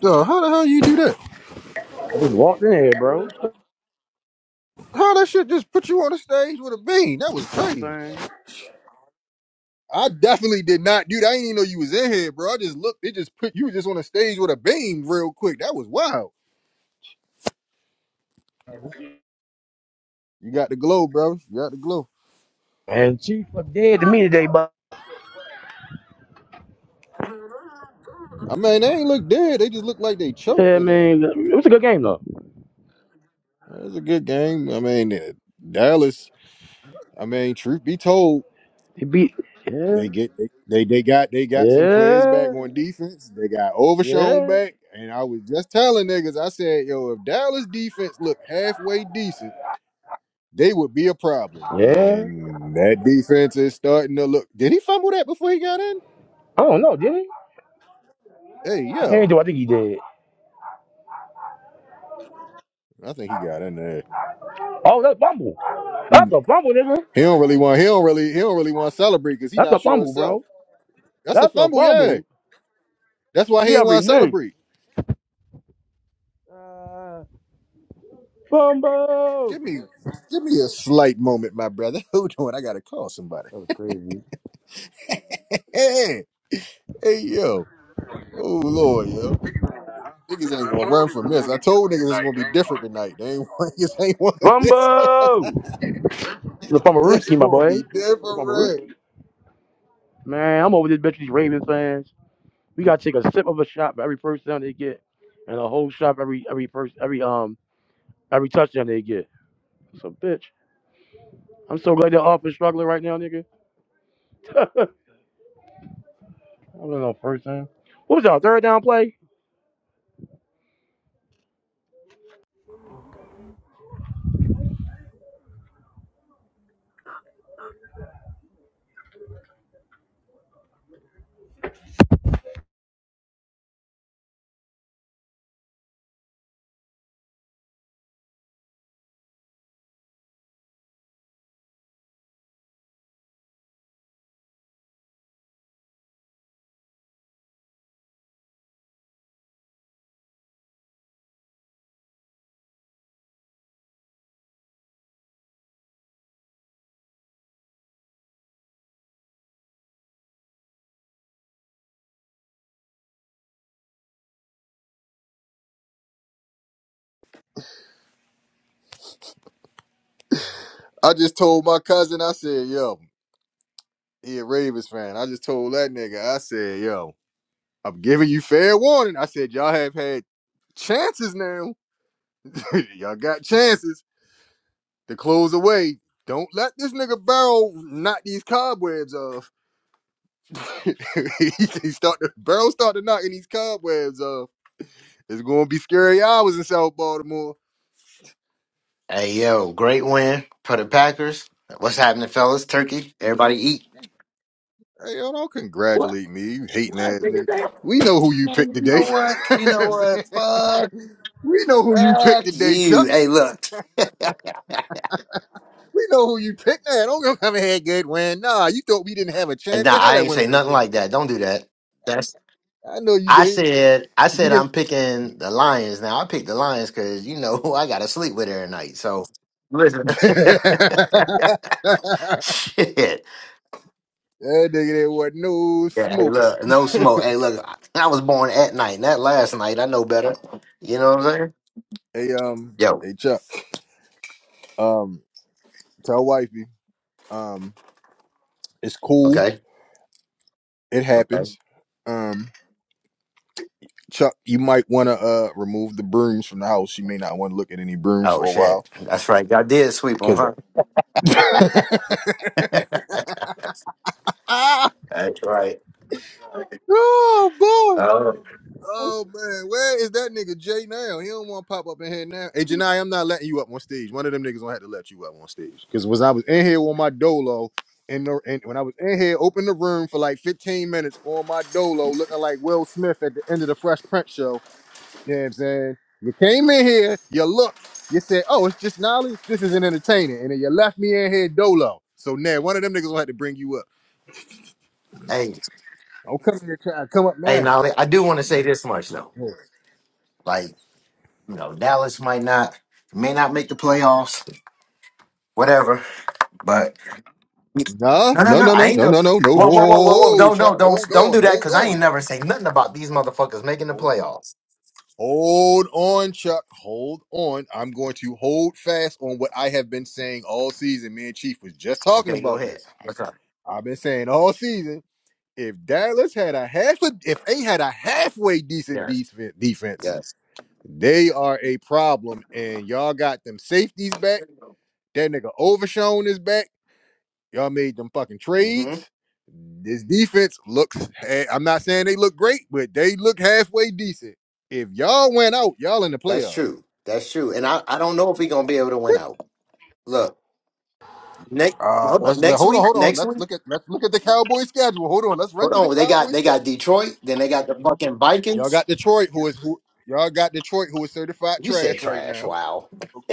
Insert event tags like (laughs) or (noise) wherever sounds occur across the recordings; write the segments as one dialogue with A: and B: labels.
A: Duh, how the hell you do that?
B: I just walked in here, bro.
A: How that shit just put you on the stage with a bean? That was crazy. I definitely did not do that. I didn't even know you was in here, bro. I just looked. It just put you just on the stage with a beam real quick. That was wild. You got the glow, bro. You got the glow.
B: And Chiefs look dead to me today, but
A: I mean, they ain't look dead. They just look like they choked
B: yeah,
A: at the end.
B: man, it was a good game though.
A: It was a good game. I mean, uh, Dallas. I mean, truth be told.
B: He beat, yeah,
A: They get they, they they got they got some players back
B: yeah,
A: on defense. They got Overshown
B: yeah,
A: back, and I was just telling niggas, I said, yo, if Dallas defense look halfway decent, they would be a problem.
B: yeah.
A: And that defense is starting to look. Did he fumble that before he got in?
B: I don't know, did he?
A: Hey,
B: Hey,
A: yo,
B: do I think he did?
A: I think he got in there.
B: Oh, that's fumble.
A: He
B: That's a fumble, nigga.
A: he don't really want he don't really he don't really want to celebrate because he
B: That's
A: not
B: a
A: sure
B: fumble,
A: himself.
B: bro.
A: That's a
B: That's a
A: fumble, yeah.
B: fumble.
A: That's why he
B: He
A: ain't want to
B: already knew.
A: celebrate.
B: Uh, fumble.
A: Give me give me a slight moment, my brother. (laughs) Hold on, I gotta call somebody.
B: That was crazy.
A: hey, hey, yo. Oh, Lord, yo. Niggas ain't gonna run from this. I told niggas it's gonna be different tonight. They ain't, (laughs) niggas ain't wanna listen. (laughs)
B: Fumble. The fumble
A: it's
B: Rooski, my
A: gonna
B: boy.
A: be
B: The fumble
A: different.
B: Rooski. Man, I'm over this bitch with these Ravens fans. We gotta take a sip of a shot for every first down they get, and a whole shot for every every first every um every touchdown they get. So bitch, I'm so glad they're off and struggling right now, nigga. (laughs) I don't know first down. What was that third down play?
A: I just told my cousin, I said, yo, he a Ravens fan. I just told that nigga, I said, yo, I'm giving you fair warning. I said, y'all have had chances now. (laughs) y'all got chances to close away. Don't let this nigga Barrow knock these cobwebs off. (laughs) he start the barrel started knocking these cobwebs off. It's gonna be scary hours in South Baltimore.
C: Hey yo, great win for the Packers. What's happening, fellas? Turkey, everybody eat.
A: Hey, yo, don't
C: What?
A: congratulate me, you hating
C: What?
A: ass
C: Nigga,
A: nigga.
C: damn.
A: We know who you picked
C: Man, you
A: today.
C: know what?
A: (laughs)
C: You know what? Fuck,
A: we know who you picked
C: fuck
A: today, Chuck.
C: you. Hey, look. (laughs)
A: We know who you picked now. Don't go come here, good win. Nah, you thought we didn't have a
C: and
A: chance in
C: nah,
A: hell
C: I
A: at
C: ain't
A: winning
C: say
A: this
C: nothing
A: game.
C: like that. Don't do that. That's.
A: I know you
C: I
A: didn't.
C: said. I
A: You
C: said
A: didn't.
C: I'm picking the Lions. Now I picked the Lions because you know (laughs) who I gotta sleep with every night. So listen.
A: (laughs) that
C: (laughs) Shit.
A: nigga didn't want no
C: Yeah, hey,
A: smoke.
C: look, no
A: (laughs)
C: smoke. Hey, look, I I was born at night, not last night. I know better. You know what I'm saying?
A: Hey, um,
C: Yo,
A: hey, Chuck. Um, tell wifey. Um, it's cool.
C: okay,
A: It
C: okay.
A: happens. Um, Chuck, you might want to uh remove the brooms from the house. You may not want to look at any brooms
C: Oh
A: for a while
C: shit, that's right. I did sweep on
A: because.
C: her.
A: (laughs) ah,
C: That's right.
A: oh boy.
C: Oh,
A: Oh man, where is that nigga Jay now? He don't want to pop up in here now. Hey Janai, I'm not letting you up on stage. One of them niggas gonna have to let you up on stage. Cause when I was in here on my dolo, in the and when I was in here, open the room for like 15 minutes on my dolo, looking like Will Smith at the end of the Fresh Prince show. You know what I'm saying? You came in here, you looked, you said, oh, it's just Nolly. This isn't entertaining. And then you left me in here dolo. So now one of them niggas will have to bring you up.
C: hey,
A: Don't come here trying to come up
C: hey.
A: now.
C: Now I do want to say this much though. Like, you know, Dallas might not, may not make the playoffs, whatever. But
A: No,
C: no, no,
A: no,
C: no.
A: no,
C: I
A: no,
C: ain't
A: no,
C: no.
A: no, no, no.
C: Whoa, whoa, whoa, whoa, whoa.
A: Oh,
C: Don't,
A: Chuck,
C: no, don't,
A: hold
C: don't
A: on,
C: do that
A: hold
C: because I ain't
A: on.
C: never say nothing about these motherfuckers making the
A: Hold,
C: playoffs.
A: hold on, Chuck, hold on. I'm going to hold fast on what I have been saying all season. Me and Chief was just talking
C: Okay, go
A: about
C: ahead.
A: this.
C: What's up?
A: I've been saying all season if Dallas had a half, a, if they had a halfway decent
C: Yes,
A: defense, defense,
C: yes.
A: they are a problem. And y'all got them safeties back. That nigga Overshone is back. Y'all made them fucking
C: hmm
A: trades. This defense looks. eh, I'm not saying they look great, but they look halfway decent. If y'all went out, y'all in the
C: That's
A: playoffs.
C: true. That's true. And I, I don't know if we're gonna be able to win out. Look, next
A: Uh,
C: hold on.
A: let's let,
C: Next
A: hold on,
C: week,
A: hold on.
C: next
A: Let's
C: week.
A: look at let's look at the Cowboys schedule. Hold on, let's run
C: Hold
A: through the
C: on. They got
A: Cowboys
C: they got
A: schedule.
C: Detroit. Then they got the fucking
A: Y'all
C: Vikings.
A: got Detroit, who is who y'all got Detroit, who is certified
C: You said
A: trash right now.
C: trash. Wow. (laughs)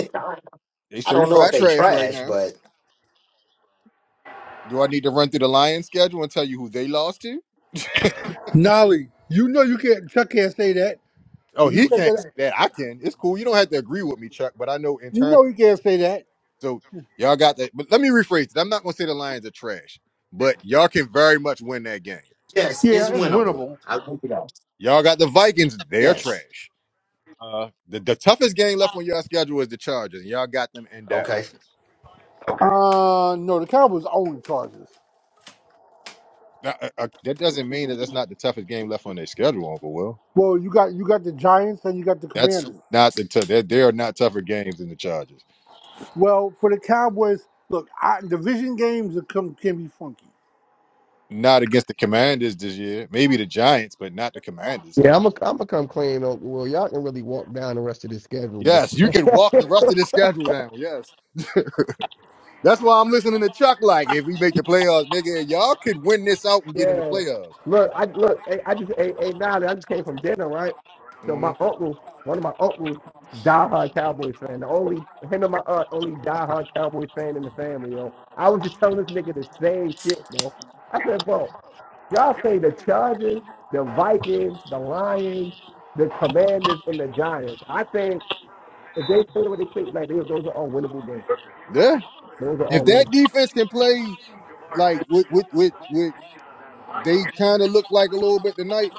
A: They
C: I don't know if
A: certified
C: they
A: trash right
C: trash,
A: now.
C: but
A: Do I need to run through the Lions schedule and tell you who they lost to?
D: Nolly, you know you can't. Chuck can't say that.
A: Oh,
D: If you
A: he
D: say
A: can't say
D: that,
A: that. I can. It's cool. You don't have to agree with me, Chuck, but I know in
D: you
A: turn.
D: know he can't say that.
A: So y'all got that. But let me rephrase it. I'm not going to say the Lions are trash, but y'all can very much win that game.
C: yes, it's
D: Yeah, it's
C: winnable.
D: winnable.
C: I think it is.
A: Y'all got the Vikings. They're
C: Yes.
A: trash. Uh, the, the toughest game left on y'all schedule is the Chargers, and y'all got them in
C: Okay.
A: Dallas.
D: Uh, no, the Cowboys own the Chargers.
A: That, uh, uh, that doesn't mean that that's not the toughest game left on their schedule, Uncle Will.
D: Well, you got you got the Giants and you got the
A: That's
D: Commanders.
A: not the t- they they are not tougher games than the Chargers.
D: Well, for the Cowboys, look, I, division games are come, can be funky.
A: Not against the Commanders this year. Maybe the Giants, but not the Commanders.
E: Yeah, I'm gonna I'm gonna come clean. On, well, y'all can really walk down the rest of this schedule,
A: Yes, you
E: but
A: can walk the rest of this schedule down. Yes. (laughs) That's why I'm listening to Chuck like, if we make the playoffs, nigga, y'all could win this out
E: (laughs)
A: and get in the
E: yeah.
A: playoffs.
E: Look, I look. I, I just ate hey, now. I just came from dinner, right? So my
A: Mm,
E: uncle, one of my uncles, diehard Cowboys fan. The only him and my aunt, only diehard Cowboys fan in the family. Yo, I was just telling this nigga the same shit, yo. I said, bro, y'all say the Chargers, the Vikings, the Lions, the Commanders, and the Giants. I think if they play the way they play, like they, those are all winnable games.
A: yeah.
E: Those are
A: If
E: all winnable.
A: that defense can play like with with with with they kind of look like a little bit tonight,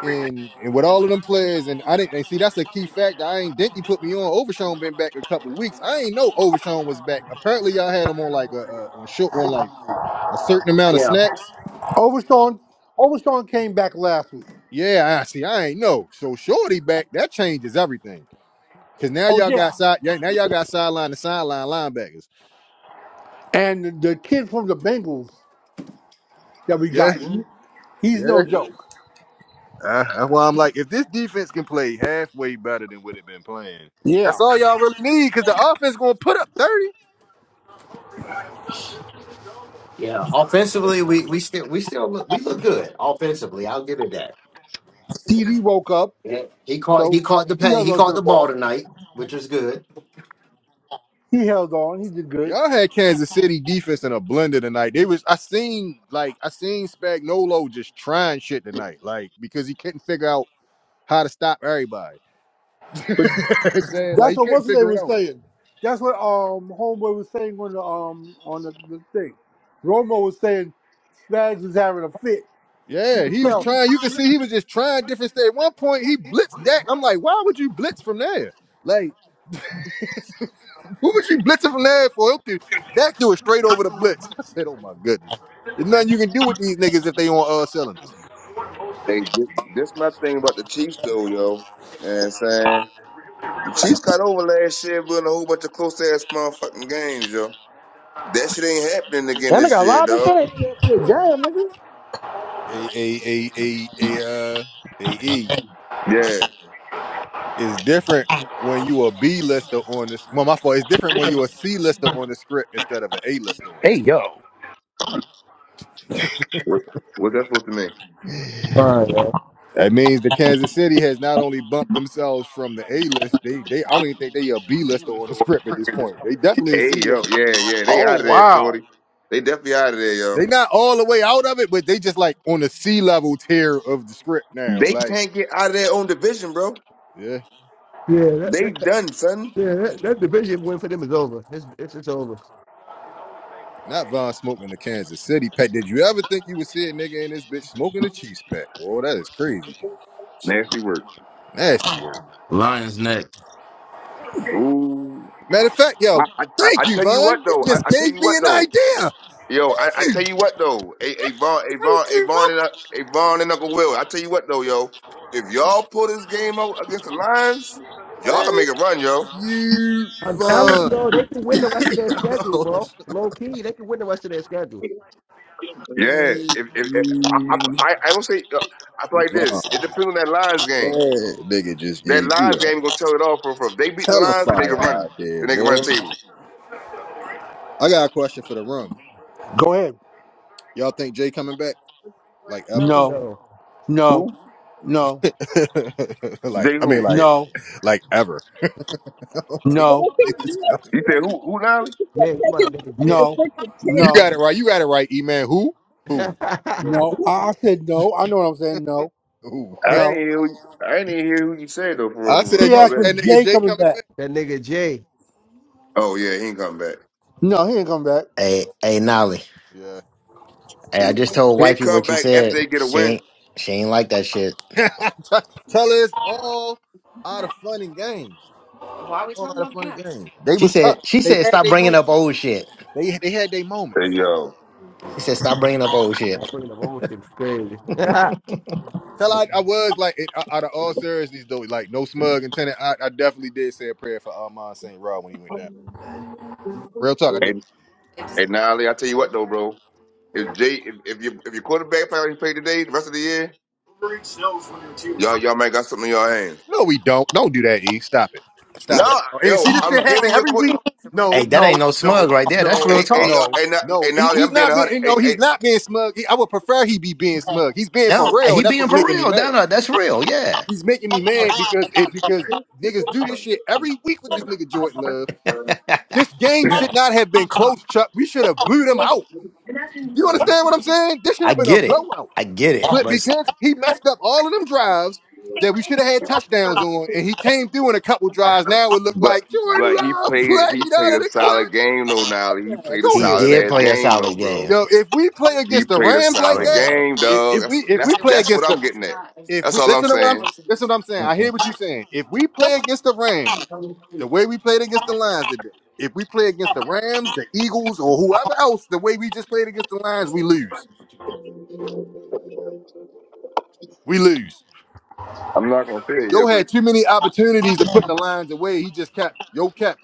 A: and and with all of them players, and I didn't and see that's a key factor. I ain't think you put me on. Overshawn been back a couple weeks. I ain't know Overshawn was back. Apparently, y'all had him on like a, a on short on like a certain amount of
C: Yeah.
A: snaps.
D: Overshawn, Overshawn came back last week.
A: Yeah, I see. I ain't know. So shorty back that changes everything. Cause now
D: Oh
A: y'all
D: yeah,
A: got side. Yeah, now y'all got sideline to sideline linebackers.
D: and the, the kid from the Bengals that we
A: Yeah,
D: got, he- he's no
A: yeah.
D: joke.
A: Uh, that's why I'm like, if this defense can play halfway better than what it been playing,
D: Yeah,
A: that's all y'all really need. Cause the offense gonna put up thirty.
C: Yeah. Offensively, we we still we still look, we look good offensively. I'll give it that.
D: CD woke up,
C: Yeah. He caught he
D: so
C: caught the
D: he
C: pay.
D: held
C: He
D: on to
C: caught
D: the
C: the ball
D: ball.
C: tonight, which was good.
D: He held on. He did good.
A: Y'all had Kansas City defense in a blender tonight. They was I seen like I seen Spagnuolo just trying shit tonight, like because he couldn't figure out how to stop everybody. (laughs) You know what I'm saying like
D: That's
A: he
D: what
A: couldn't
D: what's his name
A: figure it
D: was
A: out.
D: saying. That's what um homeboy was saying on the um on the, the thing. Romo was saying Spags is having a fit.
A: Yeah, he was
D: Patel.
A: trying. You could see he was just trying different stuff. At one point, he blitzed Dak. I'm like, why would you blitz from there? Like, who was you blitzing from there for? Help you? Dak threw it straight over the blitz. (laughs) I said, oh my goodness. There's nothing you can do with these niggas if they on all cylinders.
F: Hey, this, this my thing about the Chiefs though, yo. You know what I'm saying? The Chiefs got over last year winning a whole bunch of close ass motherfucking games, yo. That shit ain't happening again
B: Damn, I
F: this
B: got
F: year,
B: live and
F: dog.
B: shit. Damn, nigga.
A: A A A A A uh A E.
F: Yeah.
A: It's different when you a B lister on this. Well, my fault. It's different when you a C lister on the script instead of an A lister on the
B: Hey
A: script.
B: yo,
F: What what's that supposed to mean?
A: (sighs)
E: Fine, yo.
A: That means the Kansas City has not only bumped themselves from the A list, they they I don't even think they a B lister on the script at this point. They definitely a
F: Hey,
A: C
F: yo,
A: lister.
F: yeah, yeah. They out
D: Oh
F: of there,
D: wow.
F: shorty. They definitely out of there, yo.
A: They not all the way out of it, but they just like on the C level tier of the script now.
F: They
A: Like,
F: can't get out of their own division, bro.
A: yeah.
E: Yeah, that,
F: They
E: that,
F: done, son.
E: yeah, that, that division win for them is over. It's, it's it's over.
A: Not Von smoking the Kansas City pack. Did you ever think you would see a nigga in this bitch smoking a Chiefs pack? Boy, that is crazy.
F: Nasty work.
A: Nasty work.
G: Lions neck.
F: Ooh.
A: Matter of fact,
F: I,
A: yo,
F: I, I
A: thank
F: I
A: you,
F: tell you what
A: Von. You
F: though.
A: just
F: I, I tell
A: gave
F: you what
A: me an
F: though.
A: idea.
F: Yo, I, I
A: Thank
F: tell
A: you.
F: you what though, A- Avon, Avon, Avon, and Un- Avon and Uncle Will. I tell you what though, yo, if y'all pull this game out against the Lions, y'all can
A: Thank
F: make a run, yo.
A: you,
E: I'm telling you,
A: Von.
E: yo, they can
A: (laughs)
E: win the rest of their schedule,
A: Yo,
E: bro. Low key, they can win the rest of their schedule.
F: Yeah,
A: thank
F: if, if, if I,
A: you,
F: I, I don't say uh, I feel like
A: Von.
F: this. It depends on that Lions game.
A: That nigga just
F: That
A: gave you
F: Lions game
A: a
F: gonna tell it all for for. If they beat the
A: hella
F: Lions, then they can
A: fire
F: run.
A: idea,
F: Then they can run the
A: boy.
F: table.
A: I got a question for the room.
D: Go ahead.
A: Y'all think Jay coming back? Like ever?
E: Hell
D: No,
E: no.
D: no,
F: Who?
D: no,
A: (laughs) like,
F: They
A: I mean,
F: who?
A: like,
D: no,
A: like ever. (laughs) I don't think
H: Let me
D: no,
H: see
A: that
H: him do
A: niggas
H: it.
A: coming.
F: You said
H: Let him
F: who? Who now?
H: do it. Let him
E: Yeah, you
H: Take his
E: about that nigga Jay.
H: motherfucking
D: no,
H: freaking chance.
A: You
D: no,
A: got it right. You got it right, E-Man. Who?
E: (laughs)
A: Who? Yeah,
E: that
D: no.
A: who?
D: I, I said no. I know what I'm saying. No,
A: Who? (laughs)
F: I didn't
D: no.
F: hear. Who, I didn't hear who you said though. For real,
A: I
F: for real.
A: said,
D: He
F: That's
A: you
F: all
A: think
D: asked
F: that
D: was
A: that
F: is.
A: nigga
D: Jay
A: Jay
D: coming
A: coming
D: back.
E: nigga Jay.
F: Oh yeah, he ain't coming back.
D: No, he ain't coming back.
C: Hey, hey, Nolly.
A: Yeah.
C: Hey, I just told
F: He
C: wifey
F: come
C: what you
F: back after
C: said.
F: they get a
C: She
F: win.
C: ain't she ain't like that shit.
A: back? Tell (laughs) tell us all out of fun and games. All out of fun and games. They
C: She
A: was up.
C: said she
A: They
C: said
A: had
C: stop
A: their
C: bringing up
A: moments.
C: old shit.
A: They they had their
F: Hey
A: moments.
F: yo,
C: She said stop bringing up old
E: I'm
C: shit.
E: bringing up old shit. It's Crazy. (laughs)
A: Tell I, I was like it, out of all seriousness though, like no smug intent. I, I definitely did say a prayer for Armand St. Rod when he went down. Real talk, I did.
F: And and now I tell you what though, bro. If Jay if, if you if your quarterback play like he played today, the rest of the year, y'all y'all might got something in y'all hands.
A: No, we don't. Don't do that, E. Stop it. Stop it.
F: No,
A: Oh, And
F: yo,
A: see this shit
F: I'm giving
A: happening
F: you a
A: every
F: quick
A: week.
C: Hey,
A: No,
C: that ain't
A: no,
C: no smug
A: no,
C: right there. That's real
A: no,
F: hey hey
C: talk.
F: yo
A: no,
F: hey now
A: no.
F: hey
A: He,
F: now
A: he's
F: I'm being
A: not
F: a
A: being,
F: hundred
A: you know,
F: hey,
A: he's
F: hey
A: not being smug. He- I would prefer he be being smug. He's being for
C: No,
A: real,
C: he
A: and that's
C: being
A: what's
C: for
A: making me
C: real. No,
A: mad.
C: no, that's real. Yeah,
A: He's making me mad because it because niggas do this shit every week with this nigga Jordan Love.
C: (laughs)
A: This game should not have been close, Chuck. We should have blew them out. You understand what I'm saying? This should
C: I
A: have been a
C: get it.
A: blowout.
C: I get it.
A: But
C: But
A: because he messed up all of them drives that we should have had touchdowns on, and he came through in a couple drives, now it looked
F: But
A: like Jordan
F: but he
A: Love
F: played
A: played
F: he
A: out
F: played
A: of
F: a
A: the
F: solid
A: clutch.
F: game though now. He
A: Man,
F: played a
A: go
C: he
A: ahead,
F: solid
A: bro.
C: did
F: ass
C: play a
F: game though,
C: solid
F: bro.
C: game.
A: Yo, if we play
F: He
A: against the
F: played a
A: Rams like
F: solid
C: Jordan
A: that,
F: game,
C: Love.
A: if,
F: dog.
A: if
F: That's
A: we if we
F: that's
A: play
F: that's what
A: against the
F: I'm getting at.
A: if
F: That's
A: we
F: all I'm
A: listen to what I'm
F: saying.
A: saying, listen to what I'm saying. I hear what you're saying. If we play against the Rams the way we played against the Lions today, if we play against the Rams, the Eagles, or whoever else, the way we just played against the Lions, we lose. We lose.
F: I'm not gonna say
A: Yo
F: it,
A: had too many opportunities to put the lines away. He just kept yo kept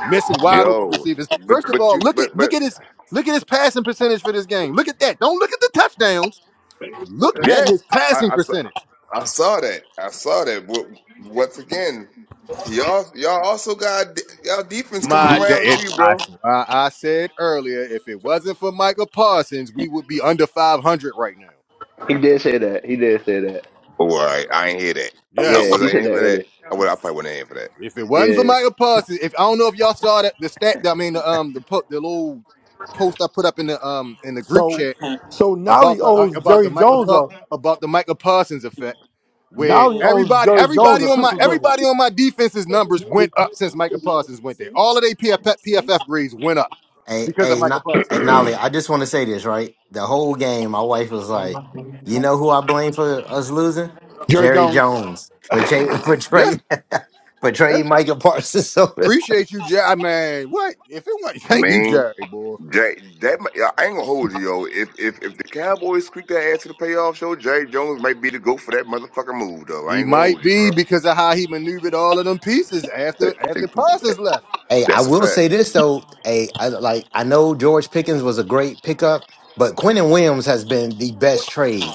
A: missing wide open
F: Yo,
A: receivers. First
F: but
A: of
F: but
A: all,
F: you
A: look at
F: but but
A: look at his look at his passing percentage for this game. Look at that. Don't look at the touchdowns. Look at
F: yeah,
A: his
F: I
A: passing
F: I saw,
A: percentage.
F: I saw that I saw that. W- Once again, y'all y'all also got d- y'all defense coming
A: My, the-
F: around
A: it,
F: too,
A: I,
F: bro.
A: I I said earlier, if it wasn't for Michael Parsons, we would be under 500 right now.
F: Oh, all right, I ain't hear that.
E: Yeah,
F: Uh,
A: Yes.
F: was I in for
E: man.
F: that? I would. I probably wasn't in for that.
A: If it
E: yeah.
A: wasn't for Michael Parsons, if I don't know if y'all saw that the stat, I mean the um the po- the little post I put up in the um in the group
D: So
A: chat
D: so now he
A: about the uh,
D: owes
A: about
D: Jerry
A: the Michael
D: Jones
A: Pa-
D: a
A: about the Michael Parsons effect, where
D: now he owes
A: everybody
D: Jerry Jones
A: everybody
D: a
A: on my
D: Christmas
A: everybody
D: present.
A: on my defense's numbers went up since Michael Parsons went there. All of their PFF, grades went up
C: Hey,
A: because of
C: hey,
A: Michael
C: not,
A: Parsons.
C: hey, Nolly, I just want to say this, right? The whole game, my wife was like, you know who I blame for us losing?
D: Jerry
C: Jerry
D: Jones.
C: Jones for, Jay, for
A: Yeah,
C: Trey, (laughs) for
A: yeah.
C: Trey Michael Parsons. (laughs) over.
A: Appreciate you, Jerry. I mean, what? If it wasn't, (laughs)
F: I
A: thank you,
F: mean,
A: Jerry, boy.
F: Jay, that mi- I ain't gonna hold you, yo. If if if the Cowboys squeak that ass to the playoff show, Jerry Jones might be the goat for that motherfucking move, though. I
A: He
F: ain't gonna
A: might
F: hold you,
A: be
F: bro.
A: because of how he maneuvered all of them pieces
F: Eh,
A: after
F: eh,
A: after Parsons left.
C: hey, I
F: That's a
C: will
F: fact.
C: say this, though. Hey, I, like, I know George Pickens was a great pickup, but Quentin Williams has been the best trade.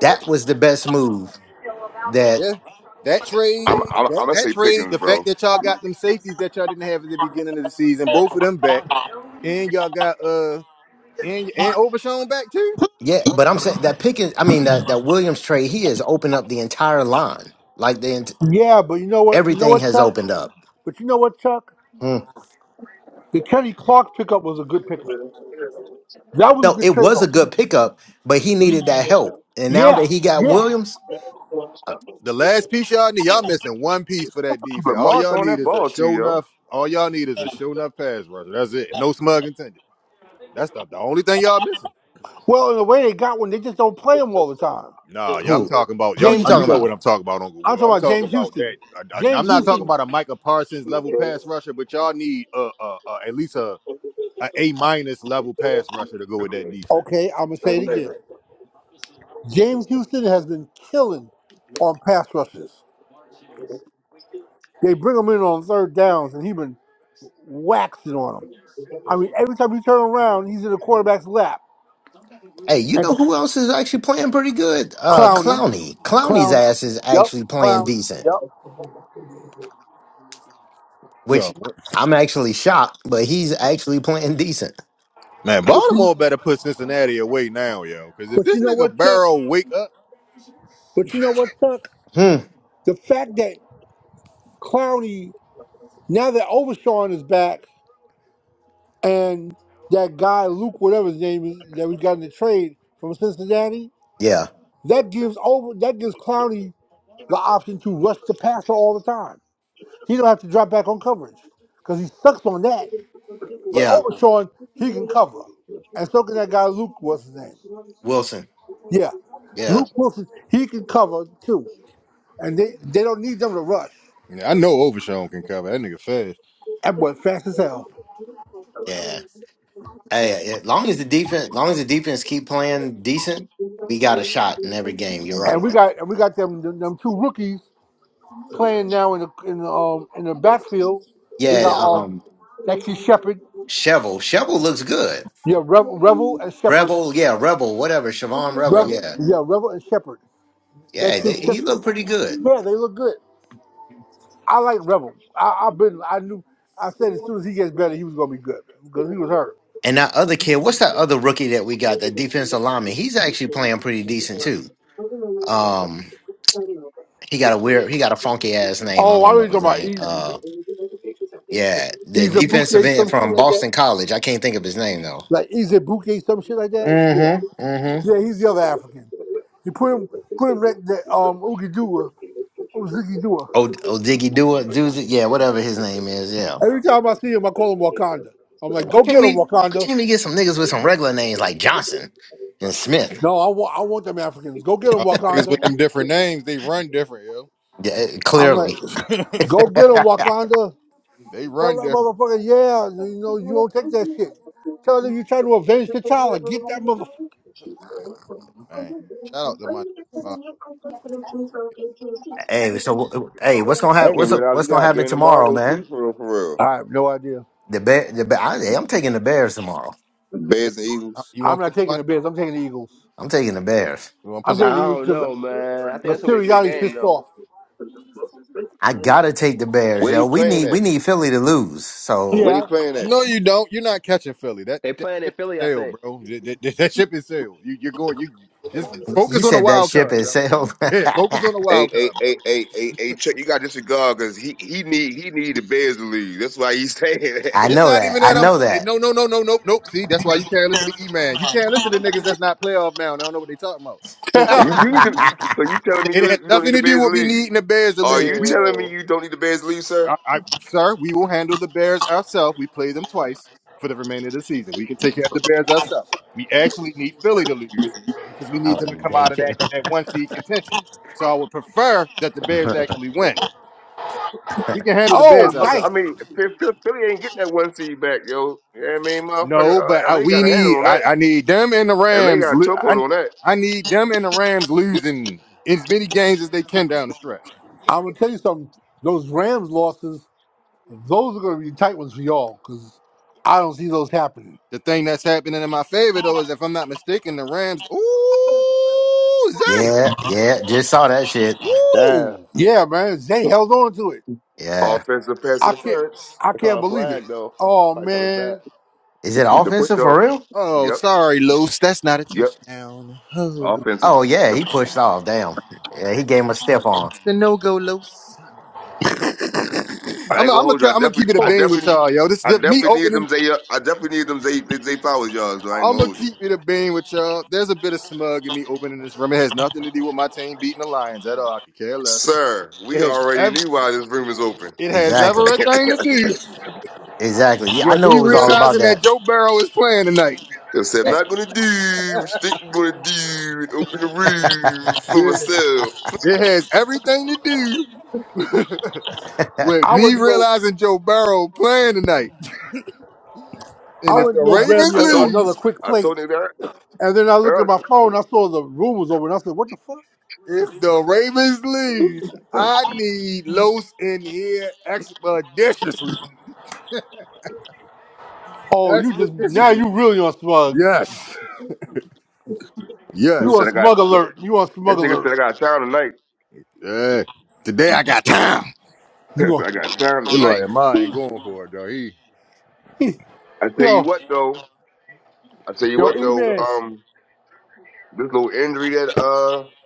C: That was the best move that,
A: Yeah, that trade,
F: I'm I'm,
A: that
F: I'm gonna
A: that
F: say
A: trade,
F: Pickens,
A: the fact
F: bro.
A: that y'all got them safeties that y'all didn't have at the beginning of the season, both of them back. And y'all got uh and and Overshawn back too.
C: yeah, but I'm saying that Pickens, I mean, that, that Williams trade, he has opened up the entire line. Like, the, ent-
D: Yeah, but you know what? You know
C: everything
D: what,
C: has
D: Chuck?
C: opened up.
D: But you know what, Chuck?
C: Hmm.
D: The Kenny Clark pickup was a good pickup. That was a
C: No,
D: good
C: it
D: trade
C: was a
D: off.
C: good pickup, but he needed that help. And now
D: Yeah,
C: that he got
D: yeah.
C: Williams, uh,
A: The last piece y'all need, y'all missing one piece for that
F: But
A: defense. All
F: Lamar
A: y'all
F: throwing
A: need
F: that
A: is a
F: ball to
A: show
F: you,
A: enough. All y'all need is a show enough pass rusher. That's it. No smug intended. That's the, the only thing y'all missing.
D: Well, in the way they got one, they just don't play him all the time.
A: Nah, y'all, I'm
C: who
A: talking about
C: who
A: y'all.
D: James
C: you talking
A: You know
D: Houston.
C: about?
A: what I'm talking about, Uncle
D: I'm
A: Will.
D: talking
A: I'm
D: about
A: talking
D: James
A: about
D: Houston.
A: that. I, I, am
D: James
A: not talking
D: Houston.
A: about a Micah Parsons level pass
F: yo.
A: rusher, but y'all need uh, uh, uh at least a a A minus level pass rusher to go with that defense.
D: Okay, I'm gonna say it again.
F: I
D: James Houston has been killing on pass rushes. They bring him in on third downs, and he's been waxing on them. I mean, every time you turn around, he's in the quarterback's lap.
C: Hey, you
D: And
C: know who else is actually playing pretty good? Uh
D: Clowney,
C: Clowney. Clowney's
D: Clowney,
C: ass is
D: yep,
C: actually playing
D: Clowney,
C: decent,
D: yep.
A: Yeah.
C: which I'm actually shocked, but he's actually playing decent.
A: Man,
D: But you,
A: Baltimore better put Cincinnati away now, yo. Because if
D: but you
A: this
D: know
A: nigga
D: what, Chuck?
A: Barrow wake up,
D: But you know what, Chuck?
C: Hmm.
D: The fact that Clowney, now that Overshawn is back, and that guy Luke, whatever his name is, that we got in the trade from Cincinnati,
C: Yeah.
D: that gives over that gives Clowney the option to rush the passer all the time. He don't have to drop back on coverage because he sucks on that. But
C: Yeah.
D: Overshawn, he can cover, and so can that guy Luke. What's his name?
C: Wilson.
D: Yeah,
C: Yeah.
D: Luke Wilson. He can cover too, and they they don't need them to rush.
A: Yeah, I know Overshawn can cover. That nigga fast.
D: That boy fast as hell.
C: Yeah. Hey, as long as the defense, long as the defense keep playing decent, we got a shot in every game. You're
D: And
C: right.
D: we got and we got them them, them two rookies playing now in the in the, um in the backfield. We got
C: Yeah.
D: um
C: Um.
D: that kid Shepard.
C: Shovel. Shovel looks good.
D: Yeah, Revel, Revel and Shepard.
C: Rebel, yeah, Rebel, whatever, Siobhan Rebel,
D: Revel,
C: yeah,
D: yeah, Revel and Shepard. That
C: yeah, they,
D: kid
C: he looked
D: Shepard.
C: pretty good.
D: Yeah, they look good. I like Revel. I, I've been I knew I said as soon as he gets better, he was gonna be good because he was hurt.
C: And that other kid, what's that other rookie that we got? That defensive lineman, he's actually playing pretty decent too. Um, he got a weird, he got a funky ass name. I
D: Oh, I
C: don't know
D: was talking
C: his
D: about
C: name.
D: E-
C: Uh, yeah, the defensive
D: Izabuke,
C: end
D: some shit
C: from
D: like that.
C: Boston College. I can't think of his name though.
D: Like Izabuke, some shit like that. Yeah,
C: Mm-hmm. Mm-hmm.
D: yeah, he's the other African. You put him, put him next to um Ugidua. Oh Ziggy Dua!
C: Oh, oh, Diggy Dua, Doozy, yeah, whatever his name is. Yeah,
D: Every time I see him, I call him Wakanda. I'm
C: yeah.
D: like,
C: Why
D: go
C: can't
D: get him,
C: we? Why
D: Wakanda.
C: can't we get some niggas with some regular names like Johnson and Smith?
D: No, I want, I want them Africans. Go get him,
A: Uh, niggas with
D: Wakanda.
A: them different names, they run different, yo.
C: Yeah, eh,
D: I'm like,
C: clearly.
A: (laughs)
D: go get him, Wakanda.
A: they
D: Tell
A: run
D: that
A: different,
D: motherfucker, yeah, you know, you don't take that shit. Tell them you trying to avenge the child. Like, Get that motherfucker.
A: man. Shout out to my. Uh,
C: Hey, so wh- hey, what's gonna happen?
F: didn't even
C: What's up?
F: realize we
C: What's gonna
F: got a
C: happen
F: game
C: tomorrow,
F: tomorrow too,
C: man?
F: for real, for real.
D: I have no idea.
C: The bear, the bear. I, hey, I'm taking the Bears tomorrow.
F: The
A: yep.
F: Bears and
A: Uh,
F: Eagles.
A: You
D: I'm
A: want to
D: not
A: put some
D: taking
A: money?
D: the Bears. I'm taking the Eagles.
C: I'm taking the Bears.
A: You want to put
D: I'm
A: some?
D: taking the
E: I
D: Eagles
E: don't
D: because
E: know, man. I think
D: the
E: that's gonna be a good
D: Sirianni's
E: game
D: pissed
E: though.
D: off.
C: I gotta take the Bears,
F: Where they
C: yo. We
F: playing
C: need
F: at?
C: we need Philly to lose. So
F: Where they
D: Yeah.
F: playing at?
A: No, you don't. You're not catching Philly. That
E: They
A: that
E: playing in
A: ship is
E: Philly, I
A: sailed,
E: think.
A: bro. That, that, that that ship is sailed. You, you're going. You just focus
C: you
A: on the
C: said that
A: wild
C: ship
A: card,
C: has
A: brother.
C: sailed. (laughs)
A: Yeah, focus on the
F: Hey,
A: wild
F: hey,
A: card, brother.
F: hey, hey, hey, hey, check. You got disregard because he he need he need the Bears to leave. That's why he's (laughs) saying that.
C: I
A: It's
C: know
A: not
C: that.
A: even
C: I
A: that I'm
C: know
A: saying.
C: that.
A: No, no, no, no, no, nope. See, that's why you can't listen to E Man. You can't listen to niggas that's not playoff now. And I don't know what they talking about. So
E: (laughs) hey,
A: look,
F: You,
A: right?
F: you need to, you, so you telling me you
A: it has
F: you don't
A: nothing
F: need the
A: to do
F: Bears to
A: with me
F: leave?
A: needing the Bears to
F: Are you
A: lose.
E: Hey
A: We,
F: telling me
E: yo.
F: you don't need the Bears to leave,
A: I,
F: sir?
A: I, sir, we will handle the Bears ourselves. We play them twice for the remainder of the season. We can take care of the Bears ourselves. We actually need Philly to lose because we
C: (laughs) I
A: need
C: was
A: them to
C: in
A: come out of that
C: daycare.
A: that one seed contention. So I would prefer that the Bears actually win. We can handle the
F: I,
D: Oh,
A: Bears
D: nice.
F: I,
A: ourselves.
F: I mean, Philly, Philly ain't getting that one seed back, yo. You know what I mean, motherfucking
A: No, but
F: uh,
A: I,
F: LA
A: we
F: got a handle
A: need
F: on that,
A: I, I need them and the
F: and they
A: Rams.
F: got a
A: lo- I,
F: chokehold on that.
A: I need them and the Rams losing as many games as they can down the stretch.
D: I'm gonna tell you something. Those Rams losses. Those are going to be tight ones for y'all because I don't see those happening.
A: The thing that's happening in my favor though is if I'm not mistaken, the Rams. Ooh,
C: (laughs)
A: Zay.
C: yeah, yeah. Just saw that shit.
E: Damn.
A: Woo.
D: Yeah, man, they held on to it.
C: Yeah.
F: Offensive pass
D: I can't,
F: interference.
D: I
E: They
D: can't
E: caught a
D: believe it.
E: flag though.
D: Oh
E: Probably coming back.
D: man,
C: Is it
F: The push
C: offensive
F: off,
C: for real?
A: Oh,
F: yep,
A: sorry, Los. That's not a
F: yep,
A: touchdown.
F: offensive.
C: Oh yeah, he pushed off. Damn. Yeah, he gave him a step on.
A: The no go, Los.
F: I
A: I'm i
F: ain't gonna
A: I'm i
F: hold you. I
A: I'm gonna keep
F: definitely,
A: it
D: (laughs)
A: a
F: I
D: oh,
A: bean with
F: definitely,
A: y'all, yo. This,
F: I
A: this me
F: definitely need
A: opening.
F: them. Zay, uh, I definitely need them. Zay, Zay Flowers yards. Though I ain't
A: I'm
F: gonna
A: gonna
F: hold you.
A: keep it a bean with y'all. There's a bit of smug in me opening this room. It has nothing to do with my team beating the Lions at all. I could care less.
F: Sir,
A: It
F: we
A: has
F: already
A: ev-
F: knew why this room is open.
A: it has
C: Exactly.
A: everything to do
C: Exactly. Yeah, I
A: with
C: know
A: me
C: it was
F: (laughs)
C: all about
A: realizing that
C: that.
A: Joe Barrow is playing tonight.
F: I said, I'm not gonna do what you think I'm gonna do and open the room for
A: Yeah.
F: myself.
A: It has everything to do (laughs)
C: (laughs)
A: with
D: I
A: me
D: went to go,
A: realizing Joe Barrow playing tonight.
D: I
A: And
F: I
A: if
D: went
A: the
D: to go
F: I,
A: Ravens
D: grab me
F: I
D: a,
F: told
D: another
A: lose,
D: quick
F: I
D: plate,
F: told nigga that
D: and then I looked at
F: earlier.
D: my phone. I saw the room was open. I said, "What the fuck?
A: if the Ravens lose, I need Los in here expeditiously.
D: Oh, you just now
A: Expeditiously.
D: you really on smug.
A: Yes.
F: You know,
D: You
A: Yes.
D: on
F: said I got
D: smug
F: no,
D: alert. You on smug
F: this nigga
D: alert.
F: said I got time tonight.
A: Yeah. Today I got time.
D: You
F: (laughs)
D: go,
F: I got time
A: It look
F: tonight.
A: like Amar ain't going for it though. He
D: (laughs)
F: I tell you
D: yo,
F: what though, I tell you
D: yo,
F: what
D: E
F: though,
D: man,
F: um, this little injury that uh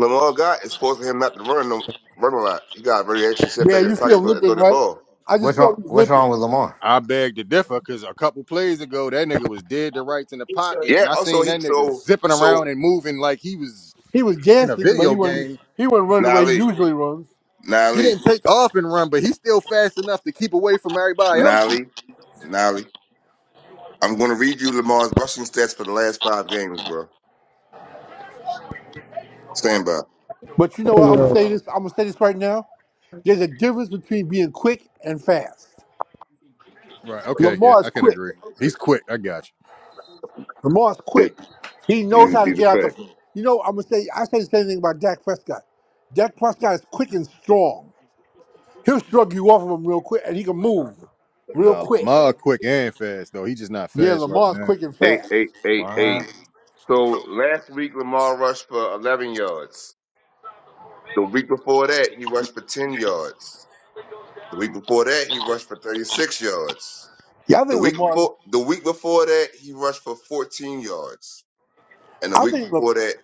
F: Lamar got is forcing him not to run no run a lot. He got really actually sit
D: yeah,
F: back in his
D: you
F: pocket
D: still
F: and throw and throw
D: limping,
F: that
D: right?
F: ball.
D: I just
C: what's
D: saw
C: wrong?
D: he
C: What's
D: limping.
C: wrong with Lamar?
A: I beg to differ because a couple plays ago, that nigga was dead to rights in the pocket,
F: Yeah.
A: and I
F: Also,
A: seen that
F: he
A: nigga
F: so
A: zipping around
F: so
A: and moving like he was
D: He was
A: in a
D: dancing, but
A: video
D: he wasn't.
A: game.
D: He wasn't running the way he
F: Nolly,
D: usually runs.
A: He
F: Nolly,
A: didn't take off and run, but he's still fast enough to keep away from everybody else.
F: Nolly, Nolly. I'm going to read you Lamar's rushing stats for the last five games, bro. Stand by.
D: But you know
E: Hey,
D: what? I'm gonna
E: yo.
D: say this. I'm gonna say this right now. There's a difference between being quick and fast.
A: Right. Okay. Yeah,
D: Lamar
A: I
D: is
A: can
D: quick.
A: agree. He's quick. I got you.
D: Lamar is
F: That
D: quick. He
A: Yeah, I
D: knows
F: you
A: get
D: how to
F: be the
D: get out
F: fact.
D: the. You know, I'm gonna say. I say the same thing about Dak Prescott. Dak Prescott is quick and strong. He'll shrug you off of him real quick, and he can move real
A: No,
D: quick.
A: Lamar quick and fast though. He's just not
D: Yeah,
A: fast right
D: Lamar's
A: now.
D: quick and
F: Eight,
D: fast.
F: eight, eight,
C: What?
F: eight. So last week Lamar rushed for 11 yards. The week before that he rushed for 10 yards. The week before that he rushed for 36 yards.
D: Yeah, I
F: The
D: think
F: week
D: Lamar.
F: before the week before that he rushed for 14 yards, and the
D: I
F: week
D: think. La-
F: before that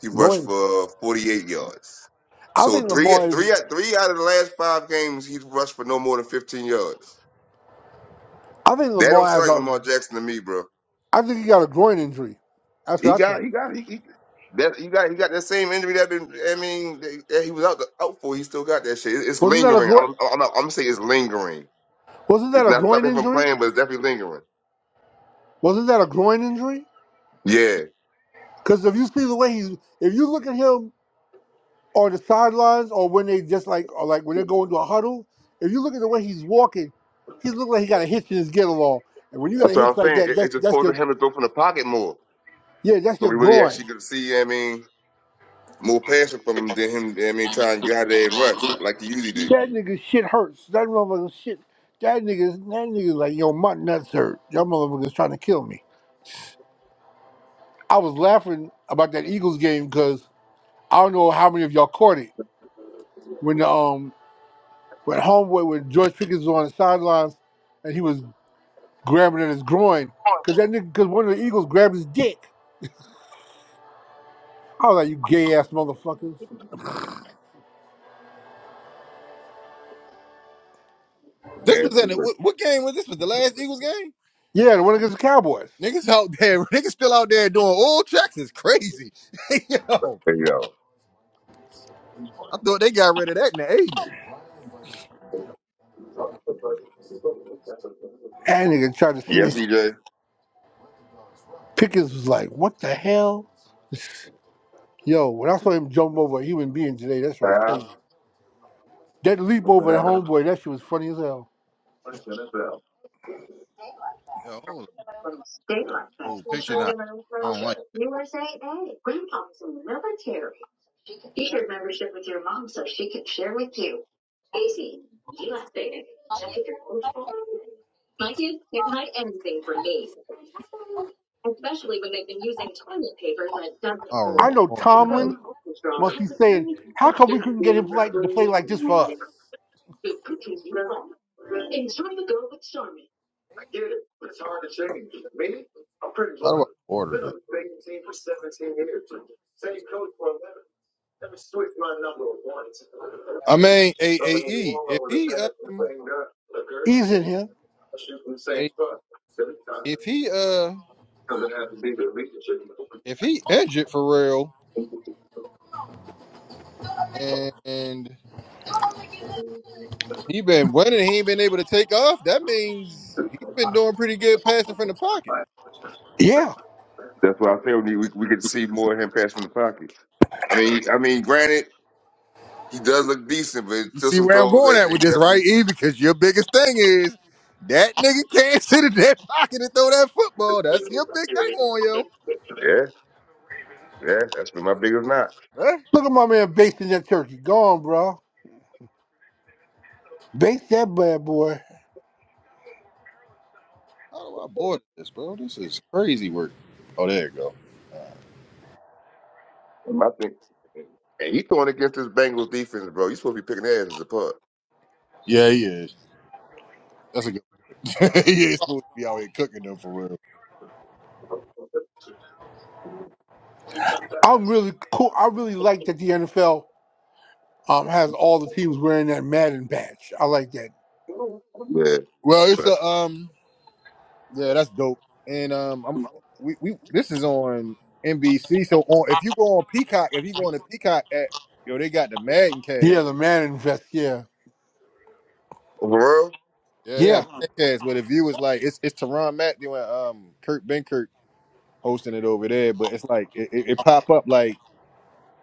F: he
D: Go
F: rushed
D: ahead.
F: for 48 yards.
D: I
F: So
D: think
F: three,
D: Lamar is.
F: three, three out of the last five games he's rushed for no more than 15 yards.
D: I think
F: That
D: Lamar
F: don't
D: has
F: sound like
D: a.
F: Lamar Jackson to me, bro.
D: I think he got a groin injury. That's
F: He
D: what I think.
F: got, he got, he, he that he got, he got that same injury that been. I mean, that, that he was out the, out for. He still got that shit. It- it's
D: Wasn't that a
F: lingering.
D: groin?
F: I'm, I'm, not, I'm gonna say it's lingering.
D: Wasn't that
F: It's
D: a
F: not
D: groin
F: stopping him from
D: injury?
F: playing, but it's definitely lingering.
D: Wasn't that a groin injury?
F: Yeah,
D: Because if you see the way he's, if you look at him on the sidelines or when they just like, or like when they go into a huddle, if you look at the way he's walking, he looks like he got a hitch in his get along. And when you got a
F: that's what
D: hitch
F: I'm
D: like
F: saying.
D: that,
F: It,
D: that's
F: it's just
D: that's your
F: forcing him to throw from the pocket more,
D: yeah, that's
F: so
D: your
F: we really
D: groin.
F: actually get to see. I mean, more passing from him than him. I mean, trying to get out there and rush like he usually do.
D: That nigga shit hurts. That motherfucker shit. That nigga, that nigga like yo, my nuts hurt. Y'all motherfuckers trying to kill me. I was laughing about that Eagles game because I don't know how many of y'all caught it when the um when homeboy when George Pickens was on the sidelines and he was grabbing at his groin because that nigga because one of the Eagles grabbed his dick. I was like, you gay ass motherfuckers.
A: This
F: Yeah,
A: was
F: he
A: in it.
F: would.
A: What, what game was this? Was the last Eagles game?
D: Yeah, the one against the Cowboys.
A: Niggas out there, (laughs) niggas still out there doing all checks is crazy. (laughs) Yo,
F: There you go.
A: I thought they got rid of that in the '80s.
D: And nigga tried to sneak.
F: Yes, EJ.
D: Pickens was like, what the hell? Yo, when I saw him jump over a human being today, that shit was crazy. That leap
F: That's
D: over the homeboy, that shit was funny as hell.
A: hold Oh, picture not. I don't like. I don't remember.
D: I
A: I
D: know
A: don't like
D: Tomlin must be saying, how come we couldn't get him like to play like this for us?
A: How do I order this? I mean, AAE. If he um,
D: He's in here.
A: a- if he uh, if he injured for real and he been winning, he ain't been able to take off. That means he's been doing pretty good passing from the pocket.
D: Yeah.
F: why I say we, we we could see more of him pass from the pocket. I mean, he- I mean, granted, he does look decent, but it's
A: You
F: still
A: see
F: some
A: where I'm
F: throws
A: going
F: that
A: at
F: he
A: with this, right,
F: definitely.
A: E? Because your biggest thing is that nigga can't (laughs) sit in that pocket and throw that football. That's your big thing on yo.
F: Yeah, yeah, that's been my biggest knock.
A: Huh?
D: Look at my man based in that turkey. Go on, bro. Base that bad boy.
A: How do I board this, bro? This is crazy work. Oh, there you go.
F: I think, and he throwing against his Bengals defense, bro. You supposed to be picking their asses apart.
A: Yeah, he is. That's a good. point. (laughs) he ain't supposed to be out here cooking them for real.
D: I'm really cool. I really like that the NFL um has all the teams wearing that Madden patch. I like that.
F: Yeah,
A: Well, it's
F: respect.
A: a um. Yeah, that's dope. And um, I'm we we this is on NBC. So on if you go on Peacock, if you go on the Peacock app, yo, they got the Madden
D: Yeah,
A: cash.
D: the Madden vest. Yeah,
F: Overall,
A: Yeah, they
D: yeah.
A: got Madden cash. Where the view is like it's it's Teron Matthew and um Kurt Benkert hosting it over there. But it's like it, it, it pop up like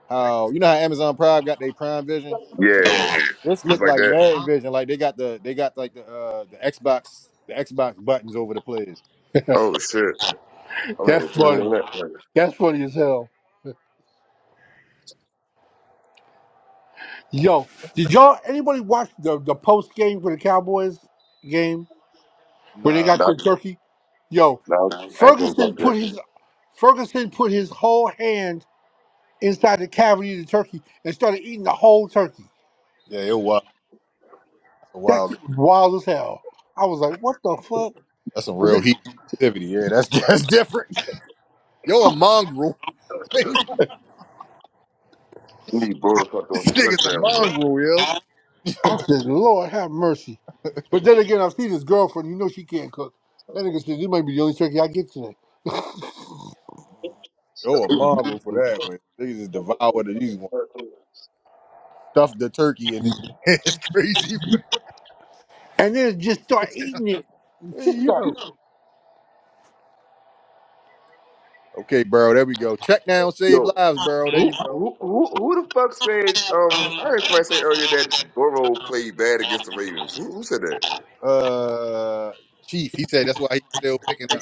A: how you know how Amazon Prime got their Prime Vision.
F: yeah,
A: This
F: it's
A: look
F: like
A: like
F: that.
A: Madden Vision. Like they got the they got like the uh the Xbox the Xbox buttons over the players.
F: Oh shit, I'm
D: That's
F: gonna turn it on
D: funny.
F: that.
D: That's funny as hell. Yo, did y'all anybody watch the the post game for the Cowboys game when they
A: Nah,
D: got to
F: Not,
D: Turkey? Yo,
F: no, I ain't gonna talk
D: Ferguson
F: to
D: put
F: that.
D: his Ferguson put his whole hand inside the cavity of the turkey and started eating the whole turkey.
A: yeah, it was wild. That's a
D: That
A: wild.
D: shit
A: game.
D: was wild as hell. I was like, what the fuck?
A: That's some real heat activity. Yeah, that's (laughs) that's different. Yo, a mongrel. (laughs) this
F: I need Burrow to start throwing some
A: nigga's a
F: touchdowns, though.
A: mongrel, yo.
D: I said, Lord have mercy. But then again, I've seen his girlfriend. You know she can't cook. That nigga said, this might be the only turkey I get today.
A: Yo, a mongrel for that way. Niggas just devoured it. These stuff the turkey in it. (laughs) it's crazy.
D: And then just
A: (laughs)
D: start eating it. Just
A: hey,
D: start.
A: yo. Okay, bro. There we go. Check down, save
F: Yo,
A: lives, bro. There you
F: Who,
A: go.
F: who, who, who the fuck said? Um, I heard somebody say earlier that Burrow played bad against the Ravens. Who, who said that?
A: Uh, Chief. He said that's why he's still picking the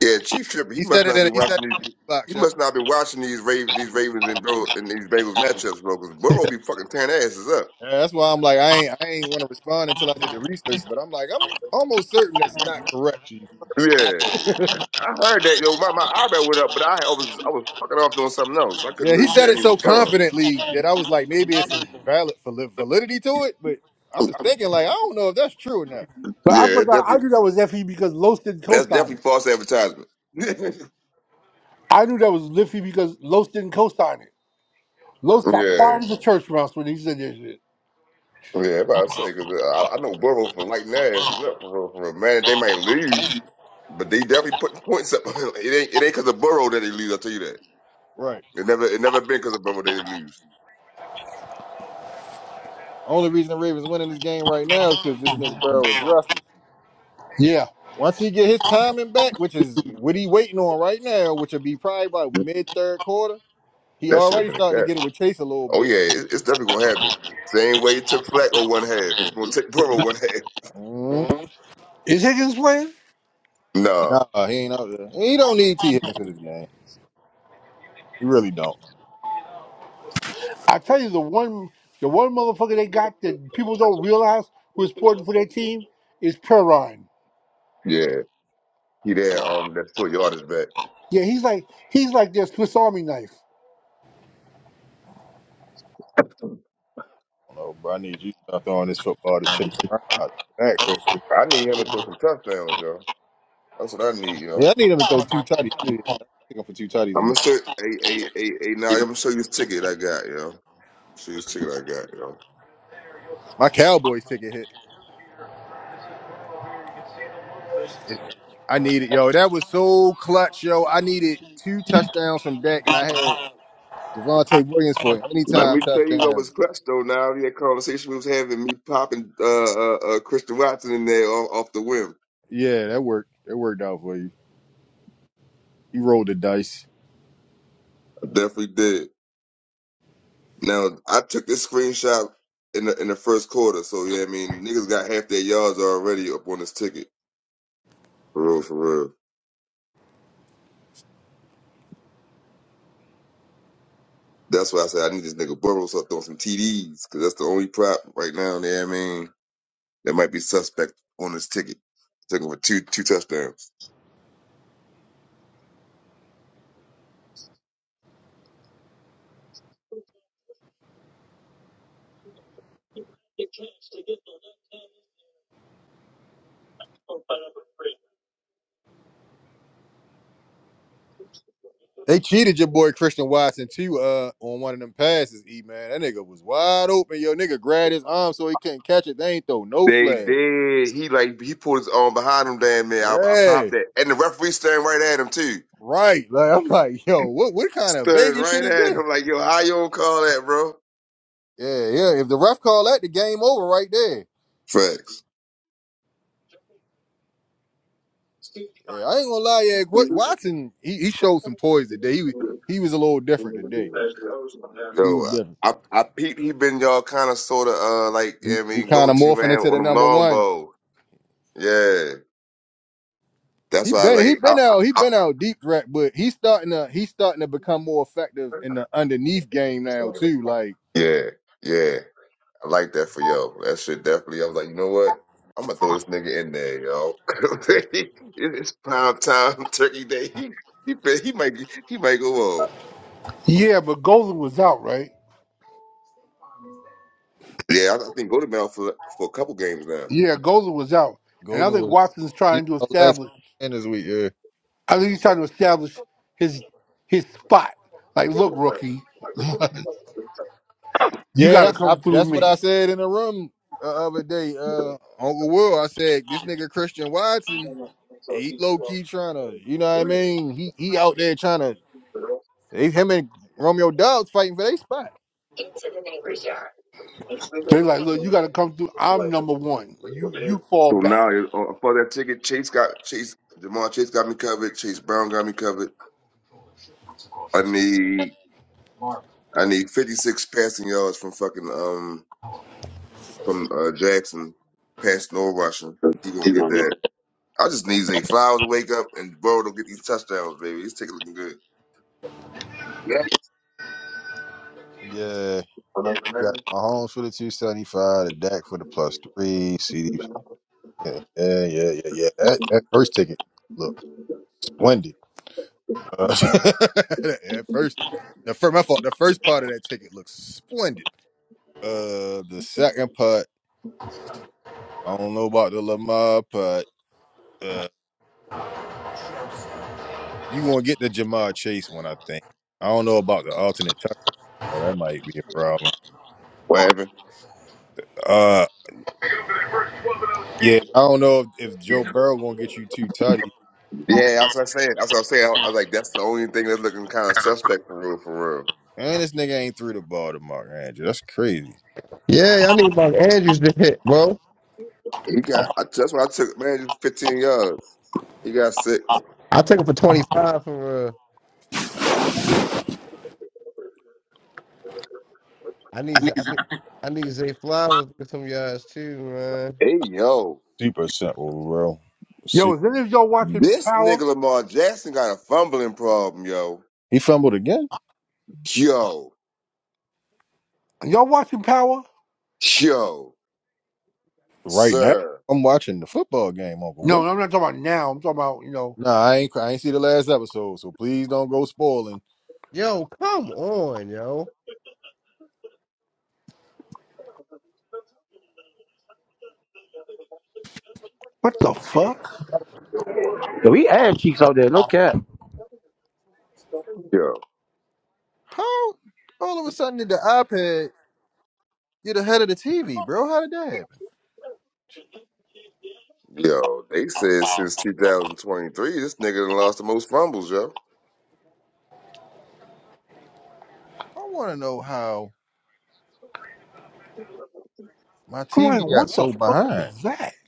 F: Yeah, Chief Tripper. He
A: He
F: must
A: said it
F: not be
A: in. He said it
F: watching these.
A: in the box,
F: He
A: yo.
F: must not be watching these Ravens, these Ravens and Burrow and these Bengals matchups, bro. Because Burrow be fucking tearing asses up.
A: Yeah, that's why I'm like I ain't I ain't want to respond until I did the research, but I'm like I'm almost certain that's not correct, chief.
F: Yeah, yeah. I heard that. Yo, my my eyebrow went up, but I, I was I was fucking off doing something else. I couldn't
A: Yeah, he
F: really
A: said it
F: damn even
A: so
F: phone.
A: confidently that I was like maybe it's some valid vali- validity to it, but I'm just thinking like I don't know if that's true or not.
D: But I
F: Yeah, it
D: forgot. I
F: definitely.
D: knew that was Effie because Los didn't
F: That's
D: co-sign
F: definitely
D: it.
F: false advertisement. (laughs)
D: I knew that was Liffy because Los didn't co-sign it. Los got
F: yeah.
D: quiet as a church mouse when he said that shit.
F: Yeah, about to say because I, I know Burrow for lighting their asses up for real, for real. Man, they might lose, but they definitely put points up. (laughs) it ain't it ain't because of Burrow that they lose. I will tell you that.
A: Right.
F: It never it never been because of Burrow that they lose.
A: Only reason the Ravens winning this game right now is because this nigga Burrow is rusty.
D: Yeah.
A: Once he get his timing back, which is what he waiting on right now, which will be probably about mid third quarter, he
F: That should have
A: already
F: been a
A: starting to get
F: catch.
A: it with Chase a little
F: Oh yeah,
A: bit.
F: it, it's definitely gonna happen. Same way it took Flacco one half. It's gonna take (laughs) Burrow one half.
D: Is Higgins playing?
F: Nah,
A: Nah, he ain't up there. He don't need T Higgins for this game. He really don't.
D: I tell you, the one the one motherfucker they got that people don't realize who is important for their team is Perrine.
F: yeah, he there. Um, that's two yardage back.
D: Yeah, he's like he's like their Swiss Army knife.
A: I don't know, bro. I need you to start throwing this football to Chase Brown out the backfield.
F: I need him to throw some touchdowns, yo. That's what I need,
A: Yeah,
F: yo.
A: I need him to throw two tutties too. I took him for two tutties
F: I'm
A: and
F: gonna show hey hey hey hey now. I'm gonna show you his ticket I got, yo. Show you his ticket I got, yo.
A: my Cowboys took a hit. I needed yo. That was so clutch, yo. I needed two touchdowns from Dak, and I had Javante Williams for an
F: Let
A: anytime
F: me tell you what
A: touchdown.
F: was clutch though. Now that conversation we was having, me popping uh, uh, uh, Christian Watson in there off, off the whim.
A: Yeah, that worked. That worked out for you. You rolled the dice.
F: I definitely did. Now I took this screenshot in the in the first quarter, so yeah, I mean niggas got half their yards already up on this ticket. For real, for real. That's why I said I need this nigga Burrows up on some TDs because that's the only prop right now. Yeah, I mean that might be suspect on this ticket. Took him for two two touchdowns.
A: They cheated your boy Christian Watson too uh, on one of them passes, E man. That nigga was wide open. Yo, nigga grabbed his arm so he couldn't catch it. They ain't throw no
F: They
A: flag.
F: did. He like he pulled his arm behind him, damn man. I, I
A: Yeah,
F: popped that, and the referee staring right at him too,
A: right. Like I'm like, (laughs) yo, what what kind of
F: staring
A: Vegas shit
F: right
A: is
F: at
A: this?
F: him like, yo, how you don't call that, bro?
A: Yeah, yeah. If the ref call that, the game over right there.
F: Facts.
A: Yeah, I ain't gonna lie, yeah. Wa- Watson, he, he showed some poise today. He was he was a little different today. He
F: Yo,
A: was different.
F: I I peeped. He been y'all kind of sort of uh like
A: He,
F: yeah, I
A: he
F: mean go
A: kind of
F: to man
A: morphing into
F: on
A: the
F: them
A: number
F: long
A: one.
F: bow. Yeah, that's
A: He
F: why I was
A: been he
F: like, I,
A: been out he
F: I, I,
A: been out deep threat, but he's starting to he's starting to become more effective in the underneath game now too. Like
F: yeah, yeah. I like that for yo. That shit definitely. I was like, you know what? I'm gonna throw this nigga in there, yo. (laughs) it's pound time, (laughs) turkey day. He he bet- he might he might go off.
D: Yeah, but Golden was out, right?
F: Yeah, I, I think go to Mount for for a couple games now.
D: Yeah, Golden was out, and I
A: Golden
D: think
A: was
D: Watson's
A: he's
D: trying to
A: out last
D: establish.
A: and this week. Yeah,
D: I think he's trying to establish his his spot. Like, look, rookie, you
A: yeah,
D: got to
A: that's I,
D: come through
A: that's what I
D: me.
A: said in the room the other day. Uh, Uncle Will, I said this nigga Christian Watson, he low key trying to you know what I mean. He he out there trying to they, him and Romeo Dubs fighting for their spot.
D: They're like, look, you got to come through. I'm number one. You you fall
F: So now
D: back.
F: it- uh, for that ticket, Chase got Chase Jamal Chase got me covered. Chase Brown got me covered. I need I need 56 passing yards from fucking um from uh, Jackson passing or rushing. He gonna get that. I just need Zay Flowers to wake up and bro to get these touchdowns, baby. He's taking looking good. Yeah.
A: yeah. You Got Mahomes for the two seventy five, the Dak for the plus three, CD Yeah, yeah, yeah, yeah. yeah. That that first ticket looked splendid. Uh, (laughs) that first, the first, my fault. The first part of that ticket looks splendid. Uh, the second part, I don't know about the Lamar part. Uh, you gonna get the Jamar Chase one, I think. I don't know about the alternate touch. Oh, that might be a problem.
F: What happened?
A: Uh, yeah, I don't know if, if Joe Burrow gonna get you two tutties.
F: Yeah, that's what I said. That's what I said. I I was like, that's the only thing that's looking kind of suspect for real, for real.
A: And this nigga ain't threw the ball to Mark Andrews. That's crazy.
E: Yeah, I need my Andrews to hit, bro.
F: He got. I, that's what I took. Man, just 15 yards. He got six.
E: I took it for twenty five for uh I need Z- I need I need Zay Flowers to get some yards too, man.
F: Hey yo,
A: Super simple, bro.
D: Yo,
A: See,
D: is any of y'all watching
F: this nigga
D: Power?
F: Lamar Jackson got a fumbling problem, yo.
A: he fumbled again.
F: Yo,
D: Are y'all watching Power?
F: yo,
A: Right now,
F: sir,
A: I'm watching the football game, Uncle
D: No,
A: Will.
D: I'm not talking about now. I'm talking about you know
A: Nah, I ain't. I ain't see the last episode, so please don't go spoiling.
E: Yo, come on, yo.
D: what the fuck.
B: yo, we ass cheeks out there, no cap.
F: yo,
A: How all of a sudden did the iPad get ahead of the TV, bro? How did that happen?
F: yo. They said since 2023, this nigga done lost the most fumbles, yo.
A: I want to know how my
D: I'm like,
A: TV got
D: what
A: so
D: the fuck
A: behind.
D: is that? (laughs)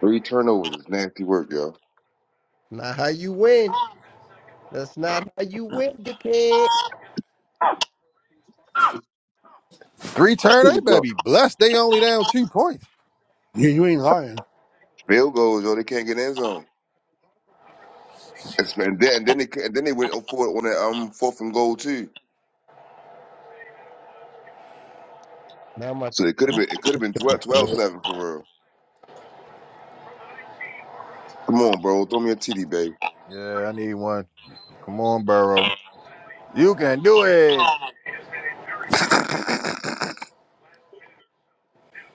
F: Three turnovers is nasty work, yo.
E: Not how you win. That's not how you win, dickhead.
A: Three turn, they
F: Yo,
A: better be blessed. They only down two points.
D: Yeah, you ain't lying,
F: Field goals, yo, they can't get in end zone. It's- And then, and then they ca- and then they went for it on that um fourth and goal too.
E: Not my
F: So it could have been it could have been 12, seven for real. Come on, bro, throw me a TD, baby.
A: Yeah, I need one. Come on, Burrow. You can do it.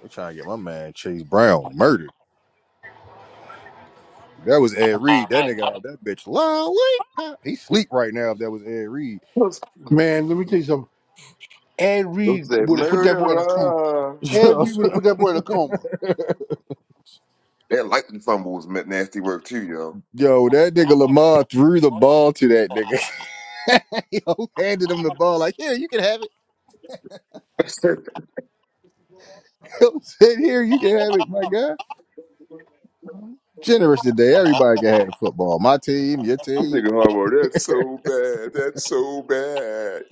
A: They're trying to get my man Chase Brown murdered. That was Ed Reed. That nigga out that bitch lollipop. He sleep right now. If that was Ed Reed.
F: Don't
D: man. Let me tell you something. Ed Reed
F: say
D: would have put that boy in a coma.
A: (laughs)
F: murderer.
D: Ed
A: Yo,
D: Reed would have put that boy in a coma.
F: That lightning fumble was meant nasty work too, yo.
A: that nigga Lamar threw the ball to that nigga. (laughs) Yo, handed him the ball like, here, you can have it.
F: (laughs) this nigga
A: (laughs) Yo, said, here, you can have it, my guy. Generous today. Everybody can have the football. My team, your team.
F: Harbaugh, that's so bad. That's so bad.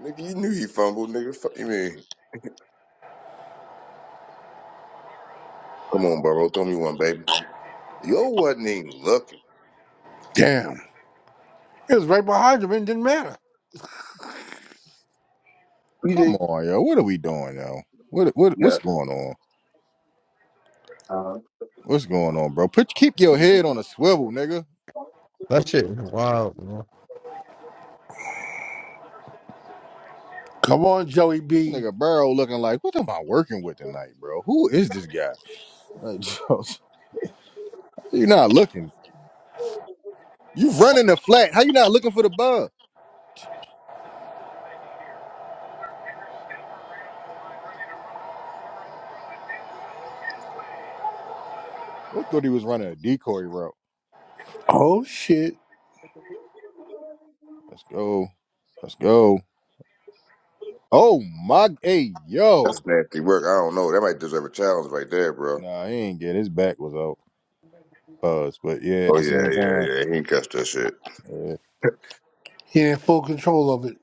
F: Nigga, you knew he fumbled, nigga. Fuck you mean. Come on, bro, throw me one, baby. Yo wasn't even looking.
D: Damn. It was right behind him and it didn't matter.
A: Come
F: PD.
A: on, yo. What are we doing, yo? What what what's
F: Yeah,
A: going on? What's going on, bro? Put keep your head on a swivel, nigga.
E: that shit is wild, bro.
D: Come on, Joey
A: This
D: B.
A: nigga Burrow looking like, what am I working with tonight, bro? Who is this guy? Like, (laughs) yo, you're not looking. You running the flat. How you not looking for the bug? Yo, thought he was running a decoy route.
D: Oh shit.
A: Let's go. Let's go. Oh my hey
F: that's
A: yo.
F: nasty work. I don't know. That might deserve a challenge right there, bro.
A: Nah, he ain't get his back was out. Us, but yeah, at
F: Oh
A: the
F: yeah,
A: same
F: yeah,
A: time.
F: yeah. He ain't catch that shit.
A: Yeah.
D: He had full control of it.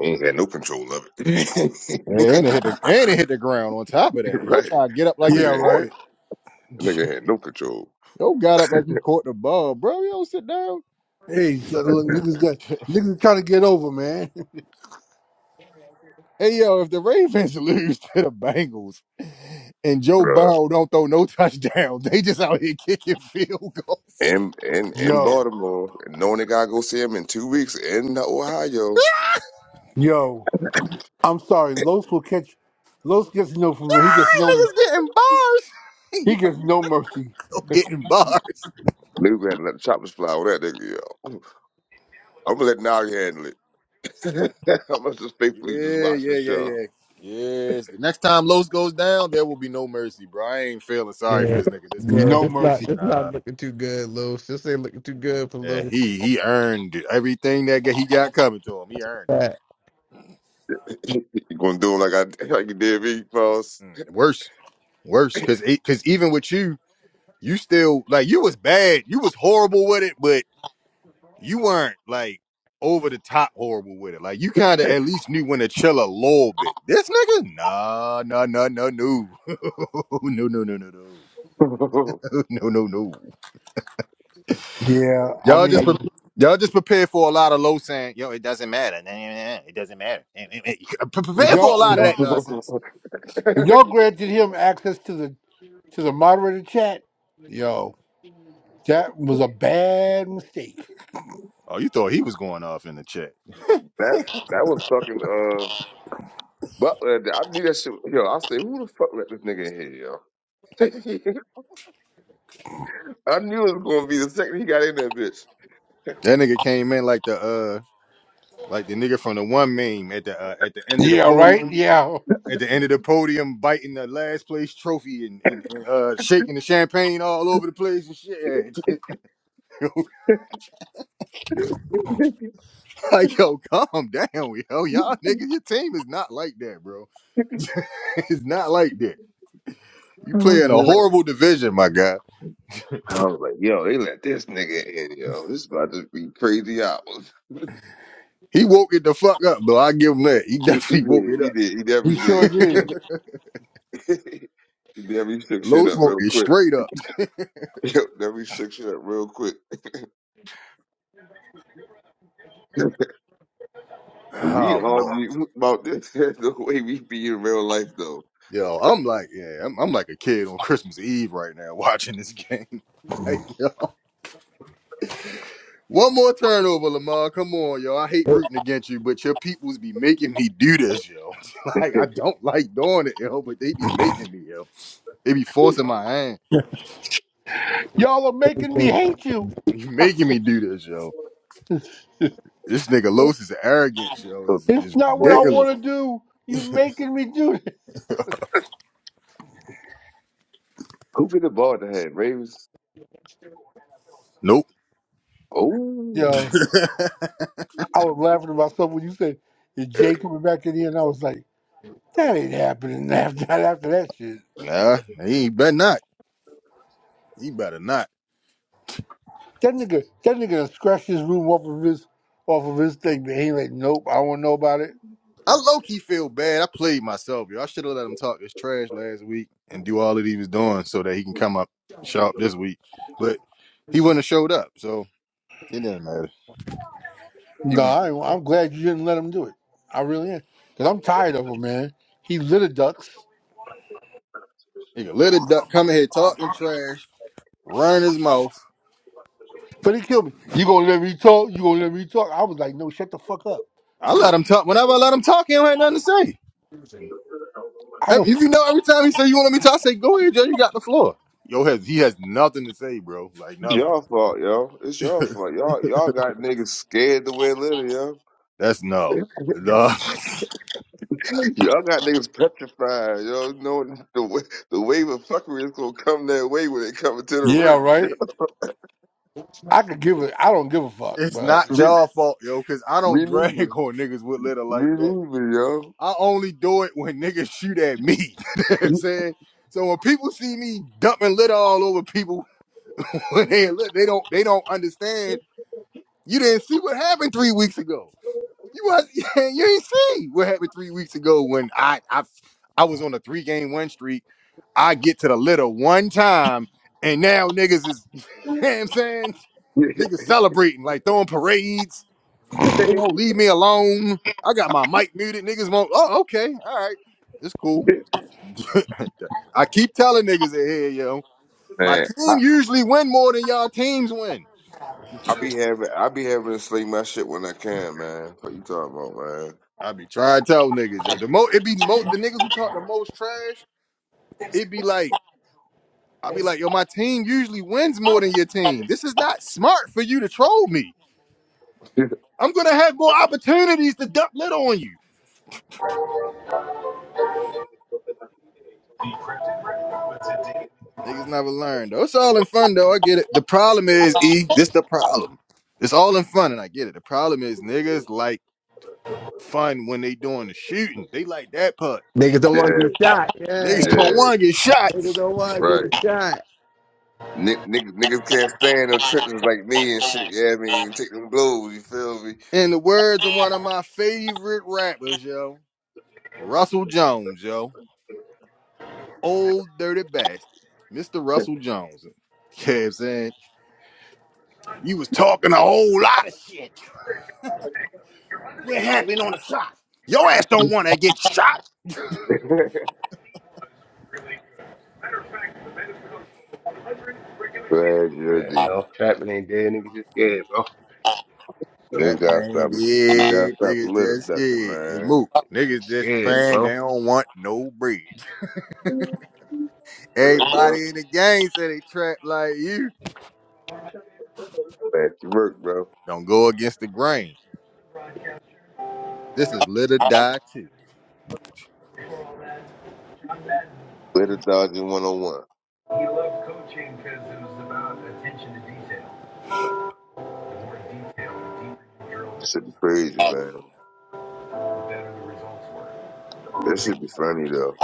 F: He ain't had no control of it. (laughs)
A: And it hit the and it hit the ground on top of that. Yo
F: right.
A: try to get up
F: That
A: like he
D: Yeah,
F: nigga
A: caught
F: had
D: right.
F: that
A: it. (laughs)
F: nigga had no control.
A: yo got up like he caught the ball, bro. Yo sit down.
D: Hey, so look, niggas got
A: (laughs)
D: niggas trying to get over, man. (laughs)
A: hey yo, if the Ravens (laughs) lose to the Bengals and Joe
F: Bruh.
A: Burrow don't throw no touchdowns, they just out here kicking field goals.
F: In in in
D: Yo.
F: Baltimore, knowing they gotta go see him in two weeks in Ohio.
A: (laughs)
D: Yo. I'm sorry, Los will catch Los gets no from he gets no
A: Niggas getting bars. (laughs)
D: he gets no mercy.
A: (laughs)
D: (laughs)
A: getting bars.
F: Nigga had to let the choppers fly with that nigga. Yo. I'm gonna let Nari handle it. (laughs) I'm gonna just faithfully just
A: Yeah,
F: watch the
A: yeah, yeah,
F: show.
A: yeah. Yes. The next time Los goes down, there will be no mercy, bro. I ain't feeling sorry for
E: Yeah,
A: this nigga this time.
E: yeah,
D: No
E: it's not
D: mercy.
E: it's
A: Uh,
E: not looking too good, Los. This ain't looking too good for
A: yeah,
E: Los.
A: he he earned it. everything that g- he got coming to him. He earned it.
E: Fat.
F: (laughs) you gonna do him like I like you did me, boss.
A: Mm, worse, worse, because because even with you, you still like you was bad. You was horrible with it, but you weren't like over the top horrible with it. Like you kind of at least knew when to chill a little bit. This nigga, nah, nah, nah, nah, no, (laughs) no, no, no, no. no.
F: (laughs) that
A: (laughs) no, no, no.
D: Yeah, I
A: Y'all just pre-
D: mean
A: y'all just prepare for a lot of low saying, yo, it doesn't matter. Nah, nah, nah, nah, It doesn't matter. Nah, nah, nah. Pre-
D: when
A: Prepare for a
D: y'all when
A: lot of
D: y'all
A: that nonsense.
D: when y'all granted him access to the to the moderator chat.
E: Niggas don't
D: Yo, that was a bad mistake. (laughs)
A: Oh, you thought he was going off in the chat.
F: that was fucking. uh, Butler, I knew that shit. Yo, I say, who the fuck let this nigga in here, yo? (laughs) I knew it was gonna be the second he got in that bitch.
A: That nigga came in like the uh like the nigga from the one meme at the uh, at the end of the
D: Yeah, right?
A: podium.
D: Yeah,
A: At the end of the podium, biting the last place trophy and, and, and uh, shaking the champagne all over the place and shit. (laughs) like, yo, calm down, yo. Y'all niggas, your team is not like that, bro. (laughs) it's not like that. You
F: I was
A: play in a
F: like, oh.
A: horrible division, my guy.
F: I was like, yo, they let this nigga in, yo. This about to be crazy hours. (laughs) he
A: He woke it the fuck up, though. I give him that. He (laughs)
F: he
A: definitely woke
F: did. He
A: it
F: did. He
D: he
F: definitely
D: sure
F: did.
A: up.
D: did.
F: (laughs) he definitely
A: (laughs)
F: shook shit
A: Low
F: up
A: smoke
F: real
A: is
F: quick.
A: straight up.
F: (laughs) Yo, definitely shook shit up real quick. We
A: Oh boy.
F: argue about this (laughs) the way we be in real life, though.
A: Yo, I'm like, yeah, I'm, I'm like a kid on Christmas Eve right now (laughs) watching this game. (laughs) Like, yo. One more turnover, Lamar. Come on, yo. I hate rooting against you, but your peoples be making me do this, yo. (laughs) like, I don't like doing it, yo, but they be making me, yo. They be forcing my hand.
D: Y'all are making me hate you.
A: You
D: (laughs)
A: making me do this, yo.
D: it's
A: This nigga Los is arrogance, yo.
F: (laughs) so
A: Is is
D: not what I
F: who,
A: ridiculous.
D: want to do. You're making me do this.
F: who get the ball to have Ravens?
A: Nope.
F: Oh.
D: Yo,
A: (laughs)
D: I was laughing to myself when you said, Is Jay coming back in here? And I was like, That ain't happening (laughs) after that, after that shit.
A: nah, he better not. He better not.
D: That nigga, that nigga done scratched his room off of his off of his thing, but he like, nope, I don't know about it.
A: I low key feel bad. I played myself, yo. I should have let him talk this trash last week and do all that he was doing so that he can come up sharp this week. But he wouldn't have showed up, so it didn't matter. He
D: No,
A: wouldn't.
D: I, I'm glad you didn't let him do it. I really am. Because I'm tired of him, man. He little ducks,
A: He let it duck come in here talking trash, run his mouth.
D: but he killed me. You gonna let me talk? You gonna let me talk? I was like, no, shut the fuck up.
A: I let him talk. Whenever I let him talk, he don't have nothing to say.
D: I was,
A: Every- If you know, every time he say you want me to talk, I say go ahead, Joe. You got the floor. Yo, has he has nothing to say, bro. Like
F: It's
A: nothing.
F: y'all fault, yo. It's y'all fault. Y'all y'all got niggas scared the way little, yo.
A: That's no. No. (laughs)
F: (laughs) Y'all got niggas petrified, yo. Knowing the wa- the wave of fuckery is gonna come that way when it comes to the
D: yeah,
F: room.
D: right? I could give it, I don't give a fuck,
A: It's
D: but.
A: not
F: yo. Me,
A: y'all fault, yo, because I don't
F: me neither.
A: drag (laughs) on niggas with litter like
F: Me
A: that.
F: neither, yo.
A: I only do it when niggas shoot at me. (laughs) you know what I'm saying? So when people see me dumping litter all over people (laughs) when they lit, they don't they don't understand. You didn't see what happened three weeks ago. You was (laughs) you ain't see what happened three weeks ago when I I I was on a three game win streak. I get to the litter one time, and now niggas is (laughs) you know what I'm saying niggas celebrating like throwing parades They
F: (laughs)
A: won't leave me alone. I got my mic muted. Niggas won't. Oh, okay. All right. It's cool. (laughs) I keep telling niggas that here, yo. My
F: man, I,
A: team usually win more than y'all teams win.
F: I be having I be having to sling my shit when I can, man. What you talking about, man?
A: I be trying to tell niggas. yo, The most it be most the niggas who talk the most trash, it be like, I be like, yo, my team usually wins more than your team. This is not smart for you to troll me.
F: (laughs)
A: I'm gonna have more opportunities to duck lit on you. Niggas never learn though. It's all in fun though. I get it. The problem is, E, this the problem. It's all in fun, and I get it. The problem is niggas like fun when they doing the shooting. They like that part.
F: yeah,
E: want to get shot.
A: Niggas
E: Yeah,
A: don't
F: yeah,
A: want to get shot.
E: niggas don't want to
F: right.
E: get shot.
F: Nick, niggas niggas can't stand no trenches like me and shit. Yeah, I mean, take them blows. You feel me?
A: In the words of one of my favorite rappers, yo, Russell Jones, yo. Old dirty bastard. Mr. Russell Jones. You know what I'm saying? You was talking a whole lot of shit. What happened on the shot? Your ass don't want to get shot.
F: Glad you're
E: Yeah,
F: deep.
E: off trapping ain't dead. Niggas just scared, bro.
F: You
A: Trapping
F: gotta stop.
A: ain't
F: You gotta
A: dead.
F: stop
A: Niggas
F: litter
A: just
F: ducking,
A: scared. Hey,
F: man.
A: move. Niggas
E: Just
A: just
E: scared,
A: playing.
E: bro.
A: They don't want no bread. (laughs) Everybody in the game say they trap like you.
F: Back to work, bro.
A: Don't go against the grain. This is Let or die too.
F: Litter dodging one on one. Should be crazy, man. That should be funny though.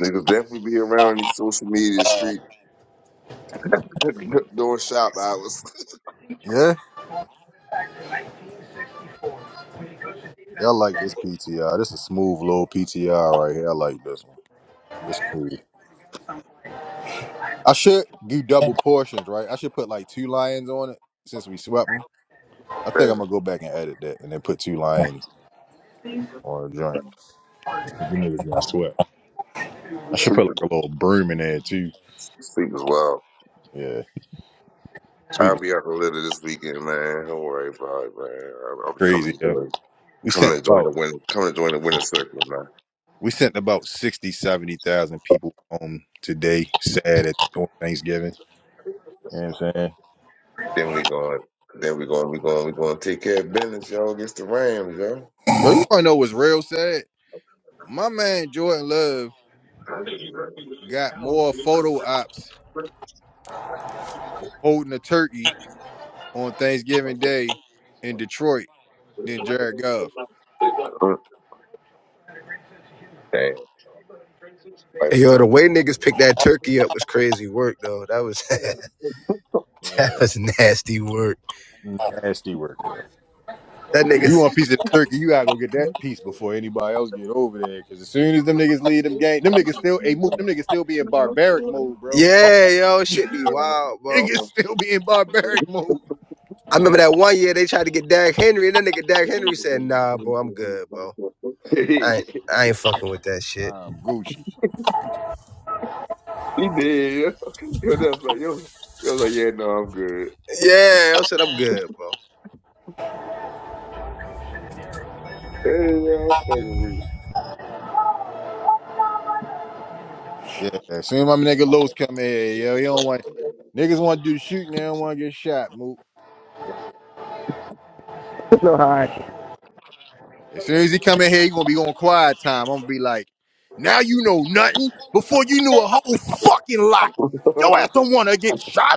F: Niggas definitely be around these social media street (laughs) doing shop hours. (laughs)
A: Yeah, yeah, I like this PTR. This is a smooth little PTR right here. I like this one. It's cool. I should do double portions, right? I should put like two lions on it since we swept 'em. I think I'm gonna go back and edit that and then put two lions on a joint. If you niggas got sweat. I should put like
F: Sleeping,
A: a little broom in there too.
F: sleep as well.
A: Yeah. Sweet
F: I'll
A: is
F: be out the litter this weekend, man. Don't worry about it, man. I'll, I'll be
A: crazy,
F: coming,
A: yo. We sent
F: coming to join the
A: about
F: winner, coming to join the winner circle, man.
A: we sent about 60, 70,000 people home today, sad at on Thanksgiving. You know what I'm saying?
F: Then we going. Then we going. We going. We going to take care of business, y'all. Against the Rams, yo.
A: Yo, you wanna know what's real sad? My man Jordan Love got more photo ops holding a turkey on Thanksgiving Day in Detroit than Jared Goff.
F: Mm. Damn,
E: Hey, Yo, the
F: lifestyle.
E: way niggas picked that turkey up was crazy work though. That was (laughs) that
A: Yeah.
E: was nasty work.
A: Nasty work, yo.
E: That
A: You
E: niggas,
A: want a piece of the turkey, you gotta go get that piece before anybody else get over there. Cause as soon as them niggas leave them game, them niggas still a moot, them niggas still be in barbaric mode, bro.
E: yeah, yo,
A: (laughs)
E: shit be wild, bro.
A: niggas still be in barbaric mode.
E: I remember that one year they tried to get Derrick Henry, and that nigga Derrick Henry said, "Nah, bro, I'm good, bro.
F: (laughs) he
E: I ain't,
F: did.
E: I ain't fucking with that shit."
A: I'm Gucci.
F: Yo, yo that was like, yo, yo was like, yeah, no, I'm good.
E: Yeah, I said, "I'm good, bro."
F: Hey, yeah, I'm fucking
A: Yeah. As soon as my nigga Los come in here, yo, he don't want niggas wanna do the shooting, they don't wanna get shot, moot.
E: You know how I
A: As soon as he come in here, he gonna be on quiet time. I'm gonna be like, now you know nothing before you knew a whole fucking lot.
F: with
A: Yo ass
F: you. (laughs)
A: don't wanna get shot.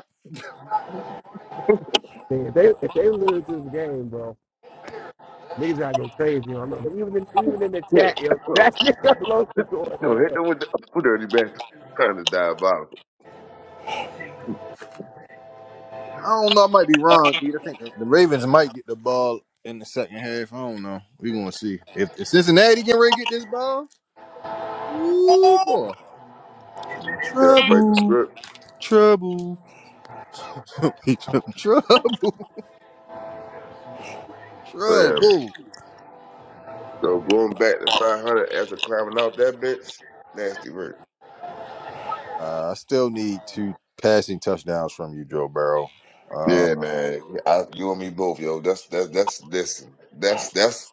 E: think. If they if they lose this game, bro, niggas gotta go crazy. You know, even in, even in the
F: Yeah,
E: chat, yo,
F: oh,
E: that nigga (laughs)
F: no,
E: Loki going
F: (laughs) hit them
E: ass.
F: with the oh, dirty bastard. Kind of diabolical.
A: I don't know. I might be wrong, Keith. I think the the Ravens might get the ball in the second half. I don't know. We're gonna see if, if Cincinnati can really get this ball. Ooh boy, it's gonna be
F: Yeah, fight the
A: trouble,
F: script.
A: trouble, (laughs) It's gonna be tr- trouble,
F: Damn.
A: trouble.
F: So going back to 500 after climbing out that bitch. Nasty work.
A: Uh, I still need two passing touchdowns from you, Joe Burrow. Uh,
F: Yeah, man. I, you and me both, yo. That's that's that's listen. That's that's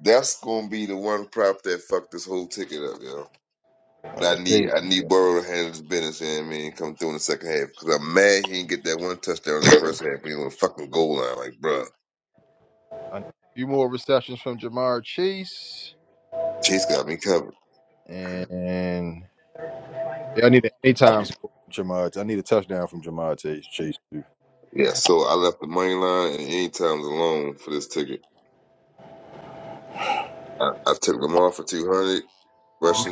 F: that's gonna be the one prop that fucked this whole ticket up, yo.
A: and
F: But I need I
A: Chase-
F: need Burrow to handle his business and me and come through in the second half because I'm mad he didn't get that one touchdown in the first half. He was on the fucking goal line, like bruh.
A: I need a few more receptions from Jamar Chase,
F: Chase got me covered.
A: and yeah, I need an anytime score from Jamar. I need a touchdown from Jamar Chase. Chase. too.
F: Yeah, so I left the money line and any times alone for this ticket. I, I took Lamar for two hundred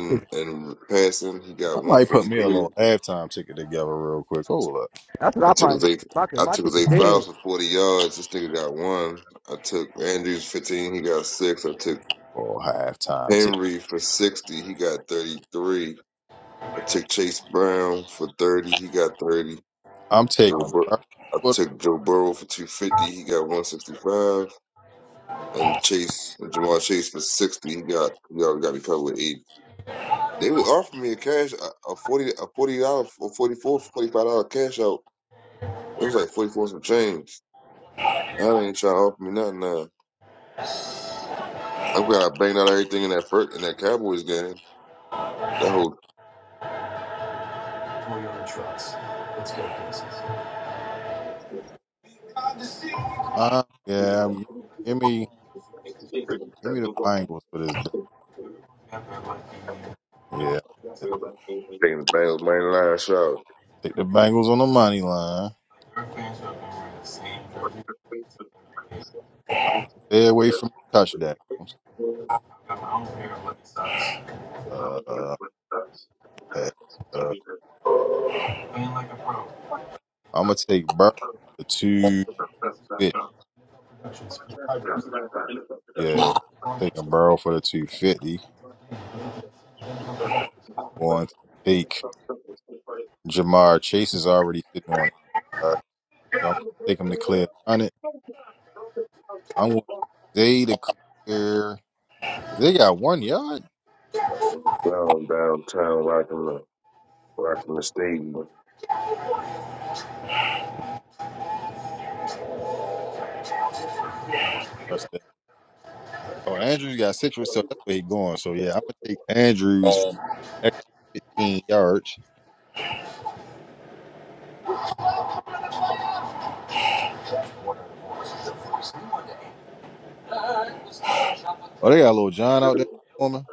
E: (laughs)
F: and passing. He
A: I
F: got one
A: might
F: forty
A: put me a
F: three.
A: little halftime ticket together real quick. Hold up.
E: That's what
F: I
E: I
F: took
E: probably
F: his
E: got.
F: eight.
E: Fucking
F: I
E: my
F: took his
E: ticket
F: eight fouls
E: dead.
F: for forty yards. This nigga got one. I took Andrews fifteen. He got six. I took
A: Or halftime ticket.
F: Henry for sixty. He got thirty three. I took Chase Brown for thirty. He got thirty.
A: I'm
F: Joe.
A: taking
F: Bur- I
A: but
F: took Joe Burrow for two fifty. He got one sixty five. And Chase Jamal Chase for sixty. He got. He already got me covered with eight. They was offering me a cash a, a forty a forty dollar or forty four forty five dollar cash out. It was like forty four some change. I ain't trying to offer me nothing now. I'm glad I banged out everything in that first in that Cowboys game. That whole
A: uh, yeah, I'm- give me give me the Bengals for this. dub. Yeah.
F: taking the Bengals main line shot
A: Take the Bengals on the money line. Stay away from touchdowns. Uh, uh, uh I'm gonna take Burrow for the two fifty. Yeah. Taking Burrow for the two fifty. Going to take Jamar Chase is already sitting on it. All right. So I'm gonna take him to clear 100. I want Zay to clear. They got one yard.
F: down downtown rocking the rocking the stadium.
A: Trust that. Oh, Andrews got six, so that's where he going. So yeah, I'm gonna take Andrews for extra 15 yards. Oh, they got little John out there performing.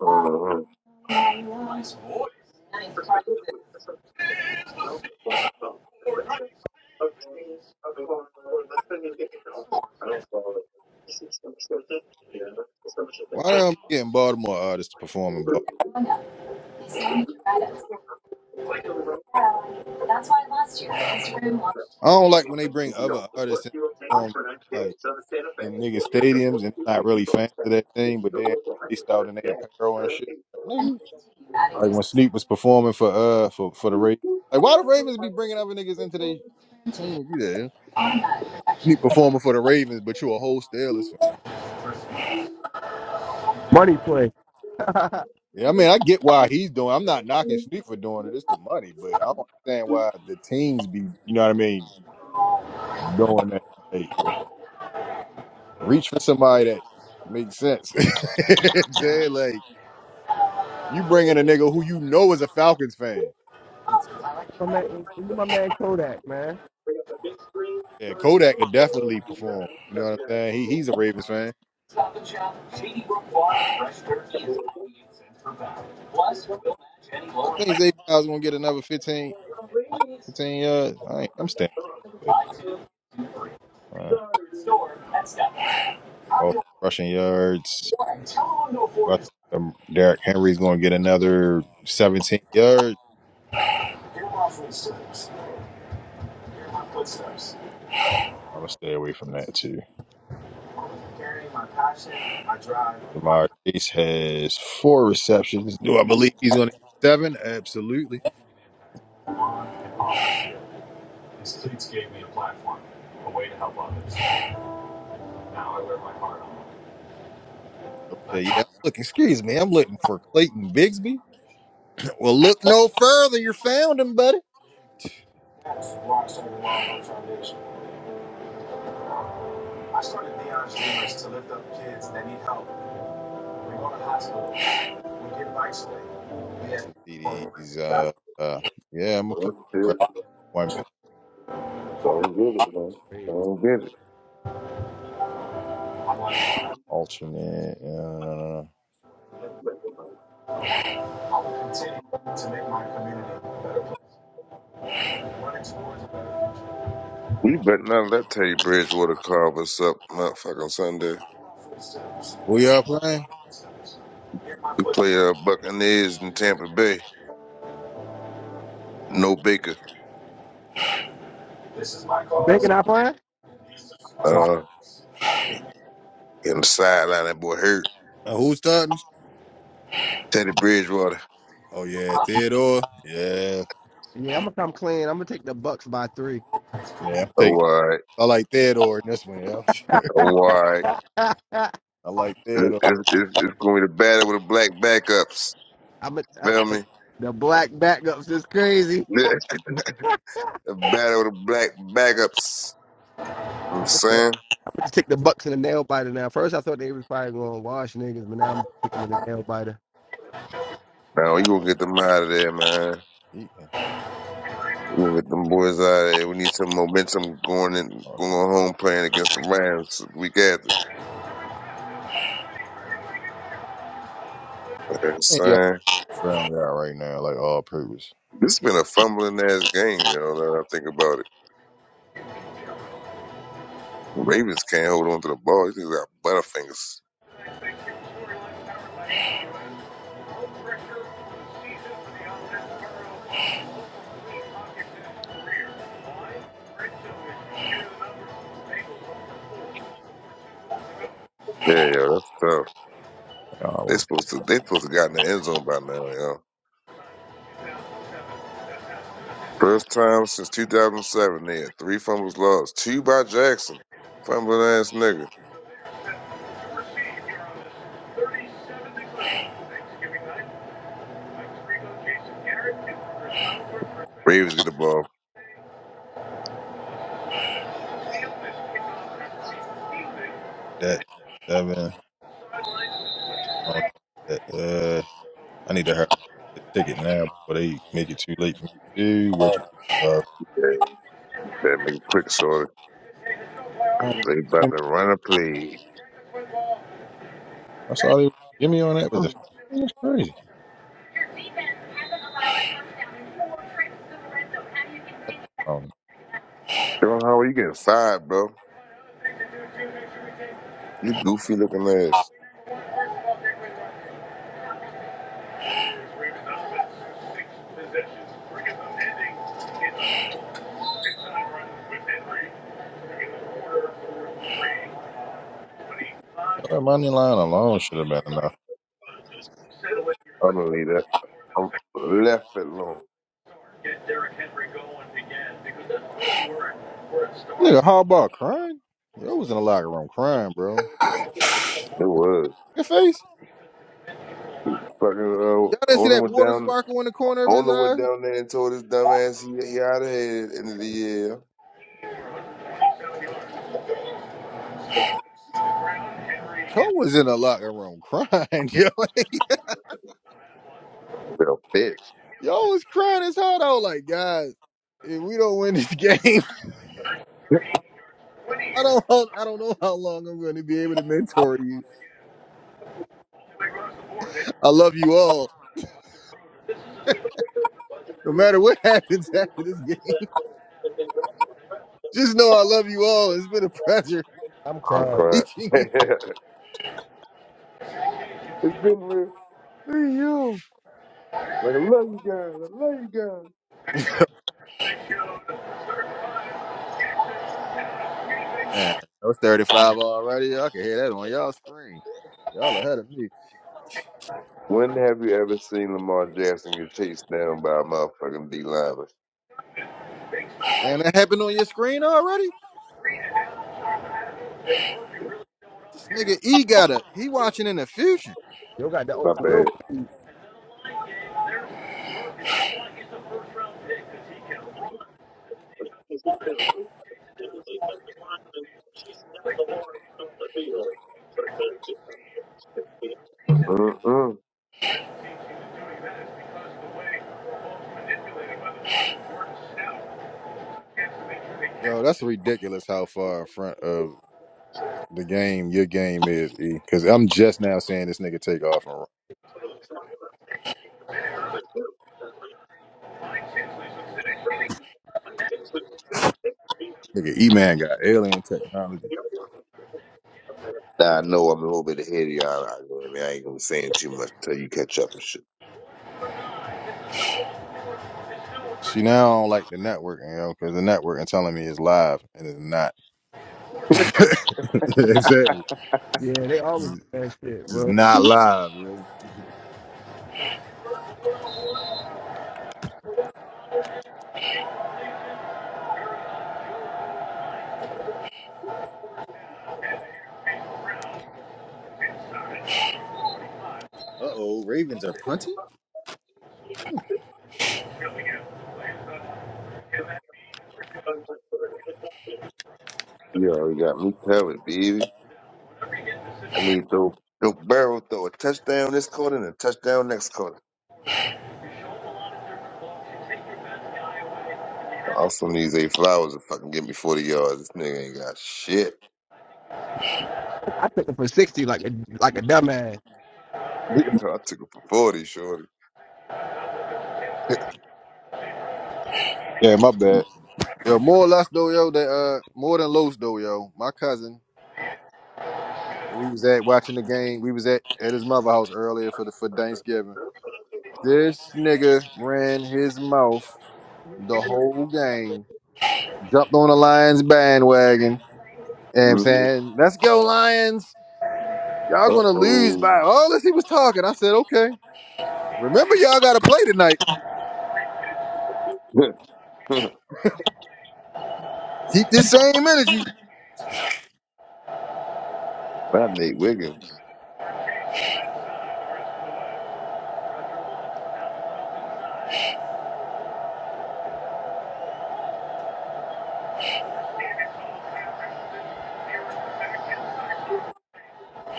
F: Uh-huh.
A: Why they don't be getting Baltimore artists to perform in Baltimore? I don't like when they bring other artists in to perform like in nigga stadiums and not really fans of that thing, but they they out in their apparel and shit. Like, nigga, like when Sneak was performing for uh for for the Ravens. Like why the Ravens be bringing other niggas into their team to do that? Sneak performing for the Ravens, but you a whole Steelers fan.
E: Money play. (laughs) my
A: Yeah, I mean, I get why he's doing. I'm not knocking Sneak for doing it. It's the money, but I don't understand why the teams be. You know what I mean? Doing that, Like, reach for somebody that makes sense. (laughs) You know what I'm saying like you bring in a nigga who you know is a Falcons fan.
E: man, look at my man Kodak, man.
A: Yeah, Kodak could definitely perform. You know what I'm saying? He he's a Ravens fan. I think Zay Flowers gonna get another 15, 15 yards. I ain't, I'm standing. Uh, oh, rushing yards. I think um, Derek Henry's going to get another 17 yards. I'm going to stay away from that too. Jamar Chase has four receptions. Do I believe he's going to get seven? Absolutely. Okay, yeah, I'm looking, excuse me, I'm looking for Clayton Bigsby. (clears throat) Well, look no further. You found him, buddy. Passing TDs. Uh, uh, yeah, I'm going to
F: That's
A: put
F: it.
A: one pass
F: Don't get it, man.
E: Crazy.
F: Don't get it.
A: alternate. Uh, no, no, no.
F: We better not let Teddy Bridgewater carve us up motherfucking Sunday.
A: Who y'all playing?
F: We play uh Buccaneers in Tampa Bay. No Baker.
E: Bank and I playing?
F: Uh in the sideline that boy hurt.
A: Uh, who's starting?
F: Teddy Bridgewater.
A: Oh, yeah, Theodore. Yeah.
E: Yeah, I'm gonna come clean. I'm gonna take the Bucks by three.
A: Yeah, I'm taking.
F: Oh
A: I like Theodore in this one. Yeah.
F: all right.
E: (laughs) I'm
A: (laughs) I like
F: It's,
A: Theodore.
F: it's, it's it's gonna be the battle with the black backups.
E: gonna I,
F: Feel me?
E: the black backups is crazy.
F: (laughs) the battle with the black backups. You know what I'm
E: I'm gonna, I'm
F: saying?
E: gonna take the Bucks in the nail biter now. First, I thought they was probably gonna wash niggas, but now I'm taking them in the nail biter.
F: Now you gonna get them out of there, man.
A: He,
F: We gonna get them boys out of there. We need some momentum going in,
A: okay.
F: going home playing against the Rams week after. You know what I'm
A: Hey, yeah,
F: saying?
A: brown guy right now, like all purpose.
F: This has been a fumbling ass game, you know, now that I think about it. The Ravens can't hold on to the ball. These niggas got butterfingers. Yeah, yo, that's tough.
A: I
F: They
A: almost
F: supposed to, they supposed to got in the end zone by now, yo. First time since 2007, they had three fumbles lost, two by Jackson. Fumbling ass nigga. Ravens get the ball.
A: that seven. I don't, that, uh, I need to hurry this ticket now before they make it too late for me to do. Which, uh,
F: That nigga quick short. 'cause
A: um,
F: They
A: I
F: about
A: mean,
F: to run a play.
A: I saw they give me on that, but the that's crazy. Um,
F: John Howard, you getting fired, bro. You goofy looking ass.
A: that money line alone should have been enough.
F: I don't need that. I'm left it alone.
A: Nigga, how about crying? Yo was in the locker room crying, bro.
F: It was.
A: Your face.
F: Fucking
A: Y'all
F: uh,
A: didn't see
F: owner
A: that
F: went
A: water
F: down.
A: sparkle in the corner of his
F: Owner went
A: eye?
F: down there and told his dumb ass he, he out of here at the end of the year.
A: Yo was in a locker room crying. (laughs) Yo,
F: Little bitch.
A: yo was crying his heart out. Like, guys, if we don't win this game, (laughs) I don't, I don't know how long I'm going to be able to mentor you. I love you all. No matter what (laughs) happens after this game, just know I love you all. It's been a pleasure
E: I'm
F: I'm
E: crying.
A: (laughs)
F: crying.
A: teaching
F: (laughs)
A: you.
F: it's been real.
A: Hey, yo.
F: Like I love you guys. I love you guys.
A: Man, I was 35 already. I can hear that on y'all screen. Y'all ahead of me.
F: When have you ever seen Lamar Jackson get chased down by a motherfucking D lineman?
A: And that happened on your screen already? This nigga E got a, he watching in the future.
E: Yo got the
F: My
E: old real
F: bad.
E: feet.
F: Mm-mm.
A: Yo, that's ridiculous how far in front of the game your game is, E. Because I'm just now saying this nigga take off and run. Nigga, E Man got alien technology.
F: Now I know I'm a little bit ahead of y'all. I, know, I mean, I ain't gonna be saying too much till you catch up and shit.
A: See, now I don't like the networking, yo. because the networking telling me it's live and it's not. (laughs) You know what I'm saying?
E: Yeah, they
A: It's
E: always
A: it's
E: do that shit,
A: just
E: bro.
A: not live, yo. Uh oh, Ravens are punting.
F: You already got me covered, baby. I need throw throw barrel throw a touchdown this quarter and a touchdown next quarter. I also need eight flowers to fucking give me forty yards. This nigga ain't got shit.
E: I took them for sixty like a like a dumbass.
F: (laughs) I took him for 40, shorty.
A: Yeah, my bad. Yo, more or less though, yo, that uh more than Los though, yo. My cousin, we was at watching the game. We was at at his mother house earlier for the for Thanksgiving. This nigga ran his mouth the whole game, jumped on the Lions bandwagon, and I'm
F: Uh
A: saying, Let's go, Lions. Y'all gonna lose
F: oh.
A: by all as he was talking. I said, Okay. Remember y'all gotta play tonight.
F: (laughs) My
A: Keep this same energy.
F: Nate Wiggins.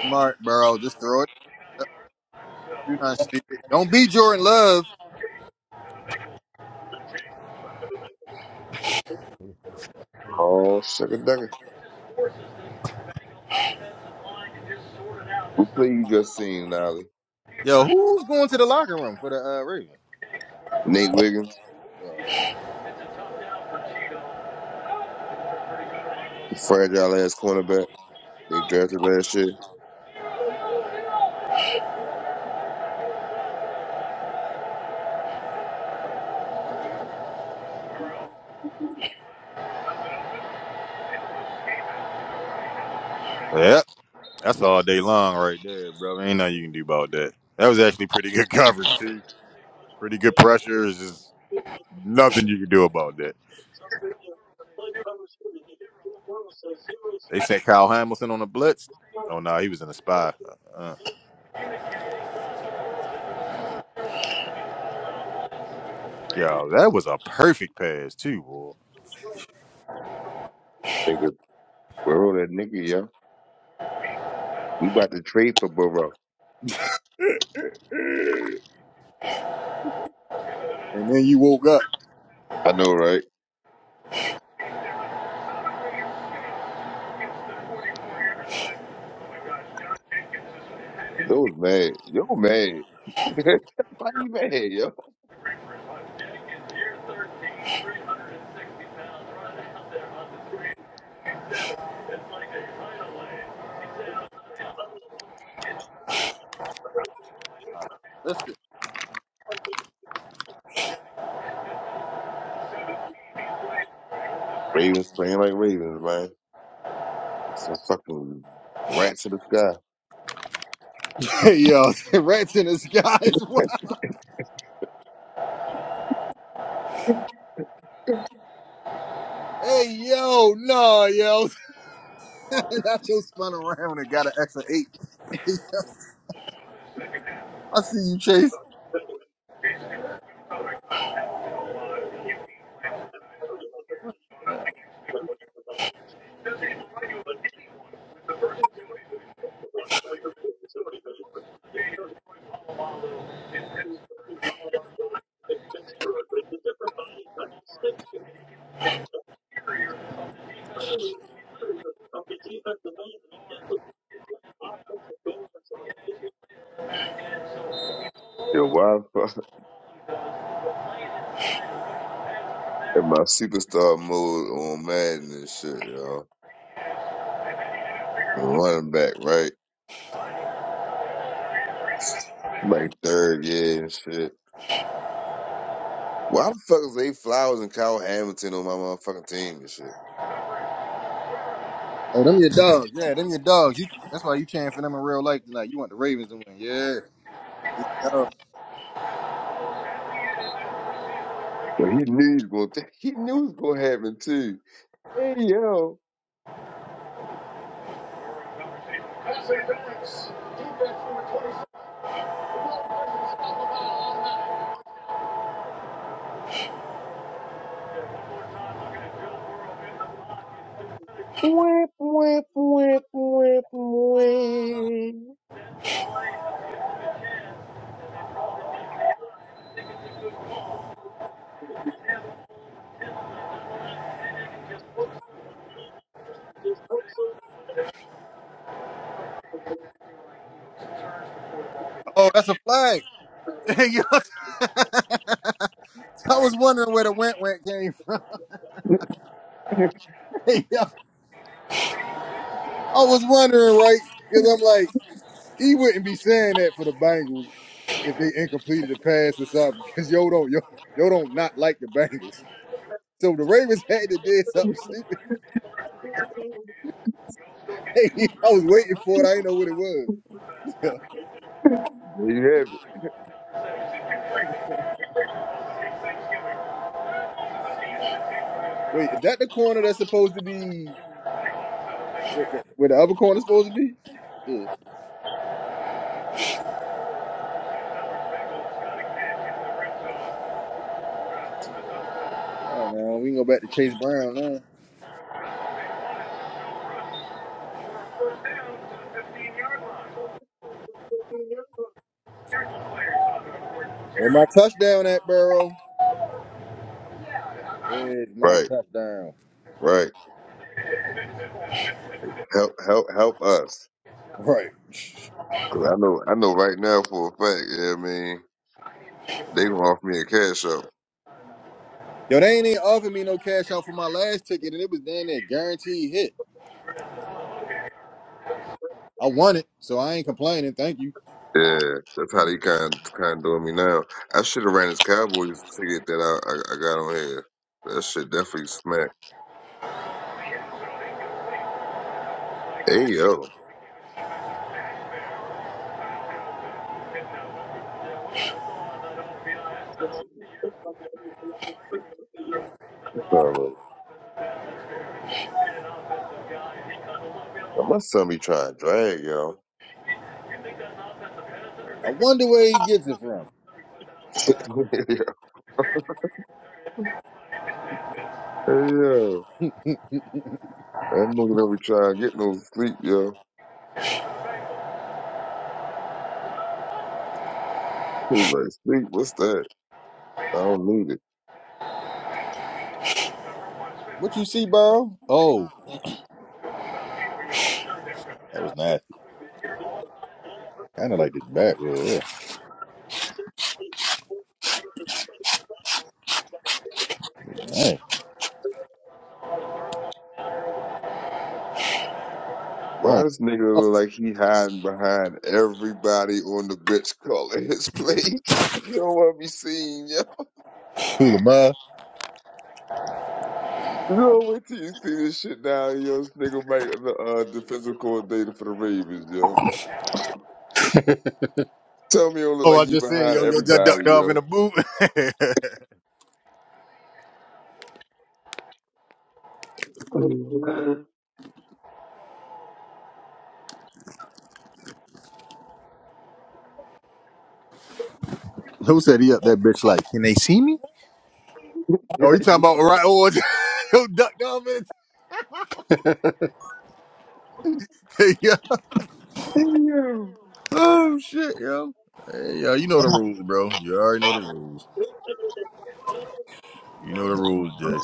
A: Smart, bro. Just throw it. Don't do nothing stupid. Don't be Jordan Love.
F: Oh, sugar ducker. What play you just seen, Nolly?
A: Yo, who's going to the locker room for the uh Ravens?
F: Nate Wiggins, fragile ass cornerback. They drafted last year.
A: Yep, that's all day long right there, bro. Ain't nothing you can do about that. That was actually pretty good (laughs) coverage too. Pretty good pressure. Nothing you can do about that. They sent Kyle Hamilton on the blitz. Oh no, he was in the spy. Uh, yo, that was a perfect pass too, boy.
F: Nigga, Burrow that nigga, yo. We about to trade for Burrow.
A: And then you woke up.
F: I know, right? Yo was mad. Yo mad. (laughs) Why you mad, yo?
A: Listen. (laughs)
F: Ravens playing like Ravens, man. Some fucking rats in the sky.
A: Hey yo, (laughs) rats in the sky is wild. (laughs) Hey yo, no yo, (laughs) I just spun around and got an extra eight. (laughs) I see you, Chase. Yeah.
F: Yo, why the fuck (laughs) in my superstar mode on Madden and shit, yo? Running back, right? Like third, yeah, and shit. Why the fuck is they Flowers and Kyle Hamilton on my motherfucking team and shit?
A: Oh, them your dogs. Yeah, them your dogs. You, that's why you chanting for them in real life tonight. You want the Ravens to win. Yeah. Yeah.
F: But he knew he was going. To, (laughs) he knew it was going to happen too. Hey yo,
A: Oh, that's a flag. (laughs) Hey, yo. (laughs) I was wondering where the went went came from. (laughs) I was wondering, right? Because I'm like, he wouldn't be saying that for the Bengals if they incompleted the pass or something. Because yo don't yo yo don't not like the Bengals. So the Ravens (laughs) had to do something stupid. (laughs) Hey, I was waiting for it. I didn't know what it was.
F: there you have it.
A: Wait, is that the corner that's supposed to be where the other corner's supposed to be? Yeah. All right, now we can go back to Chase Brown now. Where my touchdown at, Burrow? Where's my
F: Right,
A: touchdown?
F: right. Help, help, help us.
A: (laughs) Right.
F: 'Cause I know, I know right now for a fact. Yeah, I mean, they gonna offer me a cash out.
A: Yo, they ain't even offered me no cash out for my last ticket, and it was damn near guaranteed hit. I won it, so I ain't complaining. Thank you.
F: Yeah, that's how they kind kind of doing me now. I should have ran this Cowboys ticket that I, I I got on here. That shit definitely smacked. Hey yo, That's all right. my son be trying to drag yo.
A: I wonder where he gets it from.
F: (laughs) Hey, yo,
A: (laughs)
F: that nigga never try to get no sleep, yo. He was like, sleep, what's that? I don't need it.
A: what you see, bro? Oh, that was nasty. Kind of like the back row. Yeah. Dang. I
F: Why
A: don't.
F: this nigga
A: Oh,
F: look like he hiding behind everybody on the bench (laughs) calling his plate? (laughs) You don't want to be seen, yo.
A: cool, man.
F: You know, wait till you see this shit now, yo. This nigga make the uh, defensive coordinator for the Ravens, yo. Tell me he don't look
A: Oh,
F: like
A: I
F: he
A: just said,
F: behind
A: yo, yo, just
F: everybody,
A: ducked off in
F: yo.
A: the boot. (laughs) Who said he up that bitch? Like, can they see me? oh, you talking about right? Oh, (laughs) yo, ducked off in the. (laughs) yeah. Oh shit, yo. Hey, yo, you know the rules, bro. You already know the rules. You know the rules, Jay.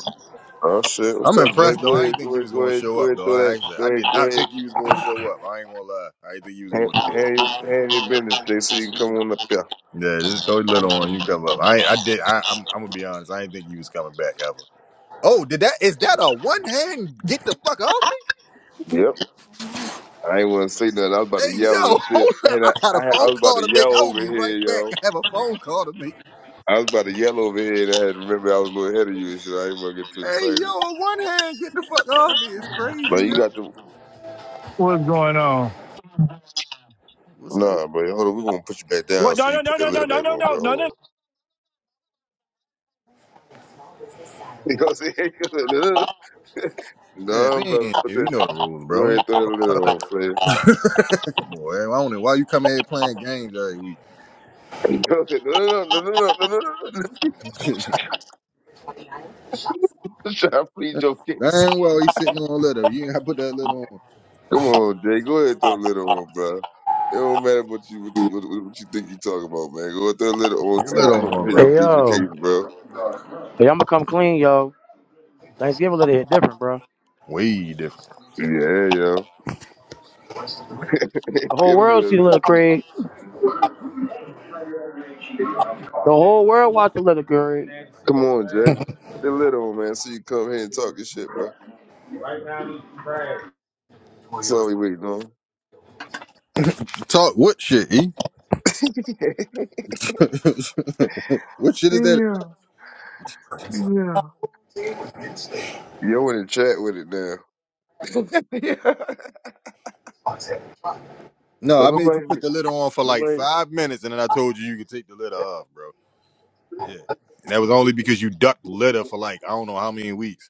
F: Oh shit, what's
A: I'm
F: up,
A: impressed
F: Jake?
A: though.
F: Go
A: I didn't
F: ahead,
A: think
F: go
A: he
F: ahead,
A: was
F: go
A: gonna
F: ahead,
A: show
F: go
A: up
F: ahead,
A: though.
F: throw
A: I
F: that,
A: actually
F: go
A: I
F: ahead,
A: did
F: go
A: not
F: ahead.
A: think he was gonna show up. I ain't gonna lie. I didn't think he was
F: Hand,
A: gonna show up.
F: hand, hand your business, Jake, so you can come on up here.
A: Yeah, just throw your little on. You can come up. I I did. I, I'm I'm gonna be honest. I didn't think he was coming back ever. Oh, did that? Is that a one hand? Get the fuck off me!
F: Yep. I ain't want to say nothing. I was about to
A: Hey
F: yell
A: yo,
F: and
A: (laughs)
F: shit.
A: hold up.
F: And
A: I
F: I,
A: got a
F: I, I
A: phone
F: was about
A: call
F: to
A: to make.
F: yell
A: I will
F: over
A: be
F: here,
A: right back.
F: yo.
A: I have a phone call to make.
F: I was about to yell over here, and I had to remember I was a little ahead of you and shit. I ain't want to get too
A: Hey yo,
F: excited.
A: a one hand. Get the fuck off me! It's crazy,
F: But you
A: yo.
F: got the
I: What's going on?
A: What's up?
F: nah, bro. Hold on, we're gonna put you back down
I: What? No,
F: so you
I: no, no,
F: put that
I: no, no,
F: lid
I: no,
F: back
I: no, no,
F: on,
I: no, no,
F: bro.
I: no,
F: Hold on. (laughs) You know what I'm saying? (laughs)
A: Yeah,
F: no, bro.
A: man.
F: Put
A: You
F: that.
A: know the rules,
F: Go
A: bro. We
F: ahead, throw that lid
A: not
F: on, player.
A: (laughs) Come on, man. I don't know why you come here playing games every week.
F: (laughs) You know what I'm saying? No, no, no, no, no, no, no, no. (laughs)
A: (laughs)
F: no. Try to plead your case.
A: Dang well, he's sitting on a little. You ain't gotta put that little on.
F: Come on, Jay. Go ahead and throw a little on, bro. It don't matter what you what, you- what, what you think you talking about, man. Go ahead, throw a little
A: Put
F: on
A: Your
F: so you
A: little
F: come
A: on,
F: here
A: bro.
F: and
B: Hey
F: plead your case,
B: yo,
F: bro.
B: hey, I'ma come clean, yo. Thanksgiving little hit different, bro.
A: Way different.
F: Yeah, yo. (laughs)
B: The whole
F: Give a
B: world see
F: little,
B: the little
F: definitely.
B: Craig. The whole world watch the little Craig.
F: Come on, Jay. Put that lid on, man, so you come here and talk your shit, bro. That's all we waiting on.
A: Talk what shit, E?
F: (laughs)
A: (laughs) what shit is that?
F: Yo, in the chat with it now.
A: No,
F: So
A: I made you
F: nobody,
A: put the lid on for like
F: nobody.
A: five minutes, and then I told you you could take the lid off, bro. Yeah, and that was only because you ducked litter for like I don't know how many weeks.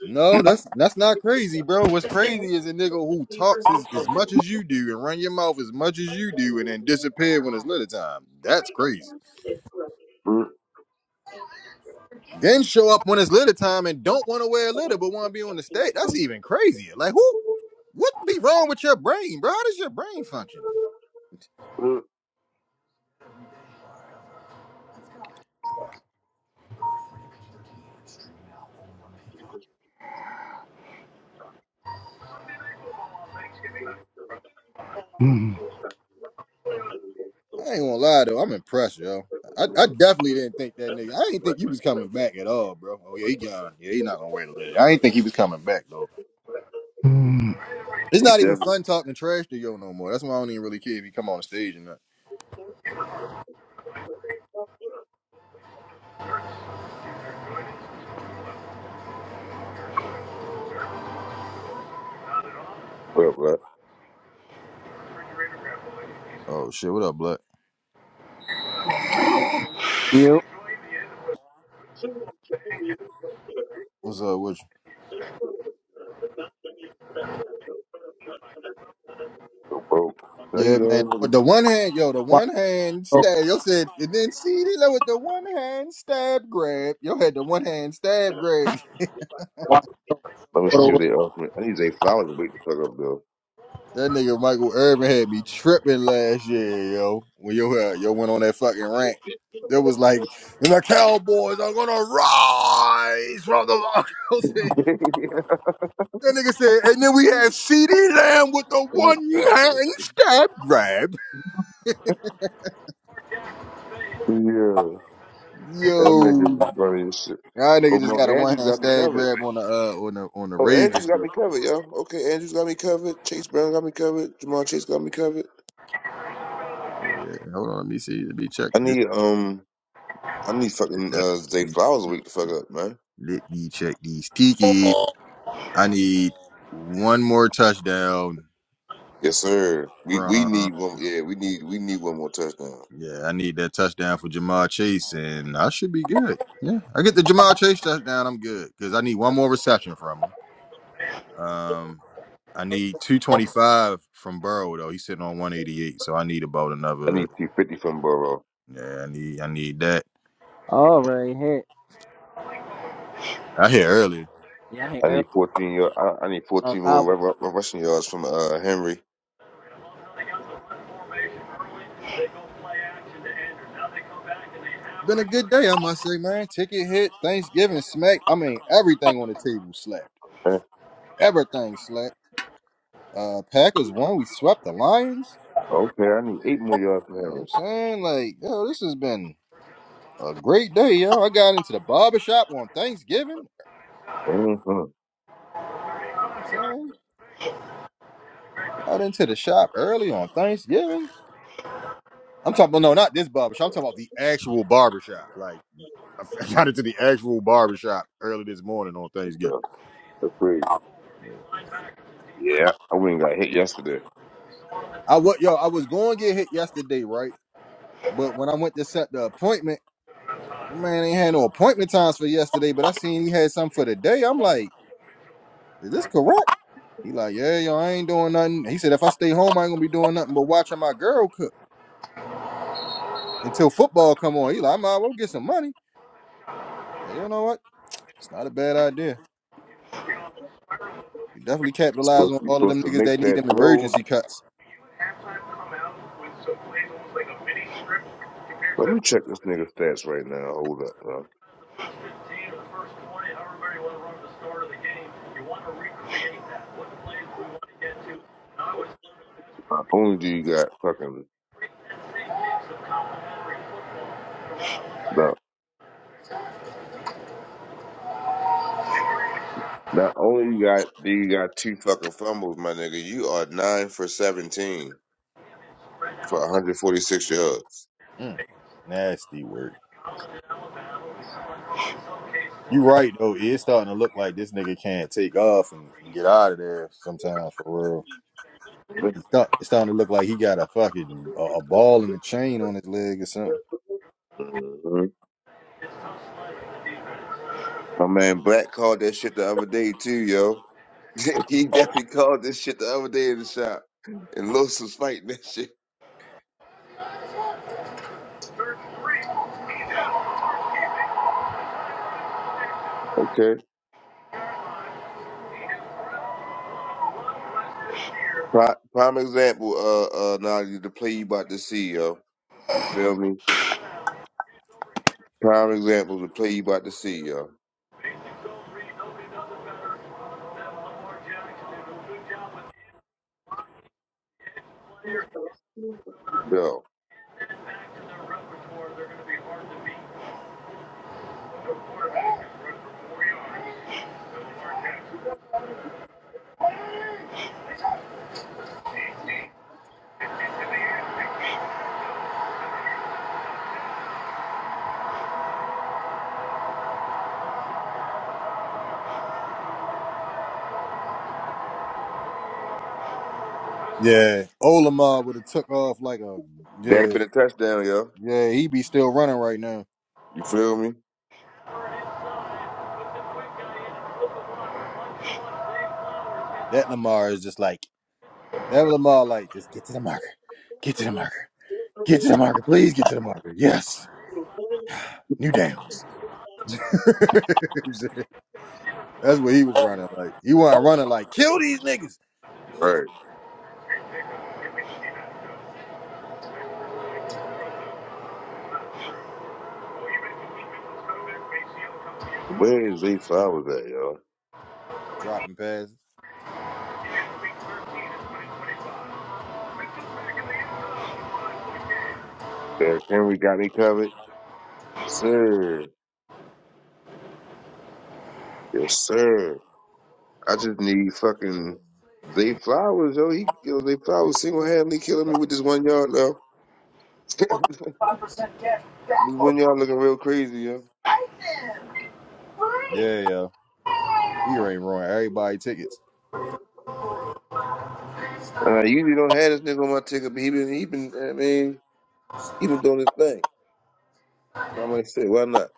A: No, that's that's not crazy, bro. What's crazy is a nigga who talks as, as much as you do and run your mouth as much as you do and then disappear when it's litter time. That's crazy.
F: Mm,
A: Then show up when it's litter time and don't want to wear a litter but want to be on the stage. That's even crazier. Like who? What be wrong with your brain, bro? How does your brain function? I ain't gonna lie though, I'm impressed, yo. I, I definitely didn't think that nigga. I didn't think you was coming back at all, bro. Oh yeah, he gone. Yeah, he not gonna wear the litter. I didn't think he was coming back though. It's not even
F: Definitely.
A: fun talking trash to yo no more. That's why I don't even really care if you come on the stage or not.
F: Well, bro.
A: Oh shit, what up, Black?
J: You
A: What's up with
F: So, bro. Now
A: you?
F: you
A: Yeah,
F: know,
A: man.
F: let me
A: With the one hand, yo, the
J: walk
A: one hand
J: over,
A: stab. Yo said, and then see, they know with the one hand stab grab. Yo had the one hand stab grab. (laughs)
J: walk
F: let me see
J: over.
F: what they offer me. I need Jay Flowers to wake the fuck
A: That nigga Michael Irvin had me tripping last year, yo. When yo had- yo went on that fucking rant, it was like the Cowboys are gonna rise from the. (laughs)
F: up,
A: That nigga said, and then we had Ceedee Lamb with the one
F: though. (laughs)
A: hand stab grab.
F: Yeah, that nigga
A: Yo,
F: be funny as shit.
A: y'all nigga
F: Oh,
A: just
F: Monk
A: got a one
F: Andrews
A: hand
F: got me
A: stab
F: covered.
A: grab on the uh on the on the
F: Oh, Andrews
A: Ravens
F: got me
A: though.
F: covered, yo. Okay, Andrews got me covered. Chase Brown got me covered. Jamal Chase got me covered.
A: Oh yeah, hold on, let me see, let me check
F: I
A: this.
F: need um, I need fucking uh, Zay Flowers week to fuck up, man.
A: Let me check these tiki. I need one more touchdown
F: Yes, sir. We we
A: from.
F: need one. Yeah, we need we need one more touchdown.
A: Yeah, I need that touchdown for Jamal Chase, and I should be good. Yeah, I get the Jamal Chase touchdown, I'm good because I need one more reception from him. Um, I need 225 from Burrow though. He's sitting on 188, so I need about
F: I
A: another.
F: need 250 from Burrow.
A: Yeah, I need I need that.
J: All right, here.
A: I hit earlier.
J: Yeah, I ain't
F: I
J: early.
F: need 14 yard. I, I need
J: Uh,
F: 14 more
J: cowboy.
F: ru- ru- rushing yards from uh Henry.
A: Been a good day, I must say, man. Ticket hit, Thanksgiving smacked. I mean, everything on the table slapped.
F: Eh,
A: Everything slapped. Uh, Packers won. We swept the Lions.
F: Okay, I need eight more yards from
A: You know what
F: Henry.
A: I'm saying? Like, yo, this has been a great day, yo. I got into the barber shop on Thanksgiving.
F: hmm
A: You know what I'm saying? Got into the shop early on Thanksgiving. I'm talking about no, not this barbershop. I'm talking about the actual barbershop. Like I (laughs) I got into the actual barbershop early this morning on Thanksgiving.
F: That's crazy.
A: Yeah.
F: Yeah, I went and got hit yesterday.
A: I was yo, I was going to get hit yesterday, right? But when I went to set the appointment, my man ain't had no appointment times for yesterday. But I seen he had something for today. I'm like, is this correct? He like, yeah, yo, I ain't doing nothing. He said if I stay home, I ain't gonna be doing nothing but watching my girl cook until football come on. He like, I might as well get some money. So, you know what? It's not a bad idea. You definitely
F: So
A: capitalize
F: if
A: on
F: you're
A: all of
F: supposed
A: them
F: to
A: niggas
F: make
A: that need
F: that
A: them
F: throw,
A: emergency cuts.
F: let me check this nigga stats right now. Hold up, bro. Not only do you got fucking no, not only you got do you got two fucking fumbles, my nigga. You are nine for seventeen for 146 yards.
A: Mm, nasty work. You right though. It's starting to look like this nigga can't take off and, and get out of there sometimes for real. It's, start, it's starting to look like he got a fucking a, a ball and a chain on his leg or something.
F: hmm My man Black called that shit the other day too, yo. (laughs) he definitely called this shit the other day in the shop, and Los was fighting that shit. Okay. Prime, prime example, uh, uh, now the play you about to see, yo. You feel me? Prime example of the play you about to see, yo. Yo,
A: Yeah, Olamar would have took off like a
F: that'd have
A: yeah,
F: been a touchdown, yo.
A: yeah. He be still running right now.
F: You feel me?
A: That Lamar is just like that Lamar like just get to the marker. Get to the marker. Get to the marker. Please get to the marker. Yes. New downs. (laughs) That's what he was running like. He wasn't running like kill these niggas,
F: Right. Where is Zay Flowers at, yo?
A: dropping passes.
F: Derrick Henry got me covered? Yes, sir. Yes, sir. I just need fucking Zay Flowers, yo. He killed Zay Flowers single-handedly killing me with this one yard, yo. (laughs) this one yard looking real crazy, yo.
A: Yeah, yeah. He already ruined everybody tickets.
F: Uh, you usually don't have this nigga on my ticket, but he been, he been, I mean, he been doing his thing. So I'm like, shit, why not?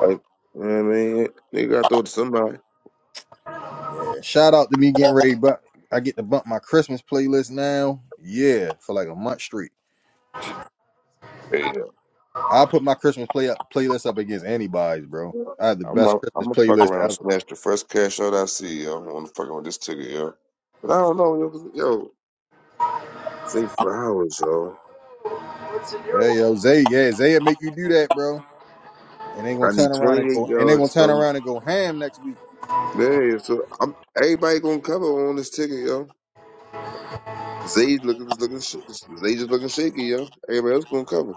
F: Like, you know what I mean? Nigga got to throw it to somebody.
A: Yeah. Shout out to me getting ready, but I get to bump my Christmas playlist now. Yeah, for like a month straight. I put my Christmas play up, playlist up against anybody's, bro. I have the
F: I'm
A: best
F: gonna I'm
A: Christmas
F: gonna fuck
A: playlist
F: around and
A: ever.
F: smash the first cash out I see, yo. I'm gonna fuck around with this ticket, yo. But I don't know, yo. 'cause, yo six flowers, yo.
A: Yeah, yo, Zay, yeah, Zay will make you do that, bro. And they gonna
F: I need
A: turn around and
F: 28
A: go, and they gonna
F: yards
A: turn
F: from
A: around and go ham next week.
F: there. So I'm everybody gonna cover on this ticket, yo. Zay looking just looking sh- Zay just looking shaky, yo. Everybody else gonna cover.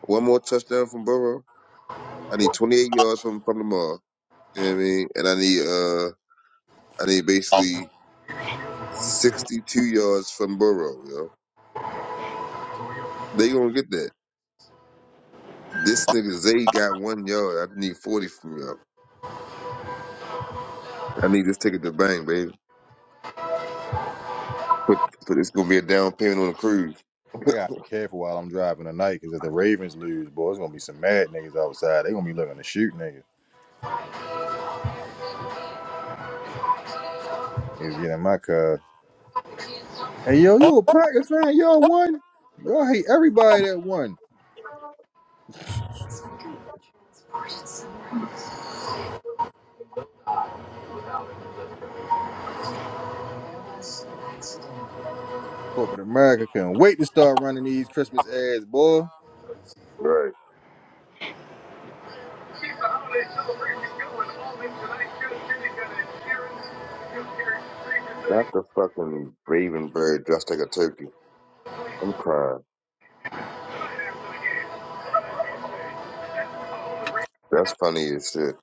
F: One more touchdown from Burrow. I need 28 yards from from Lamar. You know what I mean? And I need uh I need basically 62 yards from Burrow, yo. They gonna get that. This nigga Zay got one yard. I need forty from y'all. I need this ticket to bang, baby. Put put it's gonna be a down payment on the cruise. (laughs)
A: I gotta be careful while I'm driving tonight, because if the Ravens lose, boy, it's gonna be some mad niggas outside. They gonna be looking to shoot niggas. Niggas get in my car. Hey yo, you a Packers fan? Y'all won. Y'all hate everybody that won. Corporate America couldn't wait to start running these Christmas ads, boy.
F: right. Not the fucking raven bird dressed like a turkey. I'm crying. That's funny as shit.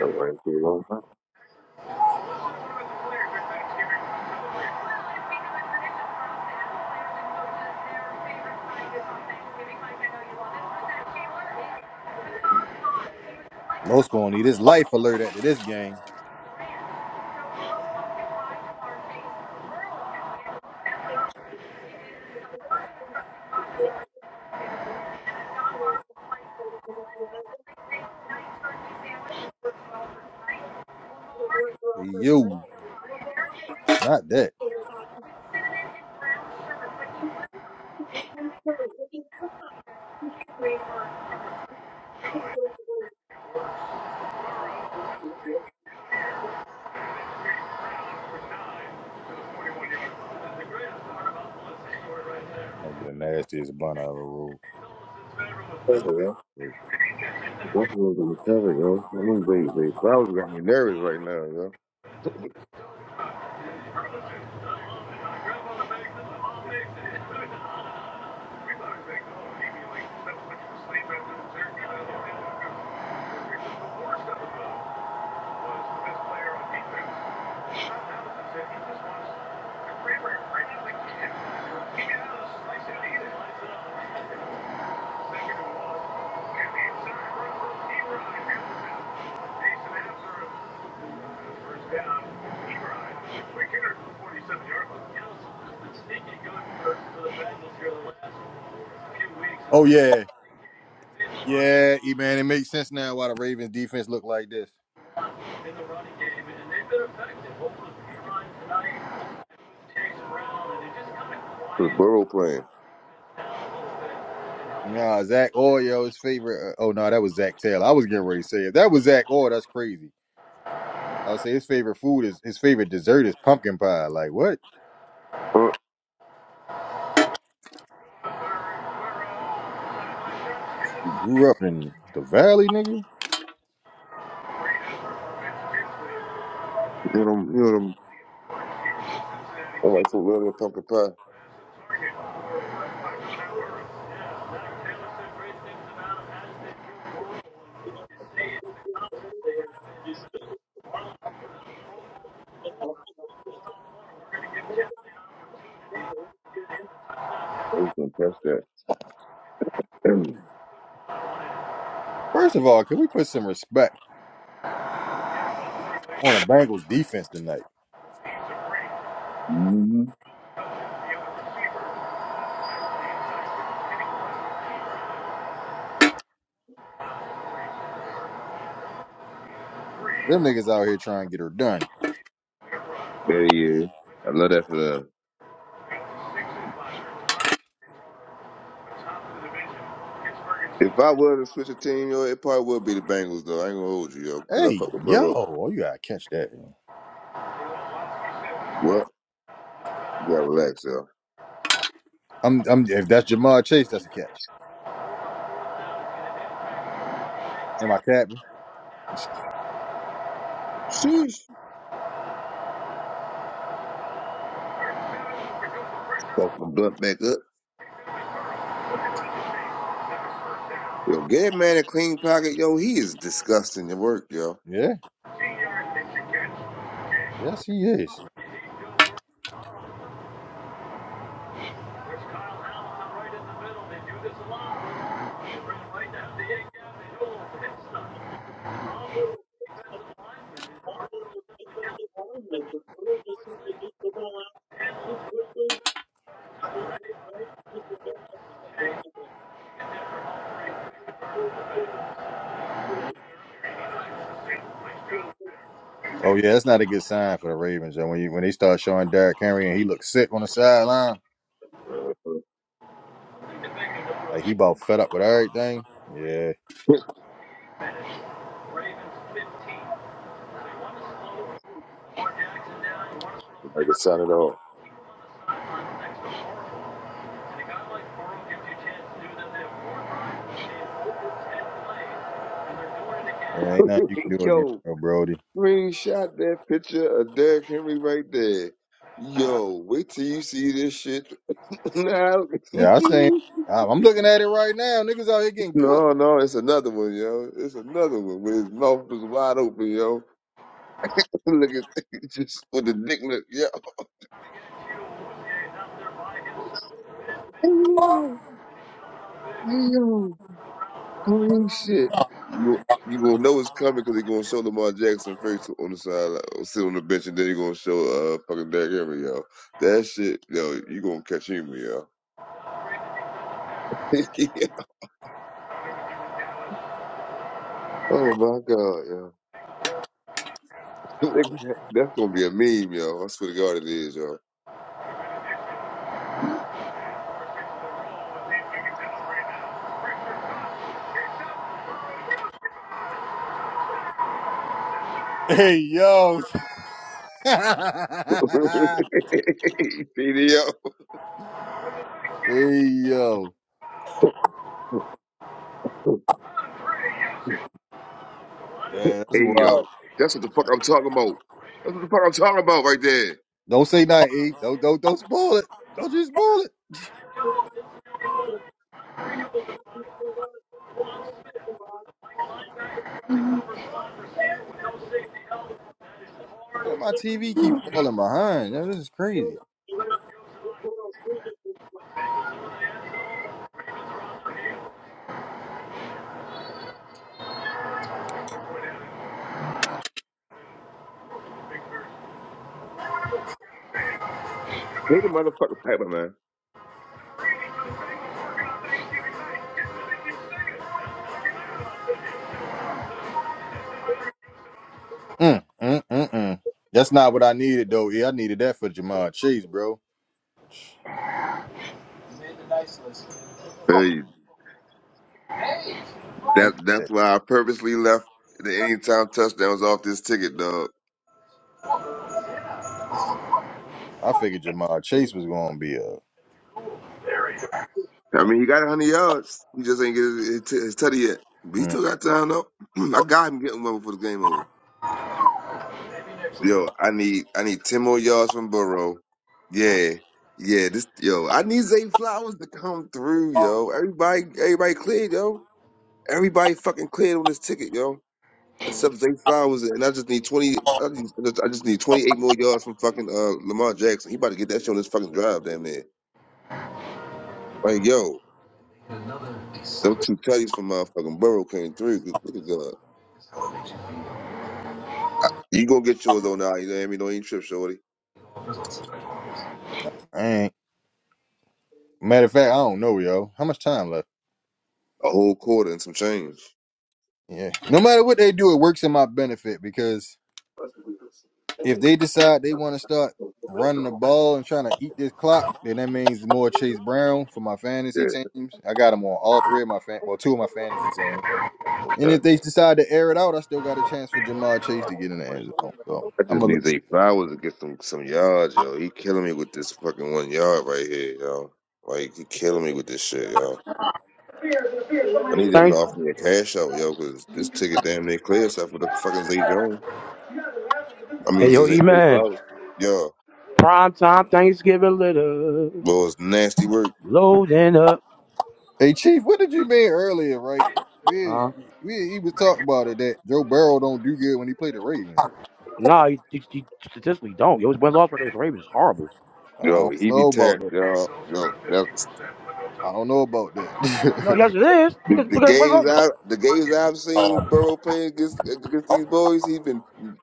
F: All right, dude. I'm
A: Los gonna need his life alert after this game. Hey, yo, not that. Might be the nastiest bun I ever rolled.
F: telling
A: It's not-
F: you, man. Both of them are telling you. I'm gonna wait, wait. Bowers got me nervous right now, yo.
A: Oh yeah, yeah, E man, it makes sense now why the Ravens defense look like this.
F: The Burrow playing.
A: Nah, Zach Orr, yo, his favorite. Uh, oh no, that was Zach Taylor. I was getting ready to say it. That was Zach Orr. That's crazy. I would say his favorite food is his favorite dessert is pumpkin pie. Like what?
F: Uh,
A: You grew up in the valley, nigga.
F: you know, you know, them- I'm like so little pumpkin pie. I was gonna catch that. (clears throat)
A: First of all, can we put some respect on a Bengals defense tonight?
F: mm-hmm.
A: Them niggas out here trying to get her done.
F: There he is. I love that for them. If I were to switch a team, yo, it probably would be the Bengals, though. I ain't gonna hold you, yo, because I
A: Hey,
F: fuck with
A: yo,
F: Burrow.
A: oh, you gotta catch that.
F: What? You gotta relax, yo.
A: I'm, I'm. If that's Jamar Chase, that's a catch. Am I capping?
F: Sheesh. Fuck my blunt back up. Yo, get man a clean pocket, yo. He is disgusting to work, yo.
A: Yeah, yes, he is. Oh yeah, that's not a good sign for the Ravens. And When you when they start showing Derrick Henry and he looks sick on the sideline. Like he about fed up with everything. Yeah,
F: I could sign it off.
A: yeah, ain't nothing you can
F: (laughs)
A: do against
F: yo,
A: no Brody.
F: screenshot that picture of Derrick Henry right there. Yo, wait till you see this shit. (laughs) now.
A: Yeah, I seen.
F: (laughs)
A: I- I'm looking at it right now. Niggas out here getting cooked.
F: No, no, it's another one, yo. It's another one where his mouth is wide open, yo. (laughs) Look at (laughs) just with the dick look, yo. Hey yo, hey yo, holy shit! You go, you gonna know it's coming because he gonna show Lamar Jackson first on the side, uh, sit on the bench, and then he gonna show uh fucking Derrick Henry, yo. That shit, yo, you gonna catch him, yo. (laughs) oh my god, yo. (laughs) That's gonna be a meme, yo. I swear to God, it is, yo.
A: Hey yo, (laughs)
F: (laughs)
A: hey
F: See,
A: yo, yeah, that's wild.
F: Ayo. That's what the fuck I'm talking about. That's what the fuck I'm talking about right there.
A: Don't say nothing. E. Don't don't don't spoil it. Don't just spoil it. How did my TV keep falling behind? Yeah, this is crazy.
F: Hey, the motherfucker Piper, man.
A: Mm, mm, mm, mm. That's not what I needed though. Yeah, I needed that for Jamar Chase, bro.
F: Hey,
A: I
F: that
A: needed that.
F: that's why I purposely left the anytime touchdowns off this ticket, dog.
A: I figured Jamar Chase was gonna be a.
F: I mean, he got 100 yards. He just ain't get his, his, t- his tutty yet. But he
A: Mm,
F: still got time, though. (clears throat) I got him getting one before the game over. Yo, I need I need 10 more yards from Burrow. Yeah. Yeah, this yo, I need Zay Flowers to come through, yo. Everybody everybody cleared, yo. Everybody fucking cleared on this ticket, yo. Except Zay Flowers, and I just need twenty. I just, I just need twenty eight more yards from fucking uh, Lamar Jackson. He about to get that shit on his fucking drive, damn near. Like yo, those two tutties from motherfucking Burrow came through. Good- Look at God. You gonna get yours on now? You know what I mean? Don't even trip, shorty.
A: I ain't. Matter of fact, I don't know, yo. How much time left?
F: A whole quarter and some change.
A: Yeah. No matter what they do, it works in my benefit because if they decide they want to start running the ball and trying to eat this clock, then that means more Chase Brown for my fantasy teams. I got him on all three of my fan, well, two of my fantasy teams. And
F: Okay.
A: if they decide to air it out, I still got a chance for Jamar Chase to get in the end zone. So
F: I
A: I'm
F: just
A: gonna look.
F: need Zay Flowers to get some some yards, yo. He killing me with this fucking one yard right here, yo. Like he killing me with this shit, yo. I need him to
B: Thanks.
F: offer me a cash out, yo, because this ticket damn near clear except for the fucking Zay Jones. I mean,
B: Hey
F: they,
B: yo,
F: they
B: E
F: they
B: man.
F: follow. Yeah,
B: Prime time Thanksgiving little.
F: well, it's nasty work.
B: Loading up.
A: Hey, Chief, what did you mean earlier? Right? We
B: Huh?
A: we he was talking about it that Joe Burrow don't do good when he play the Ravens.
B: Nah, you, you, you statistically don't. Yo, his win loss record against the Ravens is horrible.
A: I
F: Yo,
A: don't
F: he be
A: know about
F: tearing.
A: that.
F: Yo, yo, that's
A: I don't know about that.
B: No,
A: (laughs)
B: yes it is.
F: the,
B: Look at
F: the
B: look at his win
F: games
B: loss record.
F: I the games I've seen Burrow play against against these boys. He been and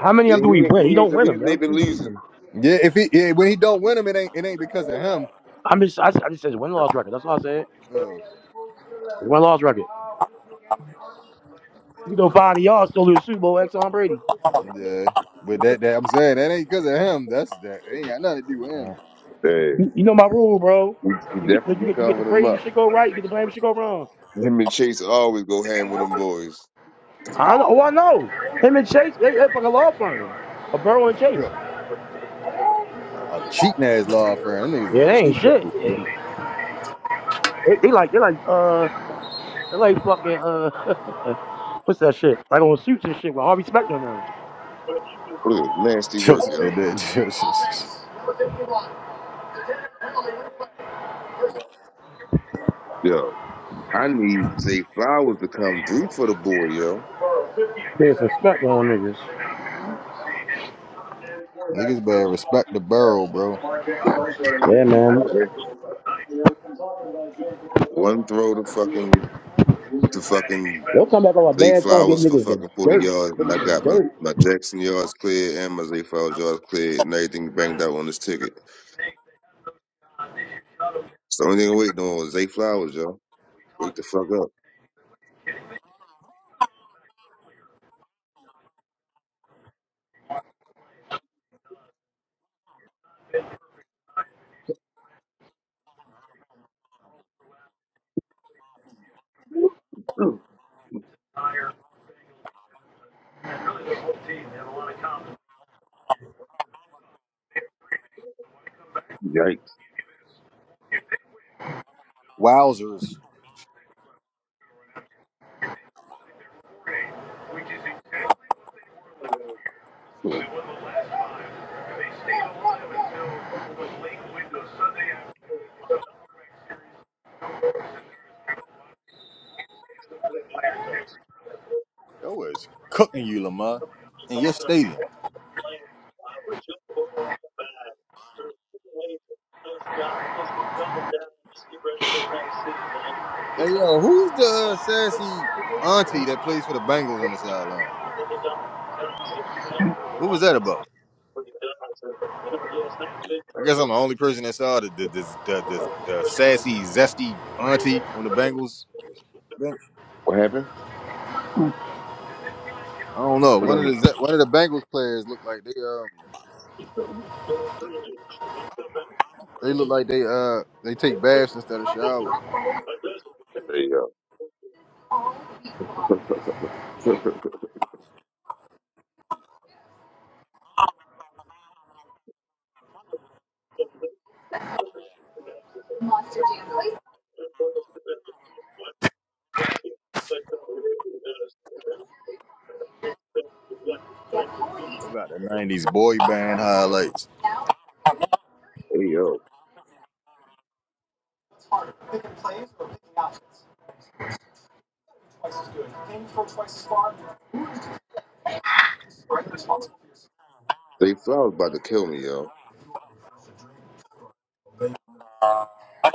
B: How many
F: he
B: of them do he
F: ain't-
B: win? He
F: he ain't
B: don't
F: the
B: win them,
F: reason they
B: yo.
F: been losing.
A: yeah, if he yeah, when he don't win them, it ain't it ain't because of him.
B: I'm just I, I just said his win loss record. That's all I said.
A: Oh,
B: His win loss record. You know, five of y'all still lose the Super Bowl ex on Brady.
A: yeah. But that, that I'm saying that ain't because of him. That's that ain't got nothing to do with him.
B: Nah.
A: (laughs)
F: Hey,
B: You, you know my rule, bro.
F: he, he
B: You get you
F: definitely
B: get you get the
F: covered them
B: praise when
F: up.
B: shit go right. You get the blame when shit go wrong.
F: Him and Chase always go ham with them boys.
B: I know. Oh, I know. Him and Chase, they, they fucking law firm. A Burrow and Chase.
A: Yeah. A, a cheating ass law firm. Them niggas is
B: Yeah,
A: a
B: they ain't
A: cheat
B: shit.
A: code, bro.
B: They, they like they like uh. They're like fucking uh, (laughs) what's that shit? Like on suits and shit with Harvey Specter on them.
F: What is
A: (laughs)
F: nasty work,
A: Just
F: yo.
A: said that. (laughs)
F: Yo, I need Zay Flowers to come through for the boy, yo.
B: Put some Specter on niggas.
A: niggas better respect the barrel, bro.
B: Yeah, man.
F: One throw to fucking to fucking
B: They'll come back on a
F: Zay
B: bad song, and get
F: Flowers for
B: niggas
F: fucking
B: the
F: 40
B: dirt.
F: yards,
B: Put
F: and I
B: niggas the
F: got my,
B: dirt.
F: my Jackson yards cleared and my Zay Flowers yards cleared, and everything banged out on this ticket. So the only thing I'm waiting on is Zay Flowers, yo. Wake the fuck up. Yikes.
A: Wowzers. Yo is cooking you, Lamar, in your stadium. Hey yo, who's the uh, sassy auntie that plays for the Bengals on the sideline? What was that about? I guess I'm the only person that saw the the the, the, the, the sassy, zesty auntie on the Bengals. bench.
F: What happened? (laughs)
A: I don't know. One of
F: Um,
A: the Ze- one of the Bengals players look like they um they look like they uh they take baths instead of showers.
F: hey, yo. (laughs)
A: They got the '90s boy band highlights.
F: hey, yo. Zay Flowers about to kill me, yo.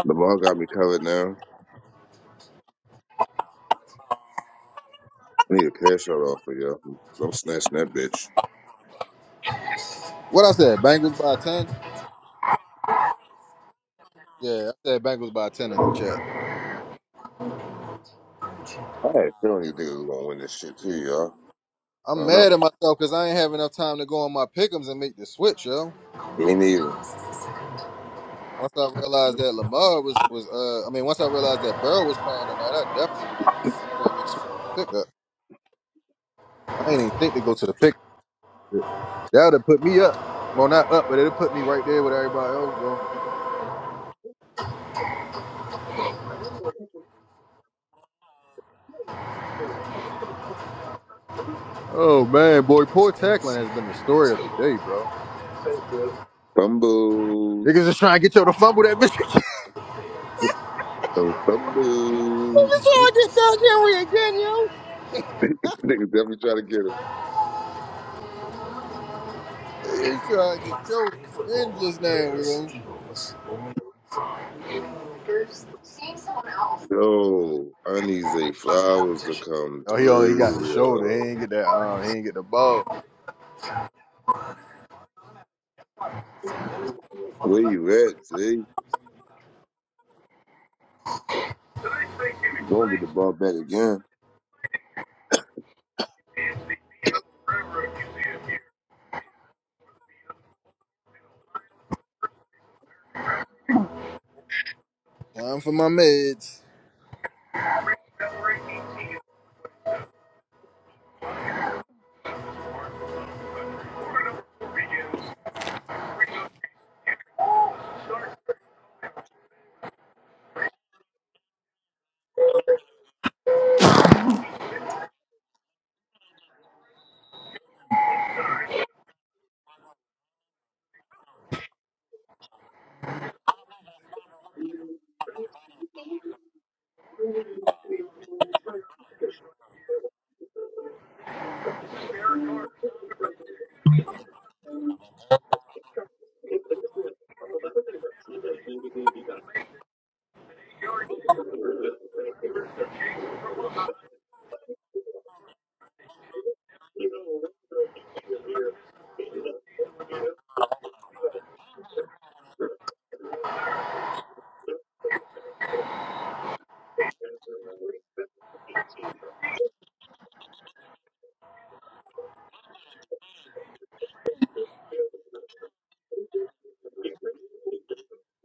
F: Lamar got me covered now. I need a cash out offer, yo. So I'm snatching that bitch.
A: What I said, Bengals by ten. Yeah, I said Bengals by ten in the chat.
F: I had a feeling these niggas was gonna win this shit too, yo.
A: I'm
F: I'm not.
A: mad at myself because I ain't have enough time to go on my pickums and make the switch, yo.
F: Me neither.
A: Once I realized that Lamar was was uh I mean once I realized that Burrow was playing tonight, I definitely would have. You know what I mean, switch pick. I ain't even think to go to the picnic. That would have put me up. Well, not up, but it'll put me right there with everybody else, though. Oh, man, boy, poor tackling has been the story of the day, bro.
F: Fumble.
A: Niggas is trying to get yo to fumble that bitch. (laughs) Niggas trying
F: Fumble. (laughs)
A: to get Doug Henry
F: Niggas definitely try to get him.
A: again, yo. Niggas trying to get yo again just now, yo.
F: Yo, I need Zay Flowers to come
A: Oh, he only he got the
F: through,
A: shoulder. He
F: yo.
A: ain't get that. Um, he ain't get the ball.
F: Where you at, Zay? You gonna get the ball back again.
A: Time for my meds.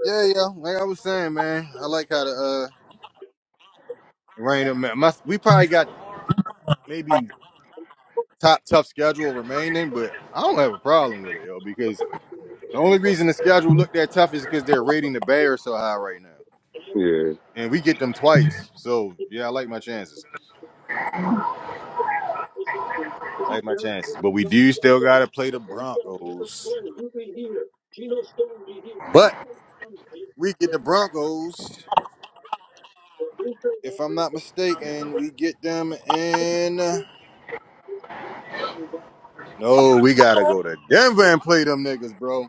A: Yeah, yeah. Like I was saying, man, I like how the uh, rain. Up, man. My, we probably got maybe top tough schedule remaining, but I don't have a problem with it, yo, because the only reason the schedule looked that tough is because they're rating the Bears so high right now.
F: Yeah.
A: And we get them twice. So yeah, I like my chances. I like my chances. But we do still gotta play the Broncos. But we get the Broncos. If I'm not mistaken, we get them in No, we gotta go to Denver and play them niggas, bro.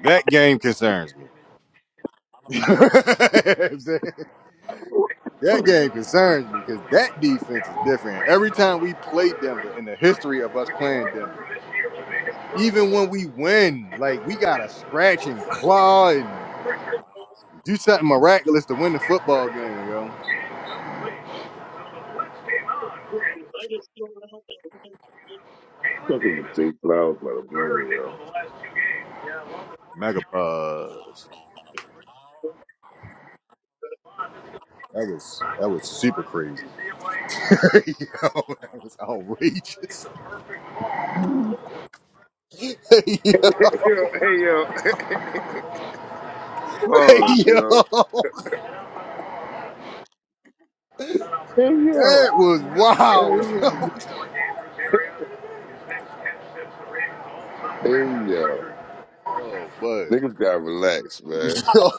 A: That game concerns me. (laughs) You know what I'm saying? That
F: I'm
A: game concerns me because that defense is different. Every time we play Denver in the history of us playing Denver, even when we win, like we gotta scratch and claw and do something miraculous to win the football game, yo.
F: fucking with Zay Flowers about to blow me, yo.
A: Mega buzz. That was that was super crazy. (laughs) yo, that was outrageous. (laughs) hey, yo,
F: (laughs) yo, hey, yo. (laughs)
A: hey,
F: Pause,
A: yo.
F: yo. Hey, yo.
A: That was wild, yo.
F: Hey, yo.
A: Oh, bud.
F: Niggas gotta relax,
A: (laughs)
F: man.
A: Yo.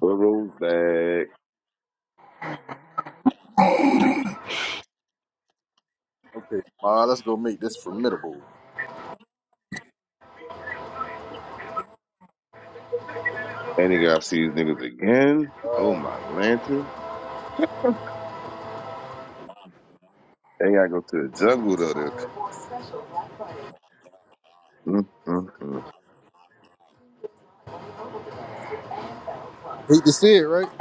F: Put those back.
A: Okay, Ma, let's go make this formidable.
F: Hey nigga, I see these niggas again. Oh my lantern. They gotta go to the jungle though. There. Mm, mm, mm.
A: Hate to see it, right? (laughs)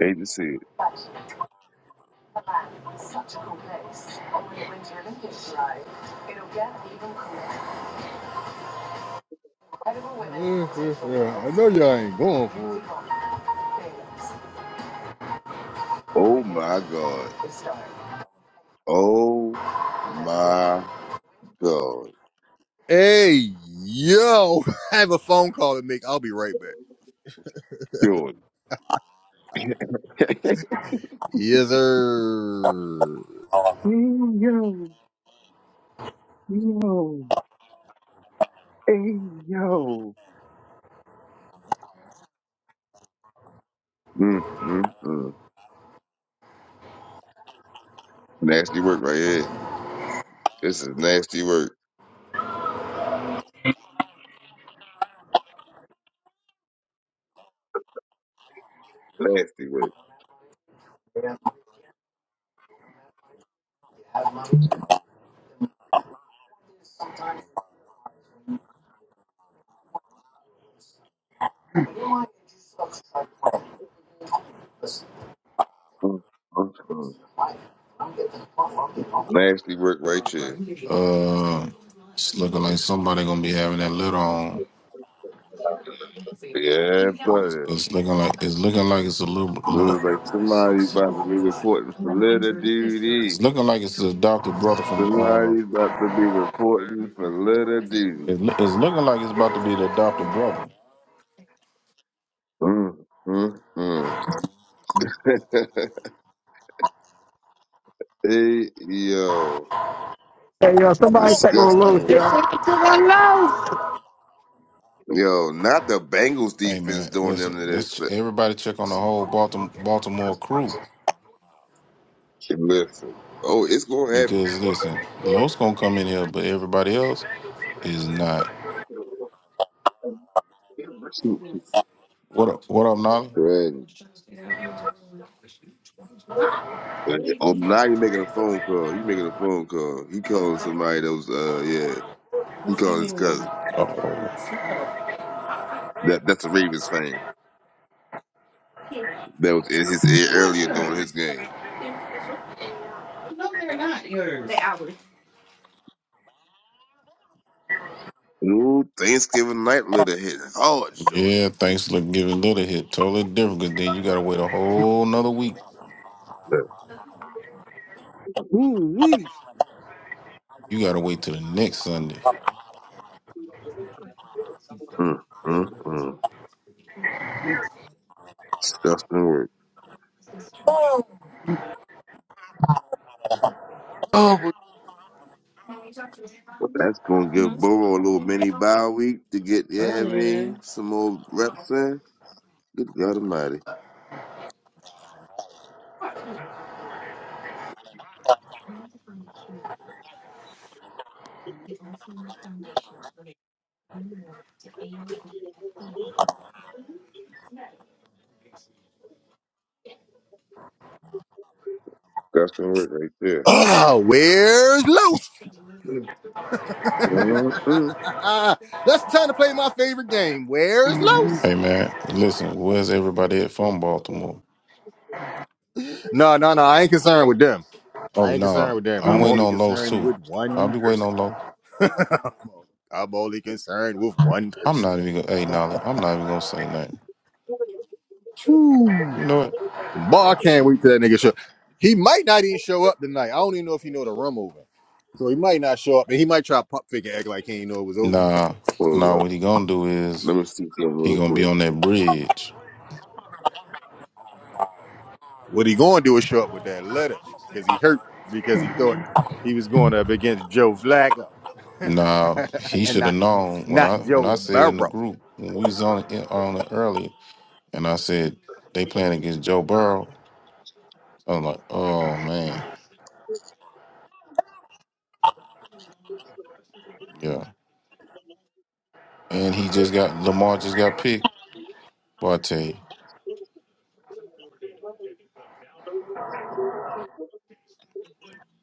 F: They just said,
A: Yeah, yeah, yeah. I know y'all ain't going for it.
F: oh my god. Oh my god.
A: Hey, yo, (laughs) I have a phone call to make. I'll be right back.
F: Jordan.
A: Yes, sir.
F: Mm, mm, mm. Nasty work right here. This is nasty work. Nasty work. Mm, mm, mm. Nasty work right here.
K: Uh, it's looking like somebody gonna be having that lid on.
F: Yeah,
K: It's,
F: brother.
K: it's looking like it's looking like it's a little look.
F: Look like somebody about to be reporting for little duty.
K: It's looking like it's the adopted brother from. Uh,
F: Somebody's about to be reporting for little duty.
K: it's, loo- it's looking like it's about to be the adopted brother.
F: Mm, mm, mm. (laughs) hey, yo,
E: Hey, yo, somebody take on
F: disgusting
E: load,
F: work.
E: yo. Took a loaf.
F: Yo, not the Bengals
K: Hey
F: defense
K: man,
F: doing
K: listen.
F: them to
K: Let's
F: this.
K: ch- everybody check on the whole Baltimore, Baltimore crew
F: Listen, oh, it's gonna happen.
K: because listen, Los gonna come in here, but everybody else is not. What up? What up, Nolly?
F: Right. Oh, now you're making a phone call. He making a phone call. He calling somebody that was, uh, yeah, he
K: Just give
F: calling
K: me
F: his cousin.
K: one. They're Oh, stuff.
F: That that's a Ravens fan that was in his ear
K: What's
F: earlier during his
K: yours?
F: game.
K: No, they're not yours.
F: Ooh, Thanksgiving night litter hit hard, shorty.
K: yeah. Thanksgiving little hit totally different because then you gotta wait a whole nother week.
F: Ooh wee.
K: You gotta wait till the next Sunday.
F: Mm, mm, mm. Disgusting work.
A: Oh, but-
F: But that's gonna give Burrow a little mini bye week to get, yeah, I
K: Earlier
F: mean,
K: then.
F: some more reps in. Good God Almighty. Disgusting work right there.
A: ah, where's Los? (laughs)
F: Uh-uh.
A: That's the time to play my favorite game. Where's Los?
K: Hey man, listen, where's everybody at from Baltimore?
A: No, no, no. I ain't concerned with them. I
K: Oh
A: ain't concerned
K: no,
A: with them.
K: I'm
A: I'm
K: waiting
A: only
K: on Lowe's
A: concerned
K: too.
A: with
K: I'll
A: one
K: be waiting
A: person.
K: on
A: (laughs)
K: Lowe's.
A: I'm only concerned with one
K: I'm
A: person.
K: not even gonna hey Nolly, I'm not even gonna say nothing.
A: Phew.
K: You know what?
A: Boy, I can't wait till that nigga show. He might not even show up tonight. I don't even know if he know the room open. So he might not show up, and he might try to pop figure act like he ain't know it was open.
K: Nah,
F: Hold
K: nah,
F: up.
K: what he gonna do is
F: Let me see something
K: he
F: real
K: gonna be
F: quick.
K: on that bridge.
A: What he gonna do is show up with that letter because he hurt because he thought he was going up against Joe Flacco
K: Now
A: (laughs)
K: he
A: and
K: should
A: not
K: have known when
A: not
K: I when
A: Joe
K: I said in the
A: Burrow.
K: group when we was on it on it early, and I said they playing against Joe Burrow. I'm like, oh man, yeah. And he just got Lamar just got picked. Boy, I tell you,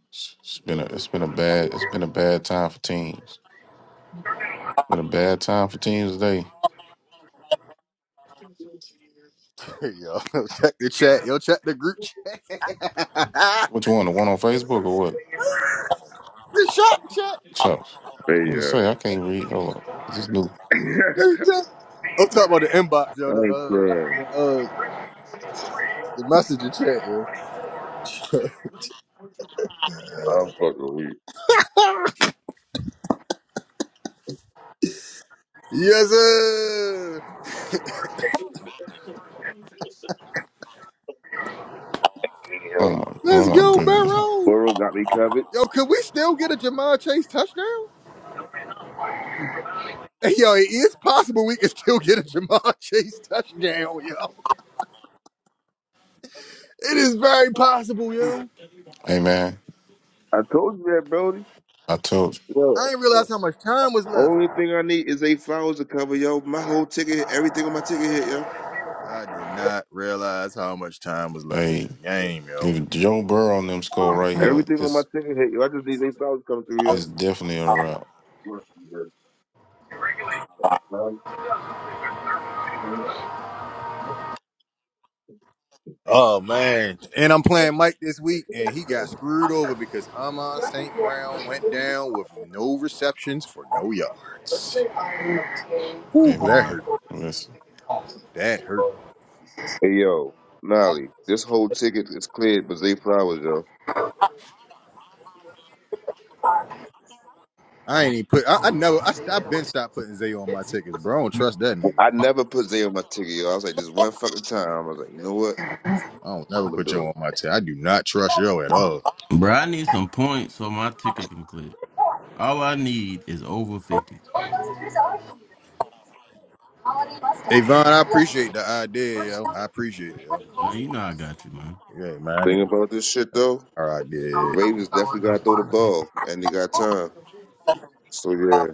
K: it's it's been a it's been a bad it's been a bad time for teams. It's been a bad time for teams today.
A: (laughs) yo, check the chat. Yo, check the group chat. (laughs)
K: Which one? The one on Facebook or what?
A: the shop chat.
K: Chuck.
F: Hey, uh,
K: What it say? I can't read. Hold on. This new.
F: (laughs)
A: (laughs) I'm talking about the inbox,
F: I
A: yo. The
F: ain't
A: uh, the
F: crying.
A: uh, the messenger chat, yo. (laughs)
F: I'm fucking weak.
A: yes, sir.
K: Oh my,
A: Let's
K: oh my
A: go,
K: goodness.
A: Barrow.
F: Burrow got me covered.
A: Yo, could we still get a Jamar Chase touchdown? (laughs) Hey, Yo, it is possible we can still get a Jamar Chase touchdown, yo. It is very possible, yo.
K: Hey man,
F: I told you that, Brody.
K: I told
A: I
F: Yo,
A: didn't
F: uh,
A: realize how much time was left.
F: only thing I need is eight flowers to cover, yo. My whole ticket, everything on my ticket hit, yo.
A: I did not realize how much time was left in
K: you.
A: this game, yo.
K: If Joe Burrow and them score right here,
F: Everything on my
K: it's
F: ticket hit, yo. I just need eight flowers to come through,
K: it's definitely a wrap.
F: yo.
A: Oh man. And I'm playing Mike this week, and he got screwed over because Amon St. Brown went down with no receptions for no yards. Whew,
K: Hey
A: that hurt.
K: man, listen,
A: That hurt.
F: Hey yo, Nolly, this whole ticket is cleared, but Zay Flowers, yo.
A: I ain't even put. I, I never. I, st- I been stopped putting Zayo on my tickets, bro. I don't trust that nigga.
F: I never put Zay on my ticket, yo. I was like, this one fucking time. I was like, you know what?
A: I don't never
F: I'm gonna
A: put yo
F: do
A: on my ticket. I do not trust yo at all.
G: Bro, I need some points so my ticket can clip. All I need is over 50.
A: Avon, I appreciate the idea, yo. I appreciate it, yo.
G: Now, you know I got you, man.
A: Yeah, man. I
F: it. Thing
A: need
F: about this shit though,
A: our
F: the
A: idea. yeah.
F: Ravens definitely gotta throw the ball, and they got time. So yeah,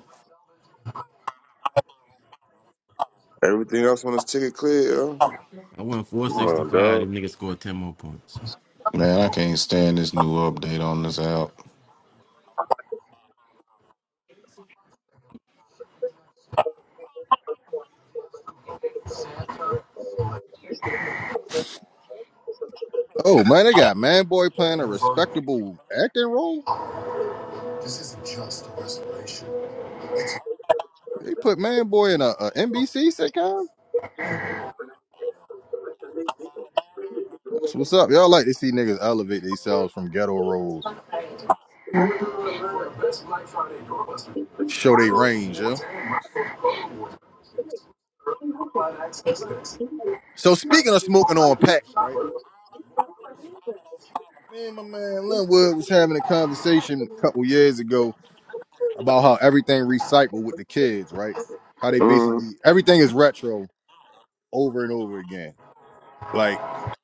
F: everything else on this ticket cleared, yo.
G: I went
F: Come on,
G: 465.
F: dog.
G: Them niggas scored 10 more points.
K: man, I can't stand this new update on this app.
A: Oh man, they got Man Boy playing a respectable acting role. They put Man Boy in a, a NBC sitcom. That's what's up. Y'all like to see niggas elevate themselves from ghetto roles, show they range, yo. So speaking of smoking on pack, right? Me and my man Linwood was having a conversation a couple years ago about how everything recycled with the kids, right? How they
F: Mm,
A: basically everything is retro over and over again. Like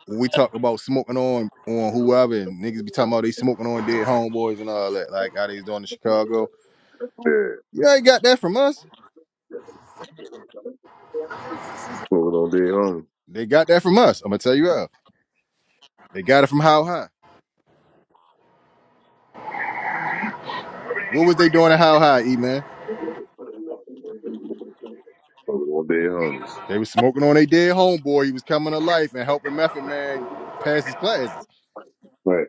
A: when we talk about smoking on on whoever and niggas be talking about they smoking on dead homeboys and all that, like how they was doing in Chicago.
F: yeah,
A: Yeah, they got that from us.
F: moving on, dead homies.
A: They got that from us. I'm gonna tell you how. They got it from How High. What was they doing at How High, E man?
F: Moving on, dead homies.
A: They was smoking on their dead homeboy. He was coming to life and helping Method Man pass his classes.
F: Right,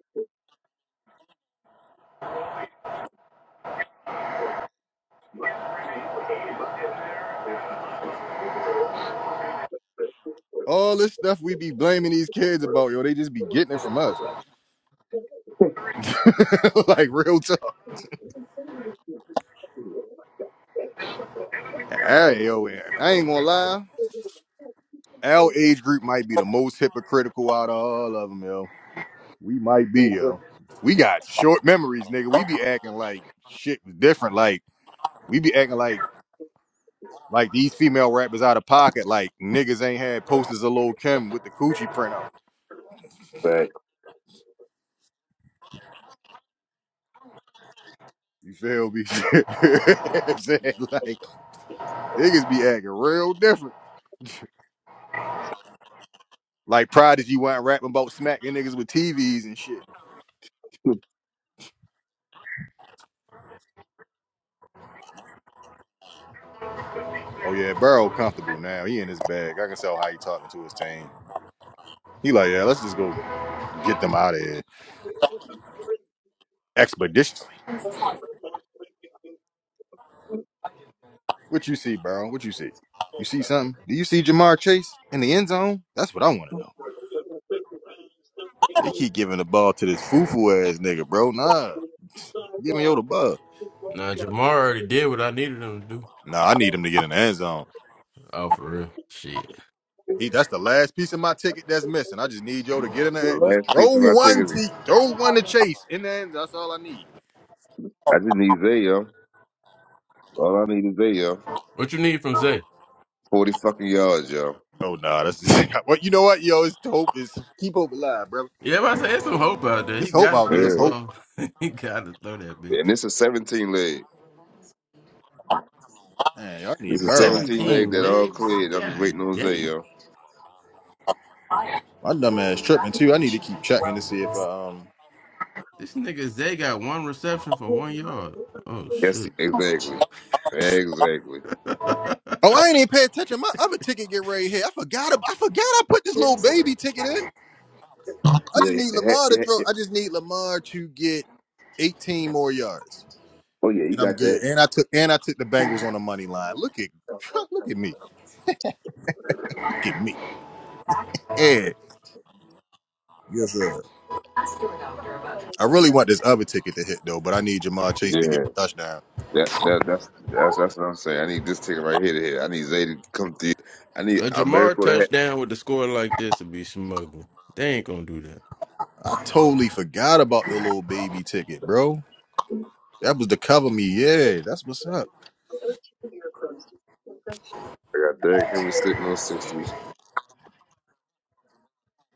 A: all this stuff we be blaming these kids about, yo, they just be getting it from us. (laughs) like real tough. Hey, yo, man, I ain't gonna lie. Our age group might be the most hypocritical out of all of them, yo. We might be, yo. We got short memories, nigga. We be acting like shit was different. Like we be acting like like these female rappers out of pocket. Like niggas ain't had posters of Lil Kim with the coochie printout.
F: back. (laughs)
A: You feel me? (laughs) You know what I'm saying? like niggas be acting real different. (laughs) Like Prodigy wasn't rapping about smacking niggas with TVs and shit. Oh yeah, Burrow comfortable now. He in his bag. I can tell how he talking to his team. He like, yeah, let's just go get them out of here expeditiously. What you see, Burrow? What you see? You see something? Do you see Jamar Chase in the end zone? That's what I want to know. They keep giving the ball to this foo foo ass nigga, bro. Nah, give me yo the ball.
G: Now, Jamar already did what I needed him to do.
A: Nah, I need him to get in the end zone.
G: Oh, for real? Shit.
A: He that's the last piece of my ticket that's missing. I just need Joe to get in
F: The
A: there and just
F: last
A: throw
F: piece of my
A: one
F: ticket,
A: to throw one to Chase in there. That's all I need.
F: I just need Zay, yo. All I need is Zay, yo.
G: What you need from Zay?
F: Forty fucking yards, yo.
A: Oh nah, that's (laughs) well, you know what, yo, it's hope is keep hope alive, brother.
G: Yeah, but I said there's some hope out there. He
A: It's hope
G: got to
A: out
G: throw
A: there.
G: the
F: Yeah.
A: It's hope.
G: ball. (laughs) he got to throw that bitch.
F: And this is 17 leg.
A: Man, y'all
F: This
A: need
F: is
A: Burrow.
F: 17 leg
G: 17
F: that all
G: legs?
F: cleared. I'm just
G: God
F: waiting on Zay,
G: damn.
F: yo.
A: My dumb ass tripping too. I need to keep checking to see if uh, um
G: This nigga Zay got one reception for one yard. Oh,
F: Yes,
G: shit.
F: exactly. Exactly.
G: (laughs)
A: Oh, I ain't even pay attention. My other ticket get right here. I forgot ab- I forgot I put this little baby ticket in. I just
F: Yeah,
A: need
F: yeah,
A: Lamar to
F: yeah.
A: throw I just need Lamar to get 18 more yards.
F: Oh yeah, you
A: and I'm
F: got that.
A: good. And I took and I took the Bengals on the money line. Look at (laughs) look at me. Look at me. And Yes, sir. I really want this other ticket to hit though, but I need Jamar Chase to get
F: Yeah,
A: a touchdown.
F: that that that's that's that's what I'm saying. I need this ticket right here to hit. I need Zay to come through. I need
G: A Jamar
F: America to hit.
G: touchdown with the score like this would be smuggling. They ain't gonna do that.
A: I totally forgot about the little baby ticket, bro. That was to cover me. Yeah, that's what's up.
F: I got Derrick Henry sitting on sixty.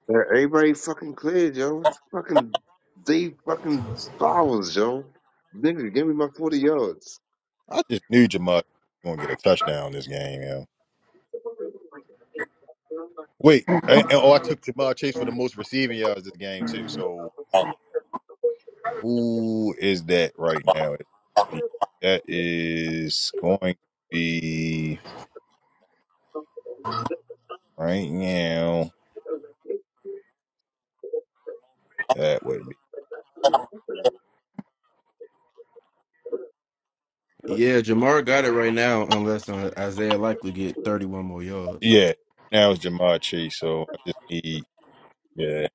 F: Man, Everybody fucking cleared, yo. It's fucking they fucking flowers, yo. Nigga, give me my forty yards.
A: I just knew Jamar was gonna get a touchdown this game, yo. Wait, and, and- oh, I took Jamar Chase for the most receiving yards this game too. So who is that right now? That is going to be. right now. That would be
G: Yeah, Jamar got it right now, unless uh, Isaiah likely get 31 more yards.
A: yeah. Now it's Jamar Chase, so I just need yeah.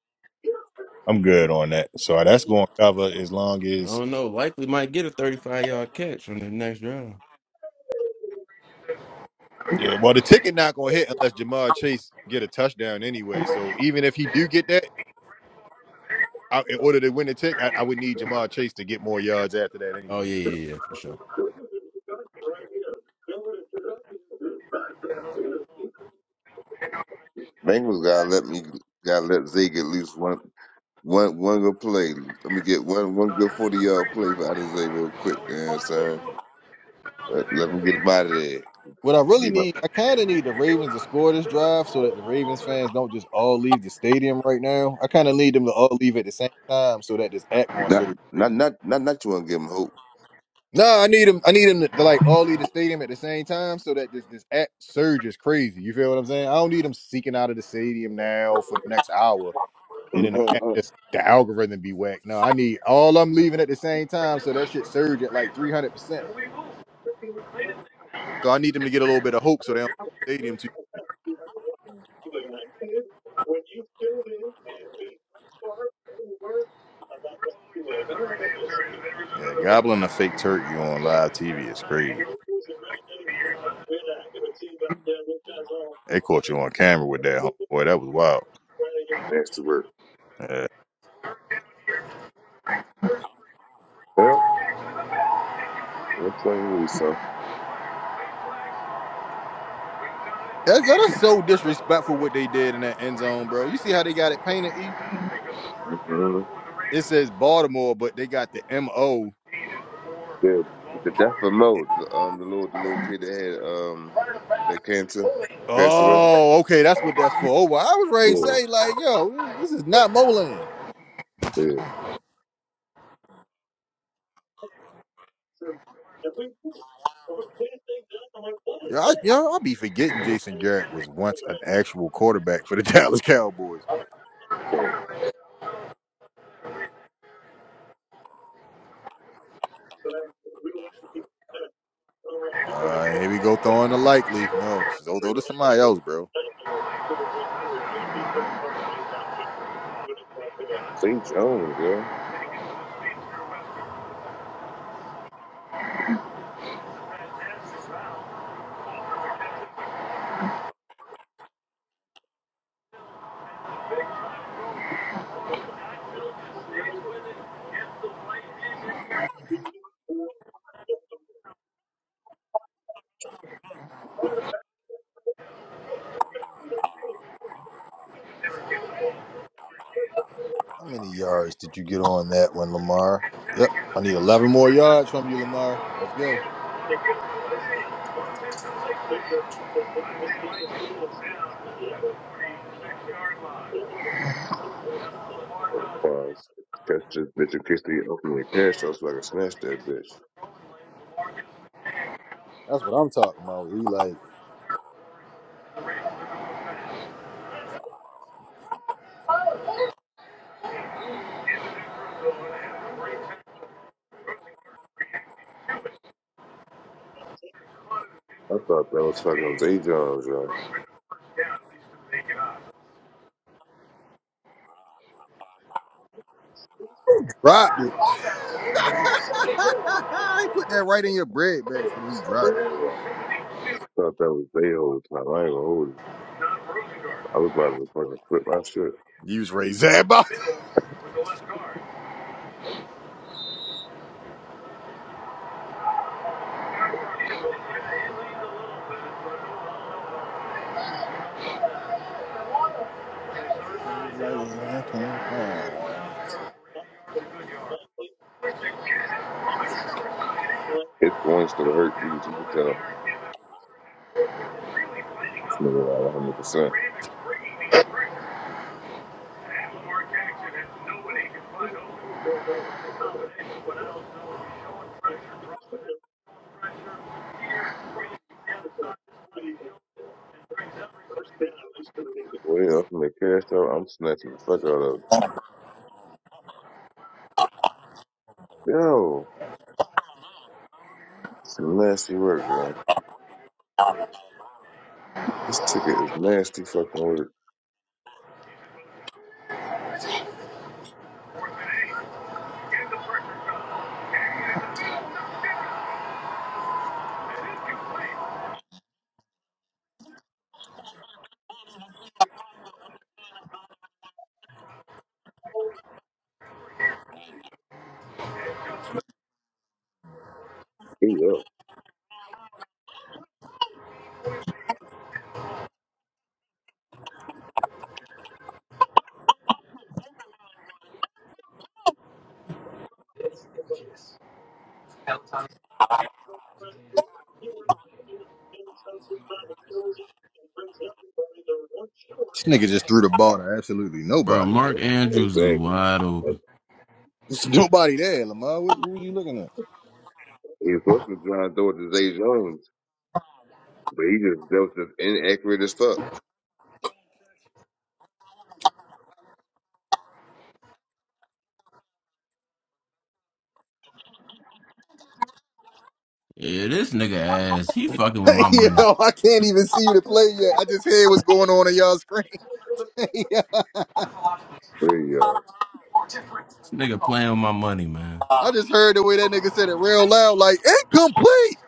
A: I'm good on that. So that's going to cover as long
G: I
A: as
G: don't know. Likely might get a 35 yard catch on the next drive.
A: yeah. Well, the ticket not going to hit unless Jamar Chase get a touchdown anyway. So even if he do get that, I, in order to win the ticket, I, I would need Jamar Chase to get more yards after that
G: Oh
A: anyway.
G: yeah, yeah, yeah, for sure.
F: Bengals gotta let me gotta let Zay get at least one. One one good play. Let me get one one good forty yard play for Adesanya real quick. You know what I'm saying? Let, let him get him out of there.
A: What I really
F: Get him,
A: need, I kind of need the Ravens to score this drive so that the Ravens fans don't just all leave the stadium right now. I kind of need them to all leave at the same time so that this app won't
F: not
A: serve
F: not
A: crazy.
F: not not not you want to give him
A: No, I need him. I need him to, to like all leave the stadium at the same time so that this this app surge is crazy. You feel what I'm saying? I don't need him seeking out of the stadium now for the next hour and then the, app
F: hope.
A: just, the algorithm be whacked. No, I need all I'm leaving at the same time so that shit surge at like 300. percent So I need them to get a little bit of hope so they don't stadium too. Yeah, gobbling a fake turkey on live TV is crazy. They caught you on camera with that, homeboy. That was wild. Yeah.
F: (laughs) well, I'm telling you, Louis, son.
A: That's, that's so disrespectful what they did in that end zone, bro. You see how they got it painted? E?
F: Mhm.
A: it says Baltimore, but they got the M O.
F: Yeah, the death of Mo, the, um, the little the little kid that had um that cancer that passed away.
A: Oh, okay, that's what that's for. Oh, well, I was ready to
F: Yeah,
A: say like, yo, eh, this is not Moland.
F: yeah.
A: Yo, I, yo, I be forgetting Jason Garrett was once an actual quarterback for the (laughs) Dallas Cowboys. Uh, here we go throwing the likely. No, so throw to somebody else, bro.
F: St. Jones, yeah.
A: How many yards did you get on that one, Lamar? Yep, I need eleven more yards from you, Lamar. Let's go.
F: Pause. Catch this bitch in case they ultimately perish. I was like, snatch that bitch.
A: That's what I'm talking about. He like.
F: I thought that was fucking Zay Jones,
A: Dropped it. (laughs) you put that right in your bread basket and you dropped
F: thought that was they whole time. I ain't gonna hold it. I was about to fucking flip my shit.
A: it. You was raised that (laughs) ball. Like, I can't find one.
F: It going to hurt you, as you can tell. It's not a hundred percent. Well, from the cash out, I'm snatching the fuck out of it. Yo, it's some nasty work, girl. This ticket is nasty fucking work. He up.
A: This nigga just threw the ball to absolutely
G: Bro,
A: nobody,
G: Mark
A: bro.
G: Andrews is
F: Exactly.
G: wide open.
A: There's nobody there, Lamar. What, what were you looking at?
F: He was supposed to be trying to throw it to Zay Jones, but he just dealt just inaccurate as fuck.
G: Yeah, this nigga ass. He fucking
A: (laughs)
G: with my money.
A: Yo, I can't even see you to play yet. I just heard what's going on on y'all screen. (laughs) yeah.
F: There you
G: This nigga playing with my money, man.
A: I just heard the way that nigga said it real loud, like incomplete.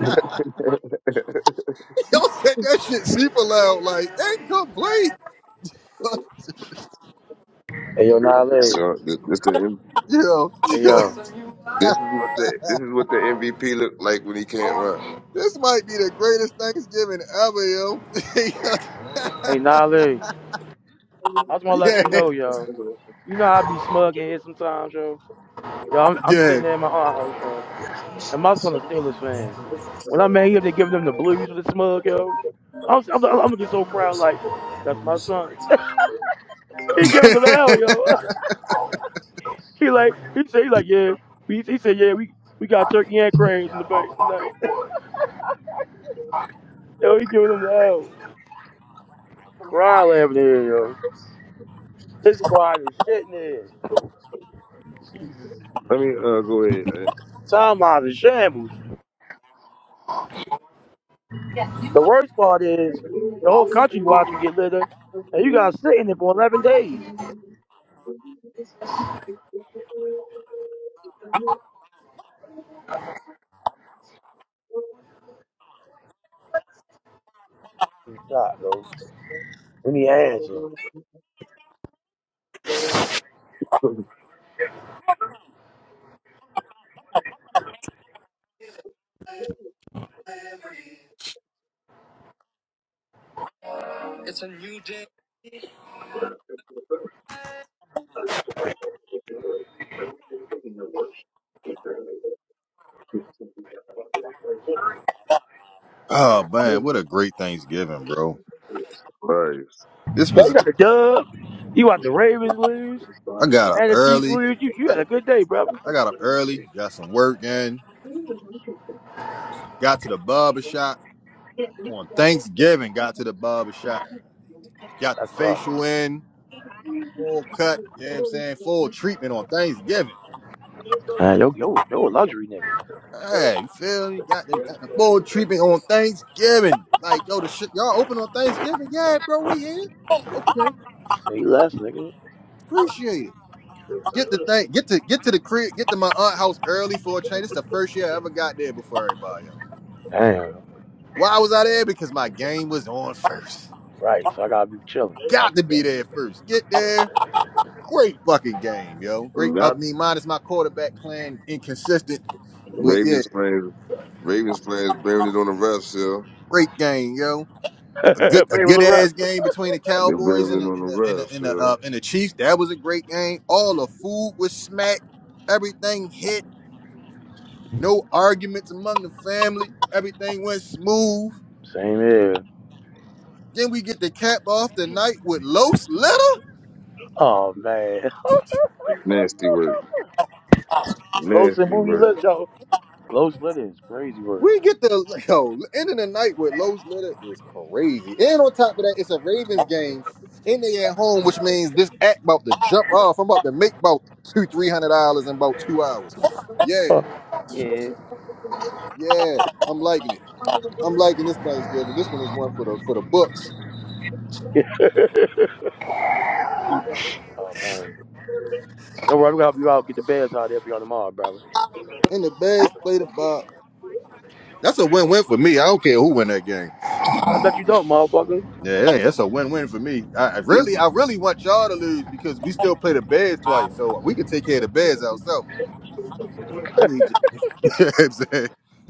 F: go. (laughs)
A: (laughs) Yo said that shit super loud, like incomplete.
B: Hey yo, Nale.
F: So this, this, the, M-
A: (laughs) Yo,
B: Hey
A: (laughs)
B: yo.
F: this is what the this is what the MVP looked like when he can't run.
A: This might be the greatest Thanksgiving ever, yo.
B: Hey Nale. I just
A: (laughs)
B: wanna let
A: yeah,
B: you know, yo. You know I be smug in here sometimes, yo. Yo, I'm, I'm
A: yeah.
B: sitting there in my aunt house, yo. And my son a Steelers fan. When I'm mad, here, they giving them the blues with the smug, yo. I'm, I'm, I'm just so proud. Like, that's my son. He giving them hell, yo. (laughs) he like, he said, he like, yeah. He, he said, yeah, we, we got turkey and crabs in the bank. tonight. yo, he giving them the hell. Crying laughing in here, yo. This quiet is shit here.
F: Let me uh, go ahead. uh,
B: Time out of shambles. The worst part is the whole country watch you get litter, and you got to sit in it for 11 days. God, bro. We need answers.
A: (laughs) oh man, what a great Thanksgiving, bro.
F: All right.
A: This
B: Yeah,
A: was.
B: you
A: A,
B: got the dub. You watch the Ravens lose
A: I got up
B: and the Chiefs
A: early.
B: lose. You you
A: I,
B: had a good day, brother.
A: I got up early. Got some work in. Got to the barber shop on Thanksgiving. Got to the barber shop. Got the
B: That's tough.
A: facial in. Full cut. You know what I'm saying? Full treatment on Thanksgiving.
B: Man, yo, yo, yo, a luxury nigga.
A: Hey, Phil, you got the got the full treatment on Thanksgiving. Like, yo, the shit y'all open on Thanksgiving? Yeah, bro, we here. Okay,
B: So he left, nigga.
A: appreciate it. Get the thing, get to get to the crib, get to my aunt house early for a change. It's the first year I ever got there before everybody else.
B: Damn.
A: Why was I there? Because my game was on first.
B: Right. So I gotta be chilling. Watch
A: Got to
B: the
A: be
B: game.
A: there first. Get there. Great fucking game, yo. Great. I
F: Not
A: mean, mine is my quarterback playing inconsistent, but yeah,
F: Ravens playing. Ravens players blamed it on the refs, yo.
A: great game, yo a good
B: (laughs)
A: a
B: Play with
A: good
B: the
A: ass
B: rest.
A: game between the
F: They
A: Cowboys
F: blamed
A: and
F: it
A: the
F: on
A: and
F: the
A: the and the
F: refs,
A: and the,
F: yo.
A: uh, and the Chiefs. That was a great game. All the food was smack. Everything hit. No arguments among the family. Everything went smooth.
B: Same here.
A: Then we get the cap off the night with Los Letter.
B: Oh man. (laughs)
F: Nasty work.
B: Los and
F: Nasty
B: Boogie
F: work.
B: lit though. Los lit is crazy word.
A: We get the yo ending the night with Los Letter is crazy. And on top of that, it's a Ravens game. And they at home, which means this act about to jump off. I'm about to make about two, three hundred dollars in about two hours. Yeah,
B: Huh. Yeah.
A: yeah. I'm liking it. I'm liking this Thanksgiving. This one is one for the for the books.
B: (laughs) oh man. Don't worry, we gonna help you out. Get the beds out there for y'all tomorrow, brother.
A: And the Bears play the Bob. That's a
B: Well,
A: win-win for me. I don't care who win that game.
B: I bet you don't, motherfucker.
A: Yeah, it ain't- that's a win-win for me. I, I
F: You just
A: really, I really want y'all to lose because we still play the Bears twice, so we can take care of the Bears ourselves. I need you. (laughs) you know what I'm saying?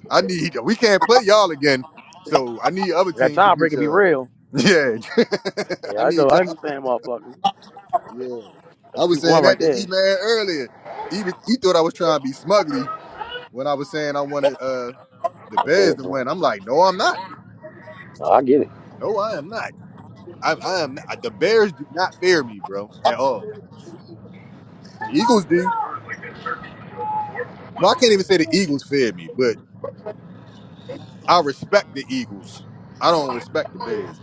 A: I need. We can't play y'all again, so I need other
B: That
A: teams to beat
B: tiebreaker be
A: y'all. (laughs)
B: real.
A: Yeah, (laughs)
B: Yeah,
A: I
B: I know.
A: need
B: I
A: y'all.
B: understand, motherfucker.
A: Yeah, I
B: That's two
A: was
B: for
A: saying
B: one right
A: that to E
B: there.
A: man earlier. He was he thought I was trying to be smugly when I was saying I wanted. uh, The
B: A
A: Bears
B: bad
A: to
B: one.
A: win. I'm like, no, I'm not.
B: No, I get it.
A: No, I am not. I, I am not. The Bears do not fear me, bro, at all. The Eagles do. Well, I can't even say the Eagles fear me, but I respect the Eagles. I don't respect the Bears.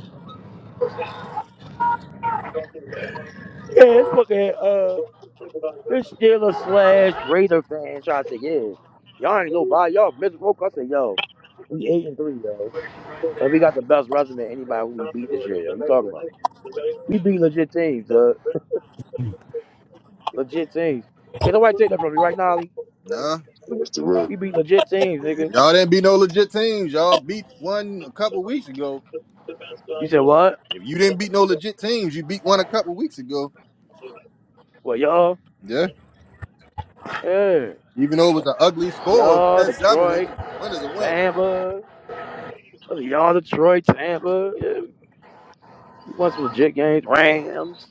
B: Yeah, it's fucking uh, this Steelers slash Raider fan trying to say, yeah, y'all ain't nobody. Y'all miserable. I said, yo, we eight and three, yo, and we got the best resume of anybody who we beat this year, yo. You talking about? We beat legit teams, duh. Legit teams. Can nobody take that from me right now, Ali?
A: Nah.
F: nasty work.
B: We beat legit teams,
A: If
B: nigga.
A: y'all didn't beat no legit teams, y'all beat one a couple weeks ago.
B: You said what?
A: If you didn't beat no legit teams, you beat one a couple weeks ago.
B: Well, y'all,
A: Yeah.
B: yeah,
A: Even though it was an ugly score of
B: y'all,
A: ten-seven, it
B: Detroit,
A: win is a win.
B: Tampa. Oh, Y'all, Detroit, Tampa, yeah, you want some legit games? Rams.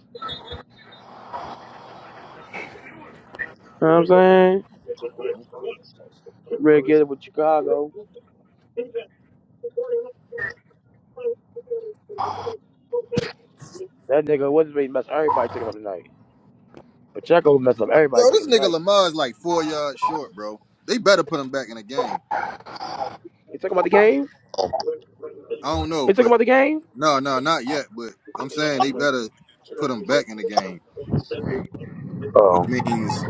B: You know what I'm saying? Ready to get it with Chicago. That nigga wasn't ready to mess everybody taking up tonight. Pacheco messed up
A: Yo,
B: everybody
A: this
B: taking
A: nigga
B: tonight.
A: Lamar is like four yards short, bro. They better put him back in the game.
B: They talking about the game?
A: I don't know,
B: They talking
A: but
B: about the game?
A: No, no, not yet. But I'm saying they better put them back in the game, which
B: Oh.
A: means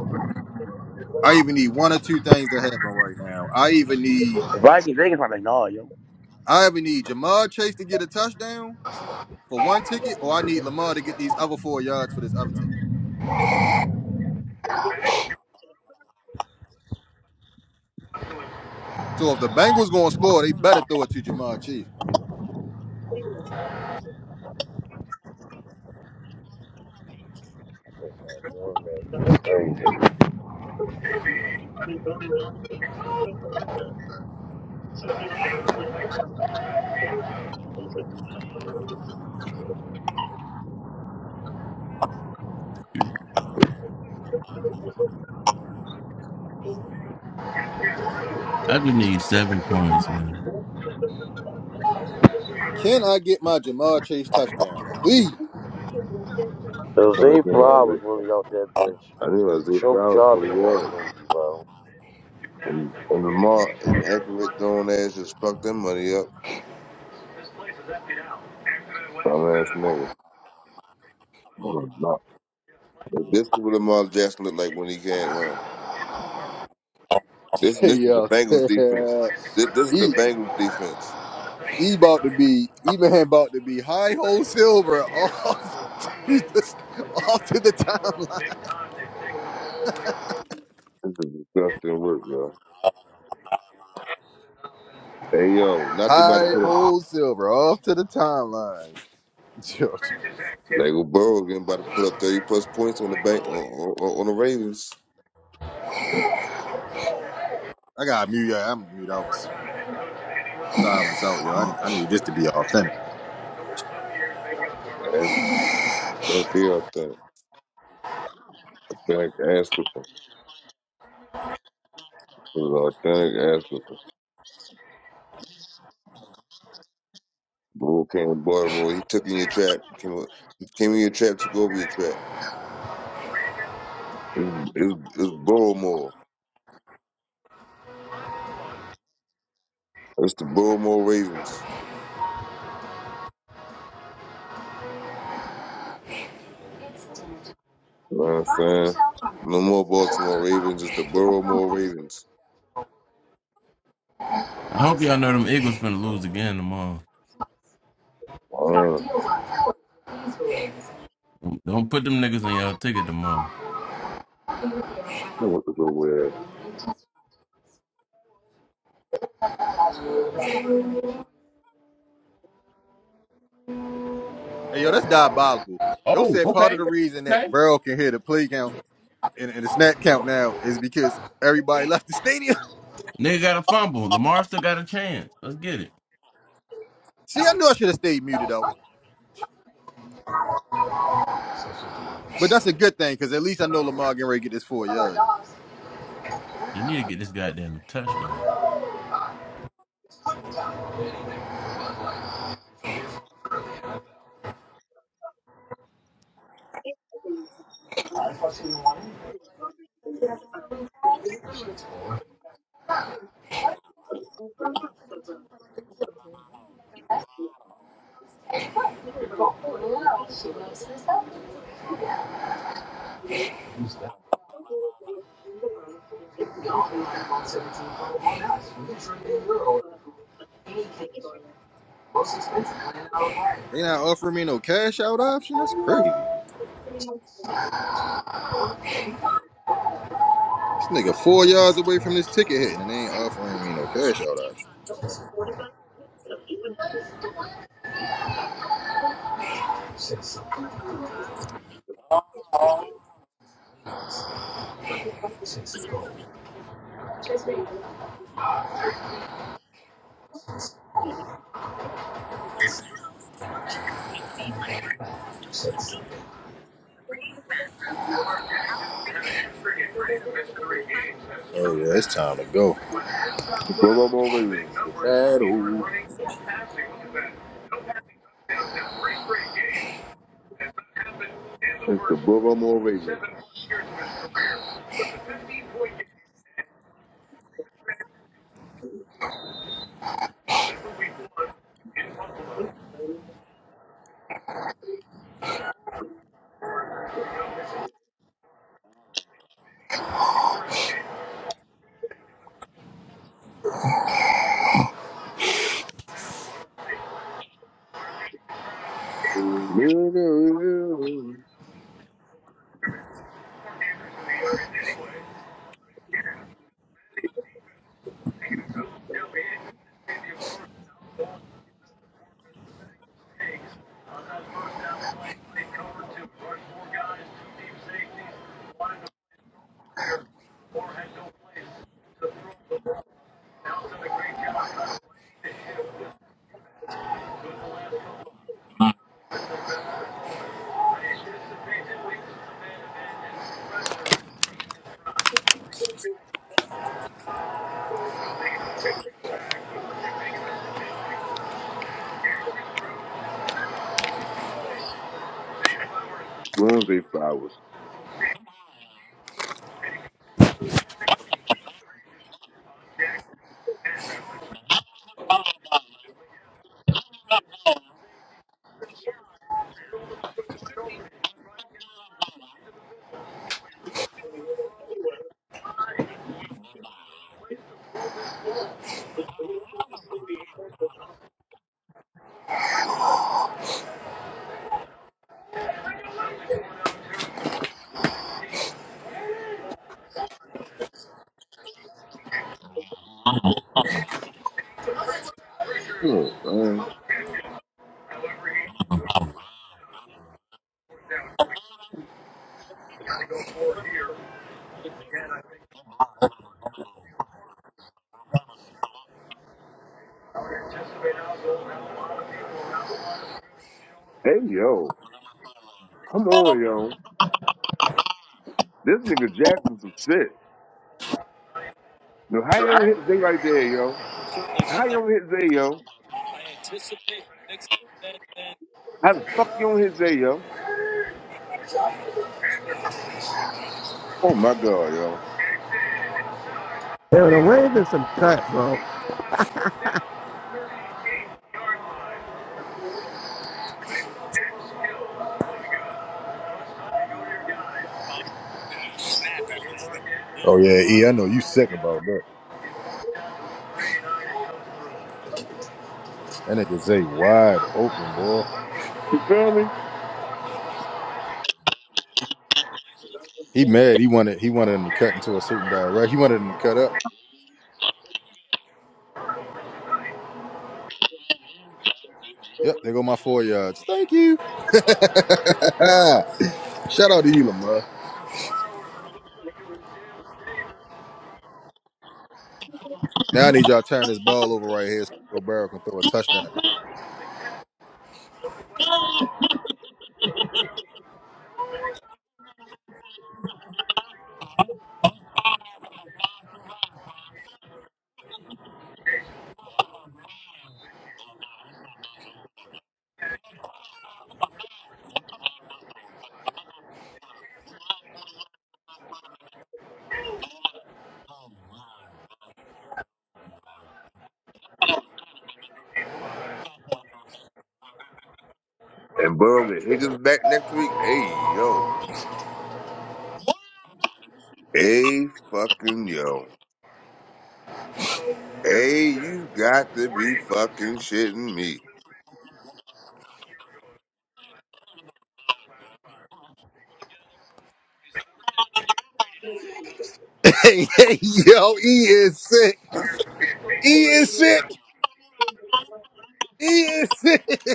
A: I even need one or two things to happen right now. I even need
B: The Vikings, they can probably nah, yo.
A: I even need Jamar Chase to get a touchdown for one ticket, or I need Lamar to get these other four yards for this other ticket. So if the Bengals gonna score, they better throw it to Jamar Chase.
B: Oh, man, That's crazy.
G: (clears throat) I just need seven points, man.
A: Can I get my Jamar Chase touchdown, please?
F: Oh my
B: Jose Fly
F: God,
B: was really off that bitch.
F: I I knew I was eight
B: Choke
F: flowers for
B: jobbing
F: the
B: tonight,
F: yards.
B: crazy, bro.
F: And, and Lamar, inaccurate throwing ass, just fucked that money up. Dumb ass nigga. Oh, no. This is what Lamar Jackson looked like when he can't run. This
A: (laughs)
F: this is the
A: Yo,
F: Bengals defense. This,
A: (laughs)
F: this is the
A: he
F: Bengals defense.
A: he about to be he man about to be high hole silver off (laughs) the off to the timeline.
F: This is disgusting work, yo. Hey yo, not they about to
A: High
F: put up.
A: old silver off to the timeline. Yo,
F: They go Burrow again about to put up thirty plus points on the bank on, on, on the Ravens.
A: I gotta mute y'all. I'm gonna mute out with silence out, yo. I, I need this to be authentic.
F: That's Bro, they out there, authentic ass with them. Authentic ass with them. Bull came to Baltimore. He took in your trap. Came, o- he came in your trap. Took over your trap. It's, it's, it's Baltimore. It's the Baltimore Ravens. You know what I'm saying? No more Baltimore Ravens. It's the Baltimore Ravens.
G: I hope y'all know them Eagles finna lose again tomorrow.
F: Man, I don't
G: Don't put them niggas on y'all ticket tomorrow.
F: know what to go with.
A: Hey, yo, that's diabolical. Yo
G: Oh,
A: said part of
G: okay.
A: the reason that
G: Okay.
A: Burrow can hear the play count and, and the snap count now is because everybody (laughs) left the stadium.
G: Nigga got a fumble. Lamar still got a chance. Let's get it.
A: (laughs) See, I knew I should have stayed muted though, but that's a good thing because at least I know Lamar getting ready to get this four yards.
G: He need to get this goddamn touchdown.
A: They not offering me no cash out option. That's crazy. This nigga four yards away from this ticket hitting and they ain't offering me no cash out option. Oh yeah, it's time to go.
F: The Baltimore Ravens.
A: That
F: It's the Baltimore Ravens. Wednesday flowers. Oh, man. Hey, yo. Come on, yo. This nigga Jackson some shit. Now, how you don't hit Zay right there, yo? How you don't hit Zay, yo? How the fuck you don't hit Zay, yo? Oh, my God, yo.
E: Yo, the Ravens some cut, bro.
A: Oh yeah, E, I know you sick about that. That nigga Zay wide open, boy.
F: You feel me?
A: He mad. He wanted he wanted him to cut into a certain direct. He wanted him to cut up. Yep, there go my four yards. Thank you. (laughs) Shout out to you, Lamar. Now I need y'all to turn this ball over right here so Joe Barrow can throw a touchdown. (laughs)
F: And Burrow get hit his back next week. Hey, yo. Hey, fucking yo. Hey, you got to be fucking shitting me.
A: Hey, hey, yo, E is sick. E is sick. E is sick. (laughs)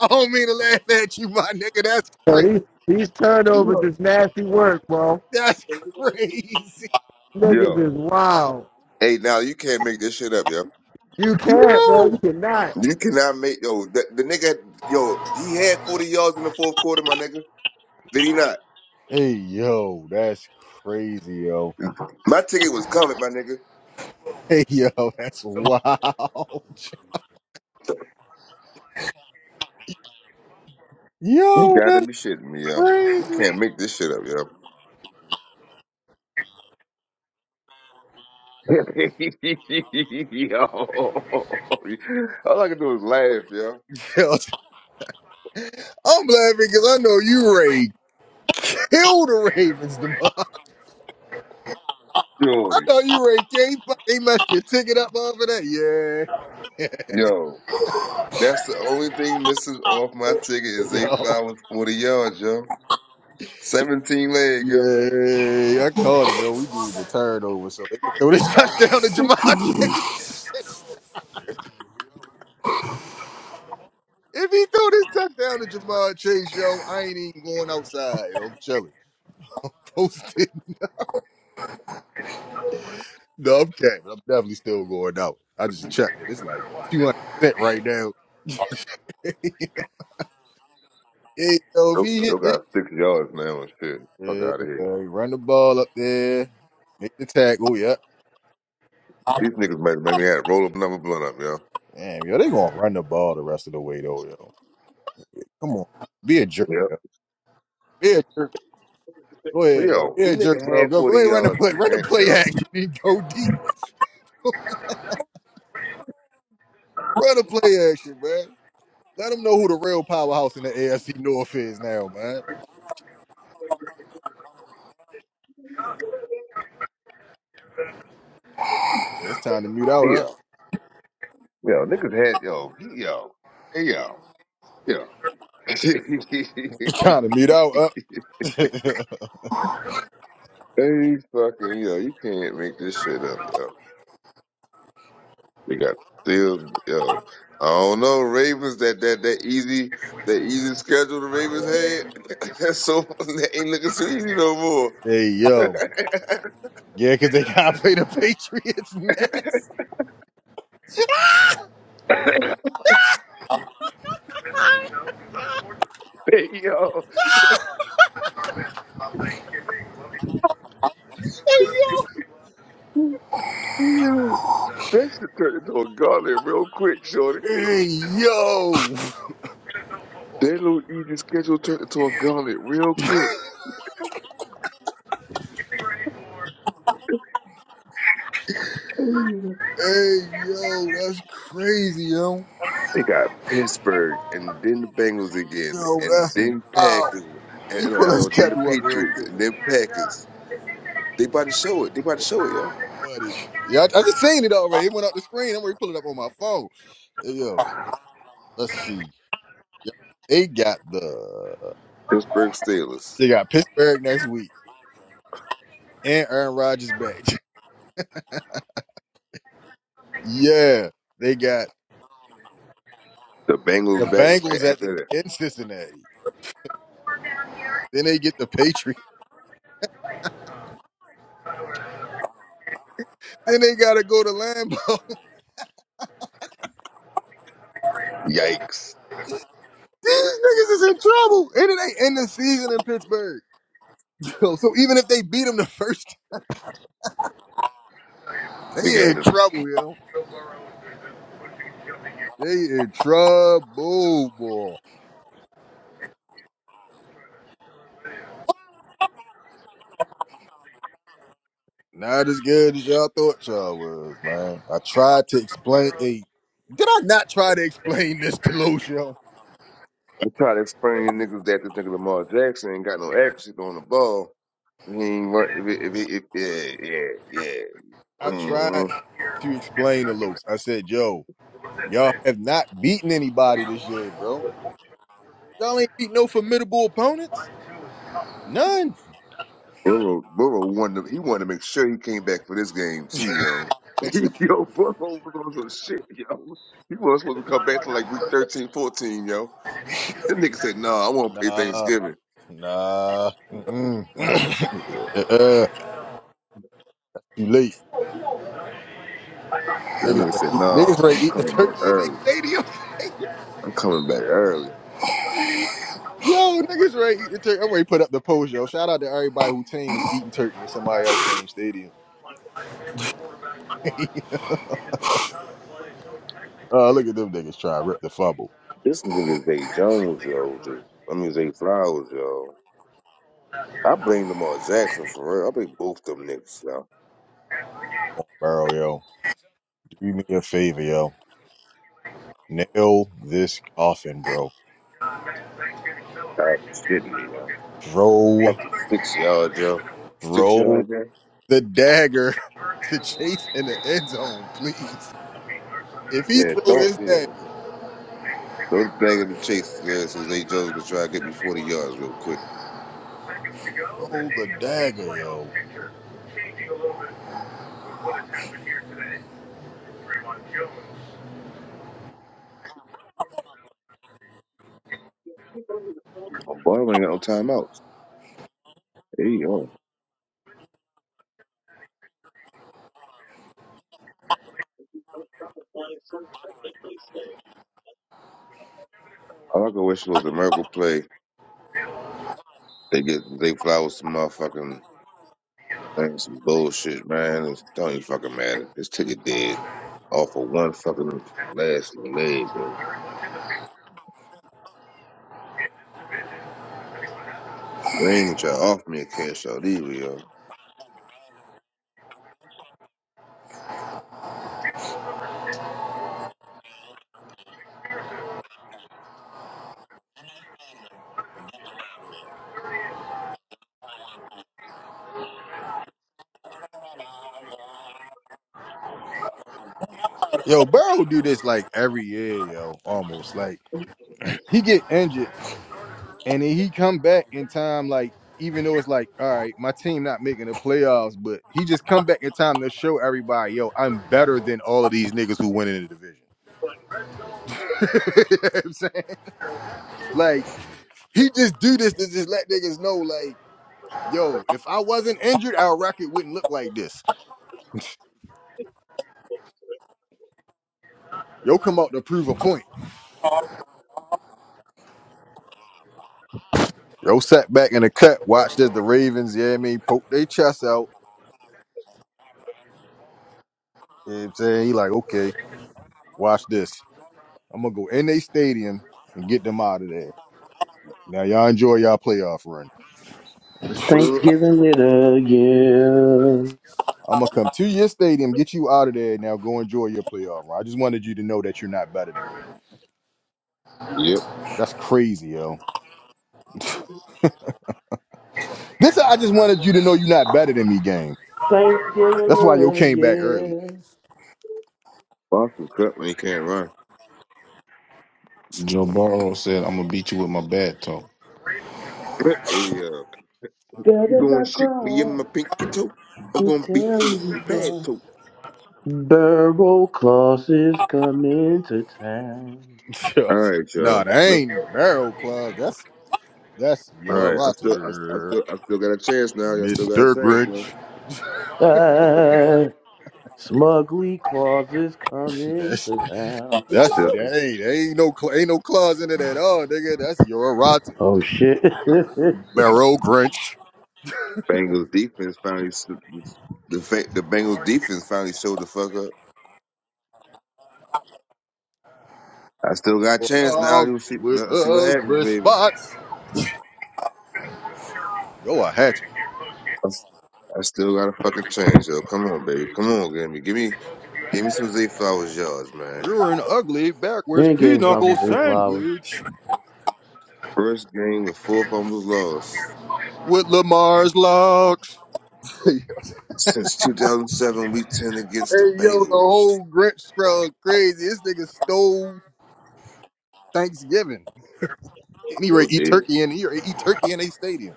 A: I don't mean to laugh at you, my nigga. That's
E: Yo,
A: crazy.
E: these these turnovers is nasty work, bro.
A: That's (laughs) crazy.
E: Niggas is
F: Yo.
E: wild.
F: Hey, now you can't make this shit up, yo.
E: You can't, bro.
A: Yo.
E: You cannot.
F: You cannot make yo the, the nigga yo he had forty yards in the fourth quarter, my nigga. Did he not?
A: Hey yo, that's crazy, yo. (laughs)
F: My ticket was covered, my nigga.
A: Hey yo, that's wild. (laughs)
F: You
A: Yo,
F: got to
A: that's
F: be shitting me, yo. You
A: crazy.
F: can't make this shit up, yo. (laughs) yo, all I can do is laugh, yo.
A: (laughs) Yo, I'm laughing because I know you Ray killed the Ravens tomorrow. (laughs) I
F: Jody,
A: know you Ray K they messed your ticket up over that. Yeah.
F: yo, that's the only thing missing off my ticket
A: (laughs)
F: is eight
A: Yo.
F: flowers, forty yards, yo. Seventeen leg, yo.
A: Yeah, I called it though. We need a turnover so they can throw this (laughs) touchdown to Jamar Chase. If he throw this touchdown to Jamar Chase, yo, I ain't even going outside, yo. I'm chilling. (laughs) Posted. No, I'm capping. I'm definitely still going out. I just checked it. It's like 200 percent right now. (laughs) Hey, yo, if
F: Yo,
A: he
F: yo
A: hit this,
F: got six yards now and shit. Fuck
A: yeah,
F: out of here.
A: man, run the ball up there, make the tackle. Yep.
F: These niggas made, made me have to roll up another blunt up, yo.
A: Damn, yo, they gonna run the ball the rest of the way though, yo. Come on, be a jerk,
F: Yep.
A: yo. Be a jerk. Go ahead, yo.
F: Yo,
A: Be
F: this
A: a
F: nigga
A: jerk, bro.
F: had
A: Go, go
F: 40
A: ahead, run the
F: yards
A: play,
F: this
A: run the
F: game,
A: play (laughs)
F: yo.
A: action and go deep. (laughs) run the play action, man. Let them know who the real powerhouse in the AFC North is now, man. It's time to mute out, up. (laughs)
F: Yo, yo, niggas had, yo, he, yo, hey, yo, yo. (laughs) hey,
A: It's time to mute out, up. (laughs)
F: fucking, yo, you can't make this shit up, yo. They got still, yo. I don't know, Ravens, that, that, that easy, that easy schedule the Ravens had. (laughs) That's so, that ain't looking so easy no
A: Hey
F: more.
A: yo, yeah, because they (laughs) gotta play the Patriots next.
F: (laughs) hey, yo. That should turn into a gauntlet real quick, Shorty.
A: Hey yo, (laughs)
F: That little easy schedule turned into a gauntlet real quick.
A: hey yo, that's crazy, yo.
F: They got Pittsburgh and then the Bengals again,
A: Yo,
F: and
A: that's
F: then
A: wow.
F: Packers, and,
A: Let me
F: and like,
A: pull that
F: oh, then the
A: schedule up real
F: Patriots,
A: quick,
F: and then Packers. They about to show it. They about to show it, yo.
A: buddy. Yeah, I, I just seen it already. It went up the screen. I'm already pulling it up on my phone. Hey, yo, let's see. Yeah, they got the
F: Pittsburgh Steelers.
A: they got Pittsburgh next week and Aaron Rodgers back. (laughs) yeah, they got
F: The
A: the
F: Bengals back right
A: Bengals at the
F: after
A: in Cincinnati. Then they get the Patriots. Then they gotta go to Lambeau. (laughs)
F: that. Yikes.
A: These niggas is in trouble, and it ain't end the season in Pittsburgh. (laughs) Yo, so even if they beat them the first, (laughs)
F: Nigga
A: they
F: had
A: in
F: to.
A: trouble, yo. They in trouble, boy. Not as good as y'all thought y'all was, man. I tried to explain. Hey, did I not try to explain this to Los, yo?
F: I try to explain to niggas that this nigga Lamar Jackson ain't got no accuracy on the ball. He ain't run. If, it- if, it- if, yeah, yeah, yeah.
A: I tried
F: Mhm.
A: to explain to Los. I said, yo, y'all have not beaten anybody this year, bro. Y'all ain't beat no formidable opponents. None.
F: Burrow, Burrow wanted to, he wanted to make sure he came back for this game too, yo. (laughs) yo, Burrow was on some shit, yo. He wasn't supposed to come back to like week 13, 14, yo. (laughs) That nigga said, nah, I want to play
A: Nah,
F: Thanksgiving.
A: nah. Mm-mm. (laughs) uh, you late.
F: That
A: Niggas
F: nigga
A: ready,
F: said,
A: eat, niggas
F: nah,
A: ready to
F: I'm
A: eat the
F: coming back
A: turkey in their
F: early.
A: stadium. (laughs)
F: I'm coming back early.
A: yo, niggas ready to eat the turkey. I'm ready to put up the post, yo. Shout out to everybody who team was eating turkey in somebody else's team stadium. (laughs) uh, look at them niggas trying to rip the fumble.
F: This nigga Zay Jones, yo. Just, I mean, Zay Flowers, yo. I blame Lamar Jackson for real. I blame both them niggas, yo.
A: Bro, yo, do me a favor, yo. Nail this coffin, bro.
F: God, shit, yo.
A: Throw,
F: Fucking Six yards, yo. Six
A: throw
F: yards, yo.
A: the dagger (laughs) to Chase in the end zone, please. If he
F: Yeah,
A: throw
F: don't,
A: this
F: yeah.
A: dagger.
F: Throw the Those the chase man, Jose Jones gonna try to get me forty yards real quick.
A: Roll the dagger, yo.
F: My ball ain't got no timeouts. Hey yo. All I could wish was a miracle play. They get they fly with some motherfucking things, some bullshit, man. It don't even fucking matter. This ticket dead. Off of one fucking last leg, man. They ain't even try to offer me a cash out either, yo.
A: Yo, Burrow do this like every year, yo. Almost like he get injured and then he come back in time. Like even though it's like, all right, my team not making the playoffs, but he just come back in time to show everybody, yo, I'm better than all of these niggas who went in the division. (laughs) You know what I'm saying, like, he just do this to just let niggas know, like, yo, if I wasn't injured, our record wouldn't look like this. Yo, come out to prove a point. Yo sat back in the cut, watched as the Ravens, yeah, I mean, poke their chest out. You know what I'm saying? He like, okay, watch this. I'm gonna go in their stadium and get them out of there. Now y'all enjoy y'all playoff run.
F: Uh,
B: Thanksgiving little yeah.
A: I'm gonna come to your stadium, get you out of there. Now go enjoy your playoff run. I just wanted you to know that you're not better than me.
F: yep.
A: That's crazy, yo. This I just wanted you to know you're not better than me, game.
B: Thanksgiving
A: That's why yo
B: little
A: came back early.
B: yeah.
F: Boston cut when he can't run.
K: Joe Burrow said, "I'm gonna beat you with my bat toe."
F: But, hey, uh, you
B: Better
F: gonna
B: not
F: shoot me in
B: cry.
F: my pinky toe? I'm
B: me
F: gonna beat
B: tell
F: you with my
B: you
F: bad
B: why.
F: toe.
B: Barrel Claus is coming to town.
F: All right,
A: Nah,
F: Joe.
A: that ain't barrel Club. That's that's
F: All
A: your
F: right, I still, I, I
A: rotter,
F: still, I still got a chance now. Y'all still got a
A: Mr.
F: chance, man.
A: Grinch.
B: Ah, Smugly Claus is
A: (laughs)
B: coming
A: That's.
B: to town.
A: That's
F: Still,
A: dang. There ain't no cl- ain't no claws in it at all, nigga. That's your rotter.
B: Oh shit. (laughs) you
A: Barrel Grinch.
F: Bengals defense finally s- the fa- the Bengals defense finally showed the fuck up. I still got a chance now. You
A: Dogs
F: see,
A: with
F: let's see what happens,
A: ugly
F: baby.
A: spots. You're a hatcher.
F: I, s- I still got a fucking chance, yo. Come on, baby. Come on, give me, give me, give me some Zay Flowers yards, man.
A: You're an ugly backwards
B: ain't getting
A: pinochle
B: something from Three Flowers.
A: sandwich
F: First game with four fumbles lost
A: with Lamar's locks. (laughs) hey
F: since 2007, Week 10 against the
A: yo, the
F: Bengals.
A: whole Grinch scrub crazy. This nigga stole Thanksgiving. Anyway,
F: Yo,
A: eat
F: dude.
A: turkey in here. Eat turkey in a stadium.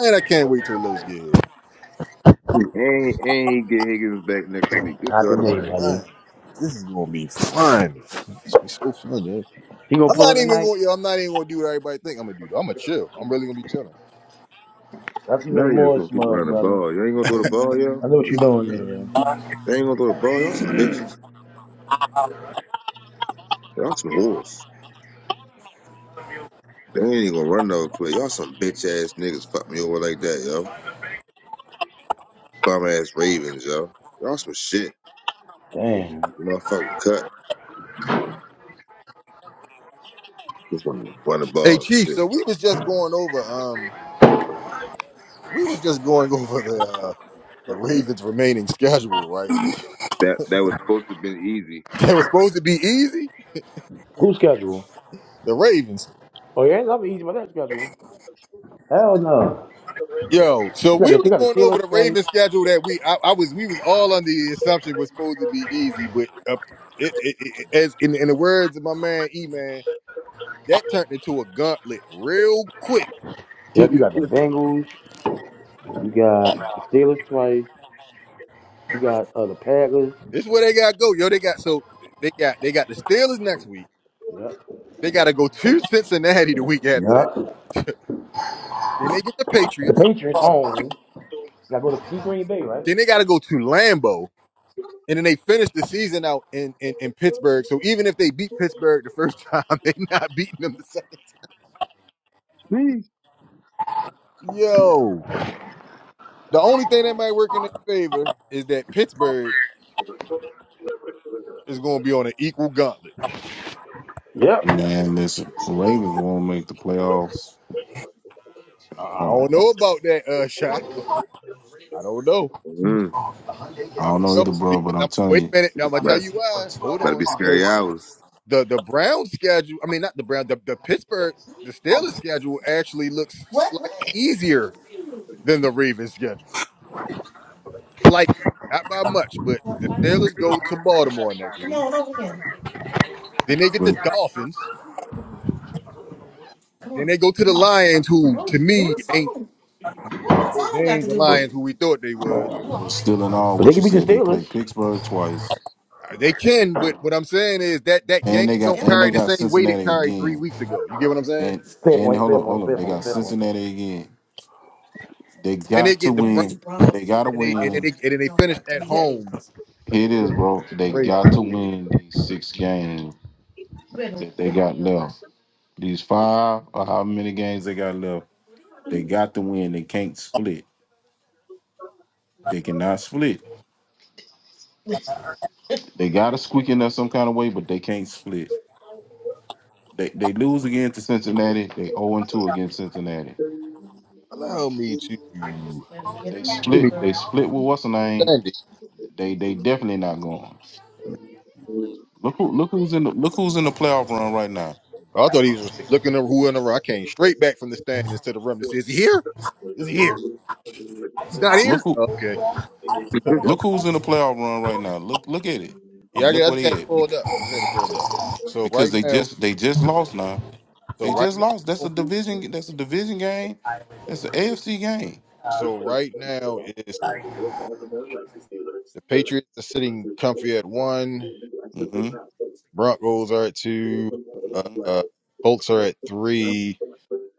A: Man, I can't wait till those get here.
F: And, and he get Higgins back next week. It's
B: Not
A: Oh
B: today,
F: automatic.
B: buddy.
A: man, this is gonna be fun. It's gonna be so fun, yo.
B: You gonna
A: I'm
B: pull
A: not
B: up at
A: even
B: night?
A: going. Yo, I'm not even going to do what everybody think I'm gonna do. Though. I'm gonna chill. I'm really gonna be chilling.
B: That's
F: Now
B: even
F: you just
B: more
F: gonna keep
B: smug,
F: running the
B: brother.
F: ball. You ain't gonna throw the ball,
B: I
F: y'all.
B: know what you
A: Really gonna
B: doing
A: be
B: there,
A: chilling.
B: yo.
F: They ain't gonna throw the ball. Y'all some bitches. Y'all some whores. They ain't even gonna run no play. Y'all some bitch ass niggas fuck me over like that, yo. Bum ass Ravens, yo. Y'all some shit.
B: Damn.
F: You motherfucking cut. Just gonna run the
A: Hey,
F: ball and
A: Chief.
F: shit.
A: So we was just going over. Um, we were just going (laughs) over the uh, the Ravens' remaining schedule, right? (laughs)
F: That that was supposed to have been easy.
A: That was supposed to be easy.
B: Who's schedule?
A: The Ravens.
B: Oh, yeah, ain't nothing easy about that schedule. Hell no.
A: Yo, so
B: You got
A: we
B: the, you
A: was
B: got the
A: going over the
B: Steelers twice.
A: Ravens schedule that we I, I was we was all under the assumption was supposed to be easy, but uh, it, it, it, as in in the words of my man E man, that turned into a gauntlet real quick
B: Yep, you got the Bengals. You got the Steelers twice. You got uh, the Packers.
A: This is where they gotta go, yo. They got so they got they got the Steelers next week.
B: Yep.
A: They gotta go to (laughs) Cincinnati the week after that.
B: Yep.
A: (laughs) then they get the
B: The
A: Patriots.
B: Patriots home. Gotta go to Green Bay, right?
A: Then they gotta go to Lambeau. And then they finish the season out in, in, in Pittsburgh. So even if they beat Pittsburgh the first time, (laughs) they not beating them the second
F: Jeez.
A: time. Yo. The only thing that might work in their favor is that Pittsburgh is gonna be on an equal gauntlet.
B: Yep.
K: Man, listen, the Ravens won't make the playoffs.
A: I
K: Uh,
A: don't know about that, uh shot. I don't know.
F: Mm,
K: I
A: I
K: don't
A: don't
K: know
A: know.
K: either, bro,
A: Because
K: but I'm
A: I'm
K: telling
A: wait a
K: you,
A: minute. Now I'm gonna tell
F: but
A: you why. Hold
F: but it be
A: on,
F: scary
A: because
F: hours.
A: the the Brown schedule. I mean, not the Brown. The, the Pittsburgh the Steelers schedule actually looks slightly easier than the Ravens schedule. Slightly, not by much, but the Steelers go to Baltimore next week. Then they get the
K: but
A: Dolphins. Then they go to the Lions, who to me ain't they, they ain't the
K: but
A: Lions who we thought they was.
K: still in all,
B: But they
K: what you
B: can beat the
K: said, they play
B: Steelers.
K: Pittsburgh twice,
A: Uh, They can, but what I'm saying is that that
K: and they
A: game
K: got
A: don't
K: and they
A: carry the
K: got
A: same weight it
K: Cincinnati
A: carried three
K: again,
A: weeks ago. You get what I'm saying?
K: and
B: Fair
K: and
B: point,
K: hold
B: fair
K: up, hold
B: point,
K: up,
B: fair
K: they
B: point,
K: got
B: fair point.
K: Cincinnati again. They
A: Then they
K: got to
A: get the Browns,
K: win. They got to
A: and then they and then they,
K: win.
A: and then they finish at
K: Here
A: home
K: it
A: with
K: is, bro.
A: with the
K: They
A: Ravens.
K: got to win these six games that they got left. These five or how many games they got left, they got to win. They can't split. They cannot split. They got to squeak in there some kind of way, but they can't split. They, they lose again to Cincinnati. They 0 2 against Cincinnati.
A: Allow me to
K: They split.
A: shimmy
K: They split with what's the name?
A: standing.
K: They they definitely not going. Look who look who's in the look who's in the playoff run right now.
A: I thought he was just looking at who in the row. I came straight back from the standings to the room and says, Is he here? Is he here? He's not
K: Look
A: here?
K: who
A: Okay.
F: (laughs) and
K: Look who's in the playoff run right now. Look, look at it, and
A: Yeah, I,
K: look
A: got- I
K: where
A: just had
K: they
A: it
K: at
A: pulled
K: Bec-
A: up. I just had it pulled up. So
K: because
A: right
K: they
A: now,
K: just they just lost now.
A: so
K: They
A: right
K: just lost. That's
A: now,
K: a division. That's a division game. That's an AFC game.
A: so right now is the Patriots are sitting comfy at one,
K: hmm
A: Broncos are at two, uh,
K: hmm
A: uh Colts are at three.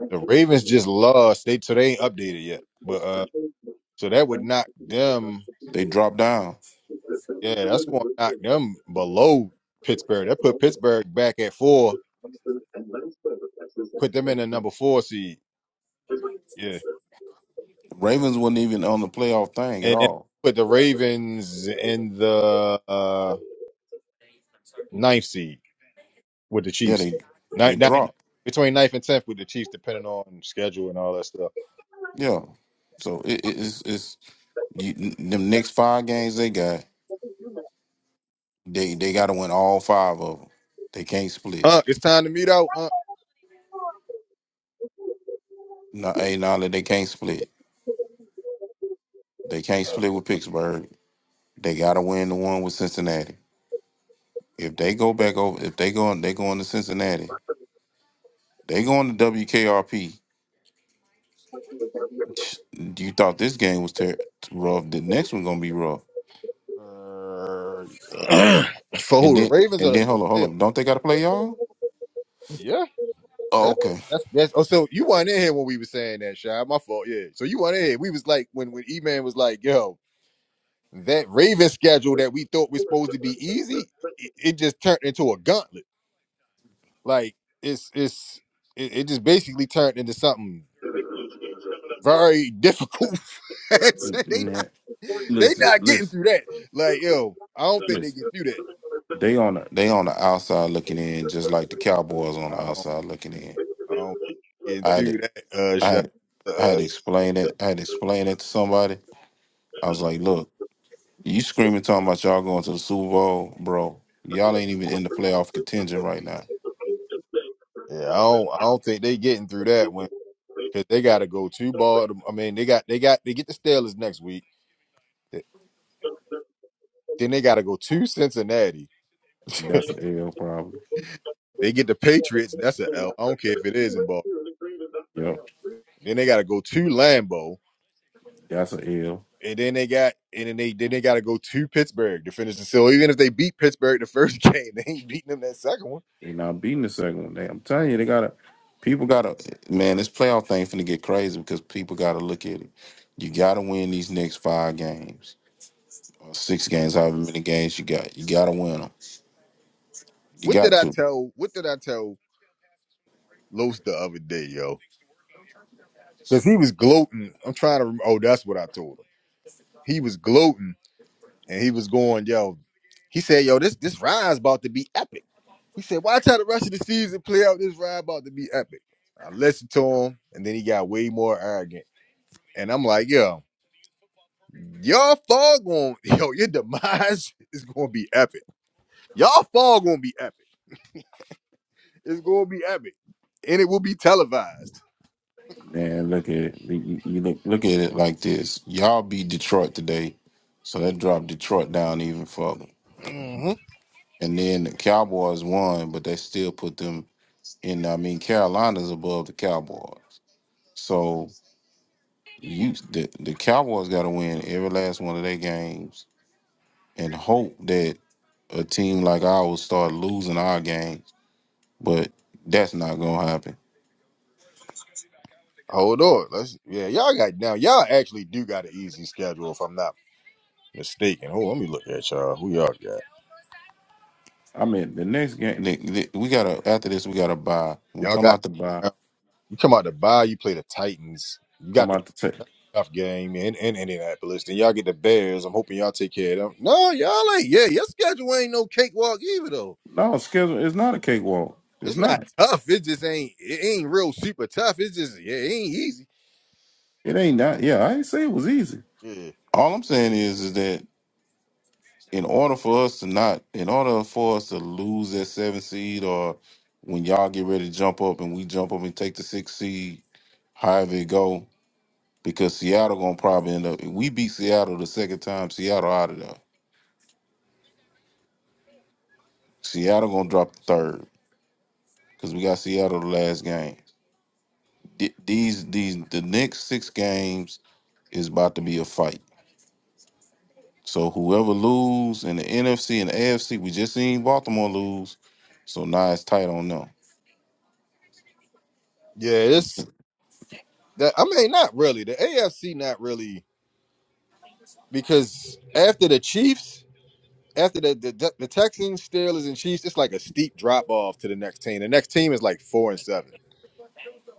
A: The Ravens just lost. They so they ain't updated yet. But uh so that would knock them.
K: They dropped down.
A: Yeah, that's going to knock them below Pittsburgh. That put Pittsburgh back at four, put them in the number four seed. Yeah,
K: Ravens wasn't even on the playoff thing at
A: and then
K: all.
A: put the Ravens in the uh, ninth seed with the
K: Yeah,
A: Chiefs.
K: they they
A: Ninth, ninth,
K: dropped.
A: between ninth and tenth with the Chiefs, depending on schedule and all that stuff.
K: Yeah, so it, it, it's it's you, them next five games they got. They they got to win all five of them. They can't split.
A: Uh, it's time to meet out. Uh,
K: No, hey, now that they can't split. They can't
A: uh,
K: split with Pittsburgh. They gotta win the one with Cincinnati. If they go back over, if they go, they going to Cincinnati. They going to WKRP. You thought this game was ter- rough. The next one gonna be rough.
A: (clears throat) for
K: And
A: who? The
K: then,
A: Ravens or
K: and
A: the,
K: then,
A: or the
K: hold on, hold
A: Bills?
K: on. Don't they gotta play y'all?
A: Yeah. Yeah.
K: Oh, okay.
A: That's that's oh so you weren't in here when we were saying that, Shy. My fault, yeah. So you weren't in here. We was like when when E Man was like, yo, that Raven schedule that we thought was supposed to be easy, it, it just turned into a gauntlet. Like it's it's it, it just basically turned into something very difficult. (laughs) And so
K: N-
A: they
K: nah.
A: not they
K: Listen,
A: not getting
K: listen,
A: through that. Like, yo, I don't think they
K: listen.
A: get through that.
K: They on the they on the outside looking in, just like the Cowboys on
A: I
K: the
A: don't
K: outside looking in.
A: I don't think they getting
K: I had,
A: through
K: to-
A: that, uh
K: I
A: Shy.
K: had, I had
A: Uh,
K: to explain it. I had to explain it to somebody. I was like, look. You screaming talking about y'all going to the Super Bowl, bro. Y'all ain't even in the playoff contention right now.
A: yeah, I don't I don't think they getting through that one. because they got to go to Baltimore. I mean, they got they got they get the Steelers next week. Th- Then they got to go to Cincinnati. (laughs)
K: That's an L probably.
A: they get the Patriots. That's an L. I don't care if it is in Baltimore.
K: Yep.
A: Then they got to go to Lambeau,
K: That's an L.
A: and then they got and then they then they got to go to Pittsburgh to finish the. So even if they beat Pittsburgh the first (laughs) game, they ain't beating them that second one.
K: They not beating the second one. They, I'm telling you, they gotta People gotta man, this playoff thing finna get crazy because people gotta look at it. You gotta win these next five games. Or six games, however many games you got. You gotta win them. You
A: What did
K: got
A: I
K: to.
A: tell? What did I tell Los the other day, yo? Because he was gloating. I'm trying to. rem- Oh, that's what I told him. He was gloating and he was going, yo, he said, yo, this this ride's about to be epic. He said, watch how the rest of the season play out. This ride about to be epic. I listened to him, and then he got way more arrogant. And I'm like, yo, y'all fall going, (laughs) yo, your demise (laughs) is going to be epic. Y'all fall going to be epic. It's going to be epic, and it will be televised.
K: man, look at it. You, you- you look Look at it like this. Y'all beat Detroit today. So that dropped Detroit down even further.
A: Mhm.
K: And then the Cowboys won, but they still put them in. I mean, Carolina's above the Cowboys. So you the, the Cowboys gotta win every last one of their games and hope that a team like ours start losing our games. But that's not gonna happen.
A: Hold on, let's yeah, y'all got now. Y'all actually do got an easy schedule, if I'm not mistaken. Hold, on, let me look at y'all. Who y'all got?
K: I mean, the next game the, the- we gotta after this we gotta buy. We
A: Y'all
K: come
A: got.
K: out to buy,
A: You come out to buy, you play the Titans. You
K: come
A: got the
K: out to take.
A: playoff game in, in Indianapolis. Then y'all get the Bears. I'm hoping y'all take care of them. No, y'all ain't. Yeah, your schedule ain't no cakewalk either, though.
K: No schedule. It's not a cakewalk. It's
A: It's not
K: not.
A: tough. It just ain't. It ain't real super tough. It's just yeah, it ain't easy.
K: It ain't not. Yeah, I ain't say it was easy.
A: Yeah,
K: All I'm saying is, is that in order for us to not, in order for us to lose that seven seed, or when y'all get ready to jump up and we jump up and take the six seed, however it go, because Seattle gonna probably end up. If we beat Seattle the second time, Seattle out of there. Seattle gonna drop the third because we got Seattle the last game. Th- These these the next six games is about to be a fight. So whoever lose in the NFC and AFC, we just seen Baltimore lose. So now it's tight on them.
A: yeah.
K: It's-
A: It's that. I mean, not really. The AFC not really because after the Chiefs, after the the, the Texans, Steelers, and Chiefs, it's like a steep drop off to the next team. The next team is like four and seven.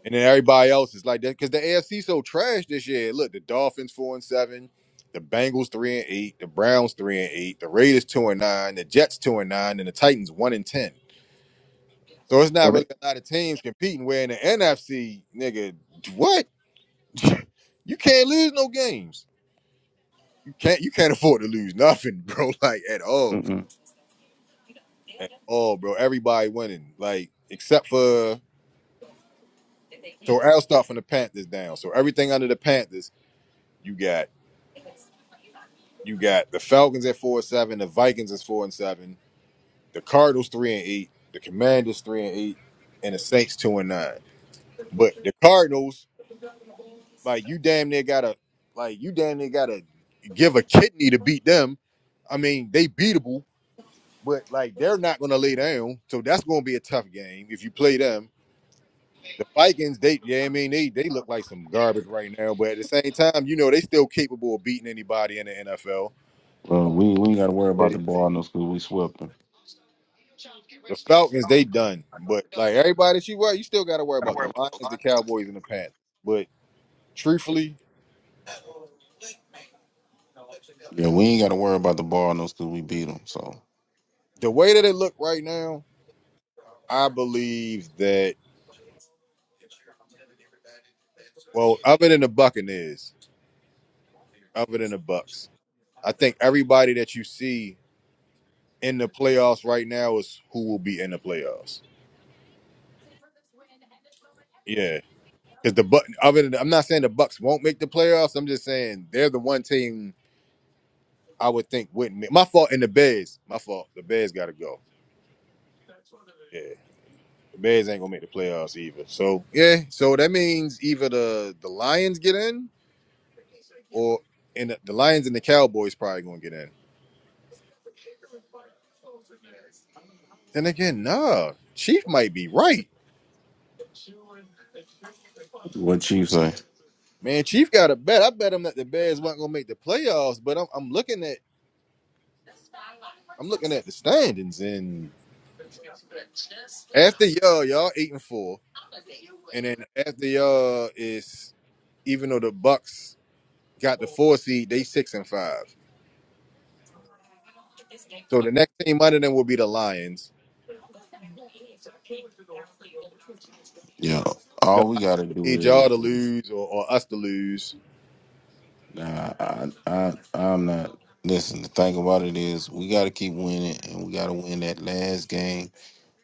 A: And then everybody else is like that because the AFC so trash this year. Look, the Dolphins four and seven, the Bengals three and eight, the Browns three and eight, the Raiders two and nine, the Jets two and nine, and the Titans one and ten. So it's not
K: Well, they,
A: really a lot of teams competing. Where in the NFC, nigga, what? You can't lose no games. You can't. You can't afford to lose nothing, bro. (laughs) Like at all,
K: Mm-mm.
A: at all, bro. Everybody winning, like except for. So I'll start from the Panthers down. So everything under the Panthers, you got. You got the Falcons at four and seven, the Vikings is four and seven, the Cardinals three and eight, the Commanders three and eight, and the Saints two and nine. But the Cardinals, like you damn near gotta like you damn near gotta give a kidney to beat them. I mean, they beatable, but like they're not gonna lay down. So that's gonna be a tough game if you play them. The Vikings, they yeah, I mean they they look like some garbage right now, but at the same time, you know, they still capable of beating anybody in the NFL.
K: Well, we, we ain't got to worry about the ball Cardinals because we swept them.
A: The Falcons, they done. But like everybody that you worry, you still gotta worry about the Lions, the Cowboys, and the Panthers. But truthfully,
K: Yeah, we ain't got to worry about the ball Cardinals because we beat them. So,
A: the way that it look right now, I believe that well, other than the Buccaneers, other than the Bucks, I think everybody that you see in the playoffs right now is who will be in the playoffs. Yeah. Because the Buck other than I'm not saying the Bucks won't make the playoffs. I'm just saying they're the one team I would think wouldn't make my fault in the Bears. My fault. The Bears gotta go. Yeah. The Bears ain't gonna make the playoffs either. So yeah, so that means either the the Lions get in, or and the, the Lions and the Cowboys probably gonna get in. Then again, nah, Chief might be right.
K: What you say?
A: Man, Chief got a bet. I bet him that the Bears weren't gonna make the playoffs. But I'm I'm looking at I'm looking at the standings, and after y'all y'all eight and four, and then after y'all is even though the Bucks got the four seed, they six and five. So the next team under them will be the Lions.
K: yeah, all we got to
A: need y'all
K: do
A: to
K: is, is-
A: lose or, or us to lose.
K: nah, I, I, I'm not. Listen, the thing about it is, we got to keep winning, and we got to win that last game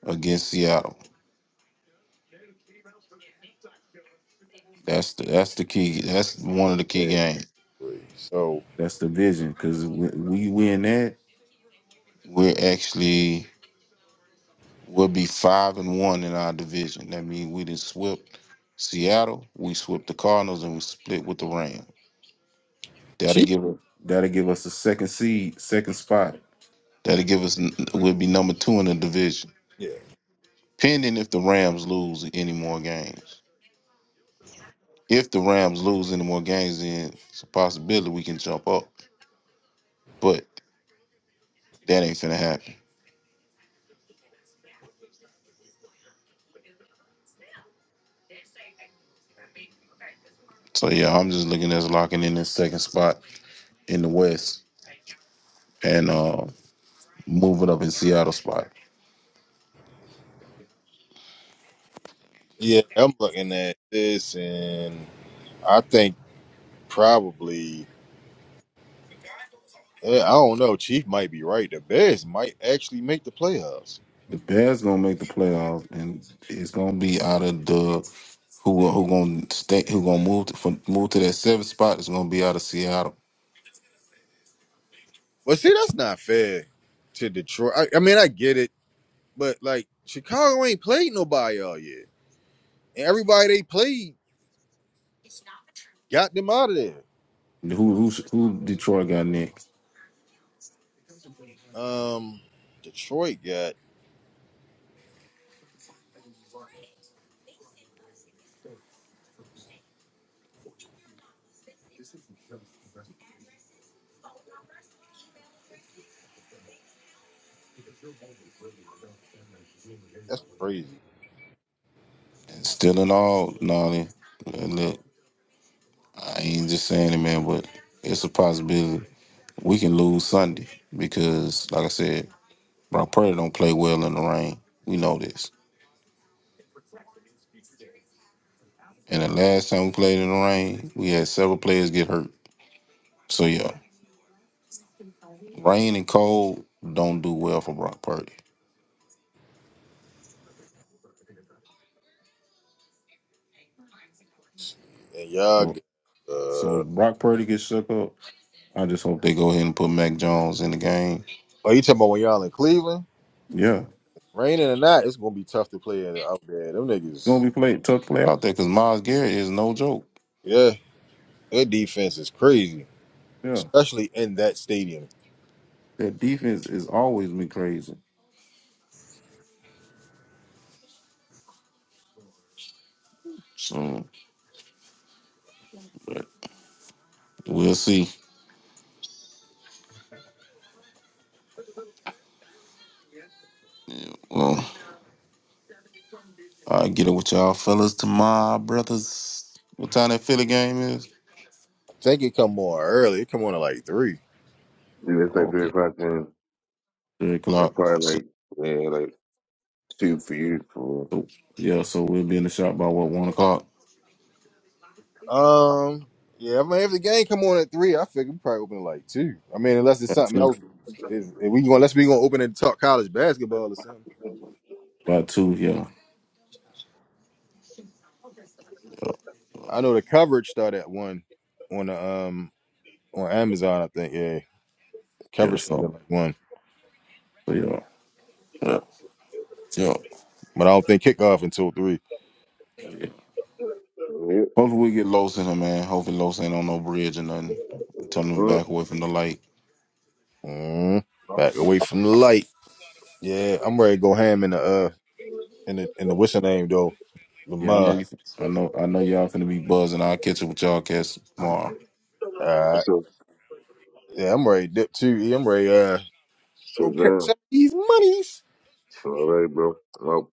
K: against Seattle. That's the that's the key. That's one of the key
A: Yeah,
K: games.
A: three. So
K: That's the vision because we, we win that. We're actually We'll be five and one in our division. That means we did swept Seattle, we swept the Cardinals, and we split with the Rams. That'll
A: she,
K: give us that'll give us the second seed, second spot. That'll give us we'll be number two in the division.
A: yeah,
K: Pending if the Rams lose any more games. If the Rams lose any more games, then it's a possibility we can jump up. But that ain't finna happen. So yeah, I'm just looking at us locking in this second spot in the West and uh moving up in Seattle spot.
A: yeah. I'm looking at this, and I think probably yeah, I don't know. Chief might be right. The Bears might actually make the playoffs.
K: The Bears gonna make the playoffs, and it's gonna be out of the who who gonna stay who gonna move to, from move to that seventh spot. It's gonna be out of Seattle.
A: But see, that's not fair to Detroit. I, I mean, I get it, but like Chicago ain't played nobody all year, and everybody they played got them out of there.
K: Who who who Detroit got next?
A: Um, Detroit got that's crazy,
K: Still in all, Nolly. Look, I ain't just saying it, man, but it's a possibility. We can lose Sunday because, like I said, Brock Purdy don't play well in the rain. We know this. And the last time we played in the rain, we had several players get hurt. So yeah, Rain and cold don't do well for Brock Purdy.
A: and y'all.
K: So
A: Got,
K: so
A: uh,
K: if Brock Purdy gets shook up, I just hope they go ahead and put Mac Jones in the game.
A: are you talking about when y'all in Cleveland?
K: Yeah. It's
A: Raining or not, it's gonna be tough to play in- out there. Them
K: gonna
A: niggas,
K: be play tough play out there because Miles Garrett is no joke.
A: yeah, their defense is crazy,
K: Yeah.
A: especially in that stadium.
K: That defense has always been crazy. So but we'll see. Well, I get it with y'all fellas tomorrow, brothers. What time that Philly game is?
A: I think it come on early. It come on at like three.
F: it's like three
K: Okay.
F: o'clock then.
K: Three
F: It's
K: o'clock.
F: probably
K: So
F: like yeah, like two for you for
K: yeah, so we'll be in the shop by what, one o'clock?
A: Um, yeah, I mean, if the game come on at three, I figure we probably open at like two. I mean, unless it's
K: By
A: something
K: two.
A: else, if, if we gonna unless we gonna open and talk college basketball or something.
K: By two, yeah.
A: I know the coverage started at one on the um on Amazon. I think yeah,
K: Yeah.
A: coverage started
K: So
A: at like one,
K: So Yeah, yeah, yeah.
A: but I don't think kickoff until three.
K: yeah.
F: yep.
K: Hopefully we get Los in him, man. Hopefully Los ain't on no bridge or nothing. Tell them to
F: Mm.
K: back away from the light.
A: Mm, back away from the light. Yeah, I'm ready to go ham in the uh in the in the what's her name though. The
K: Yeah, I know
A: mud.
K: you. I know. I know y'all finna be buzzing. I'll catch up with y'all cats tomorrow.
A: Uh
F: So
A: yeah, I'm ready to dip too. E. I'm ready uh
F: so
A: go catch
F: damn.
A: some of these monies.
F: All right, bro. Well,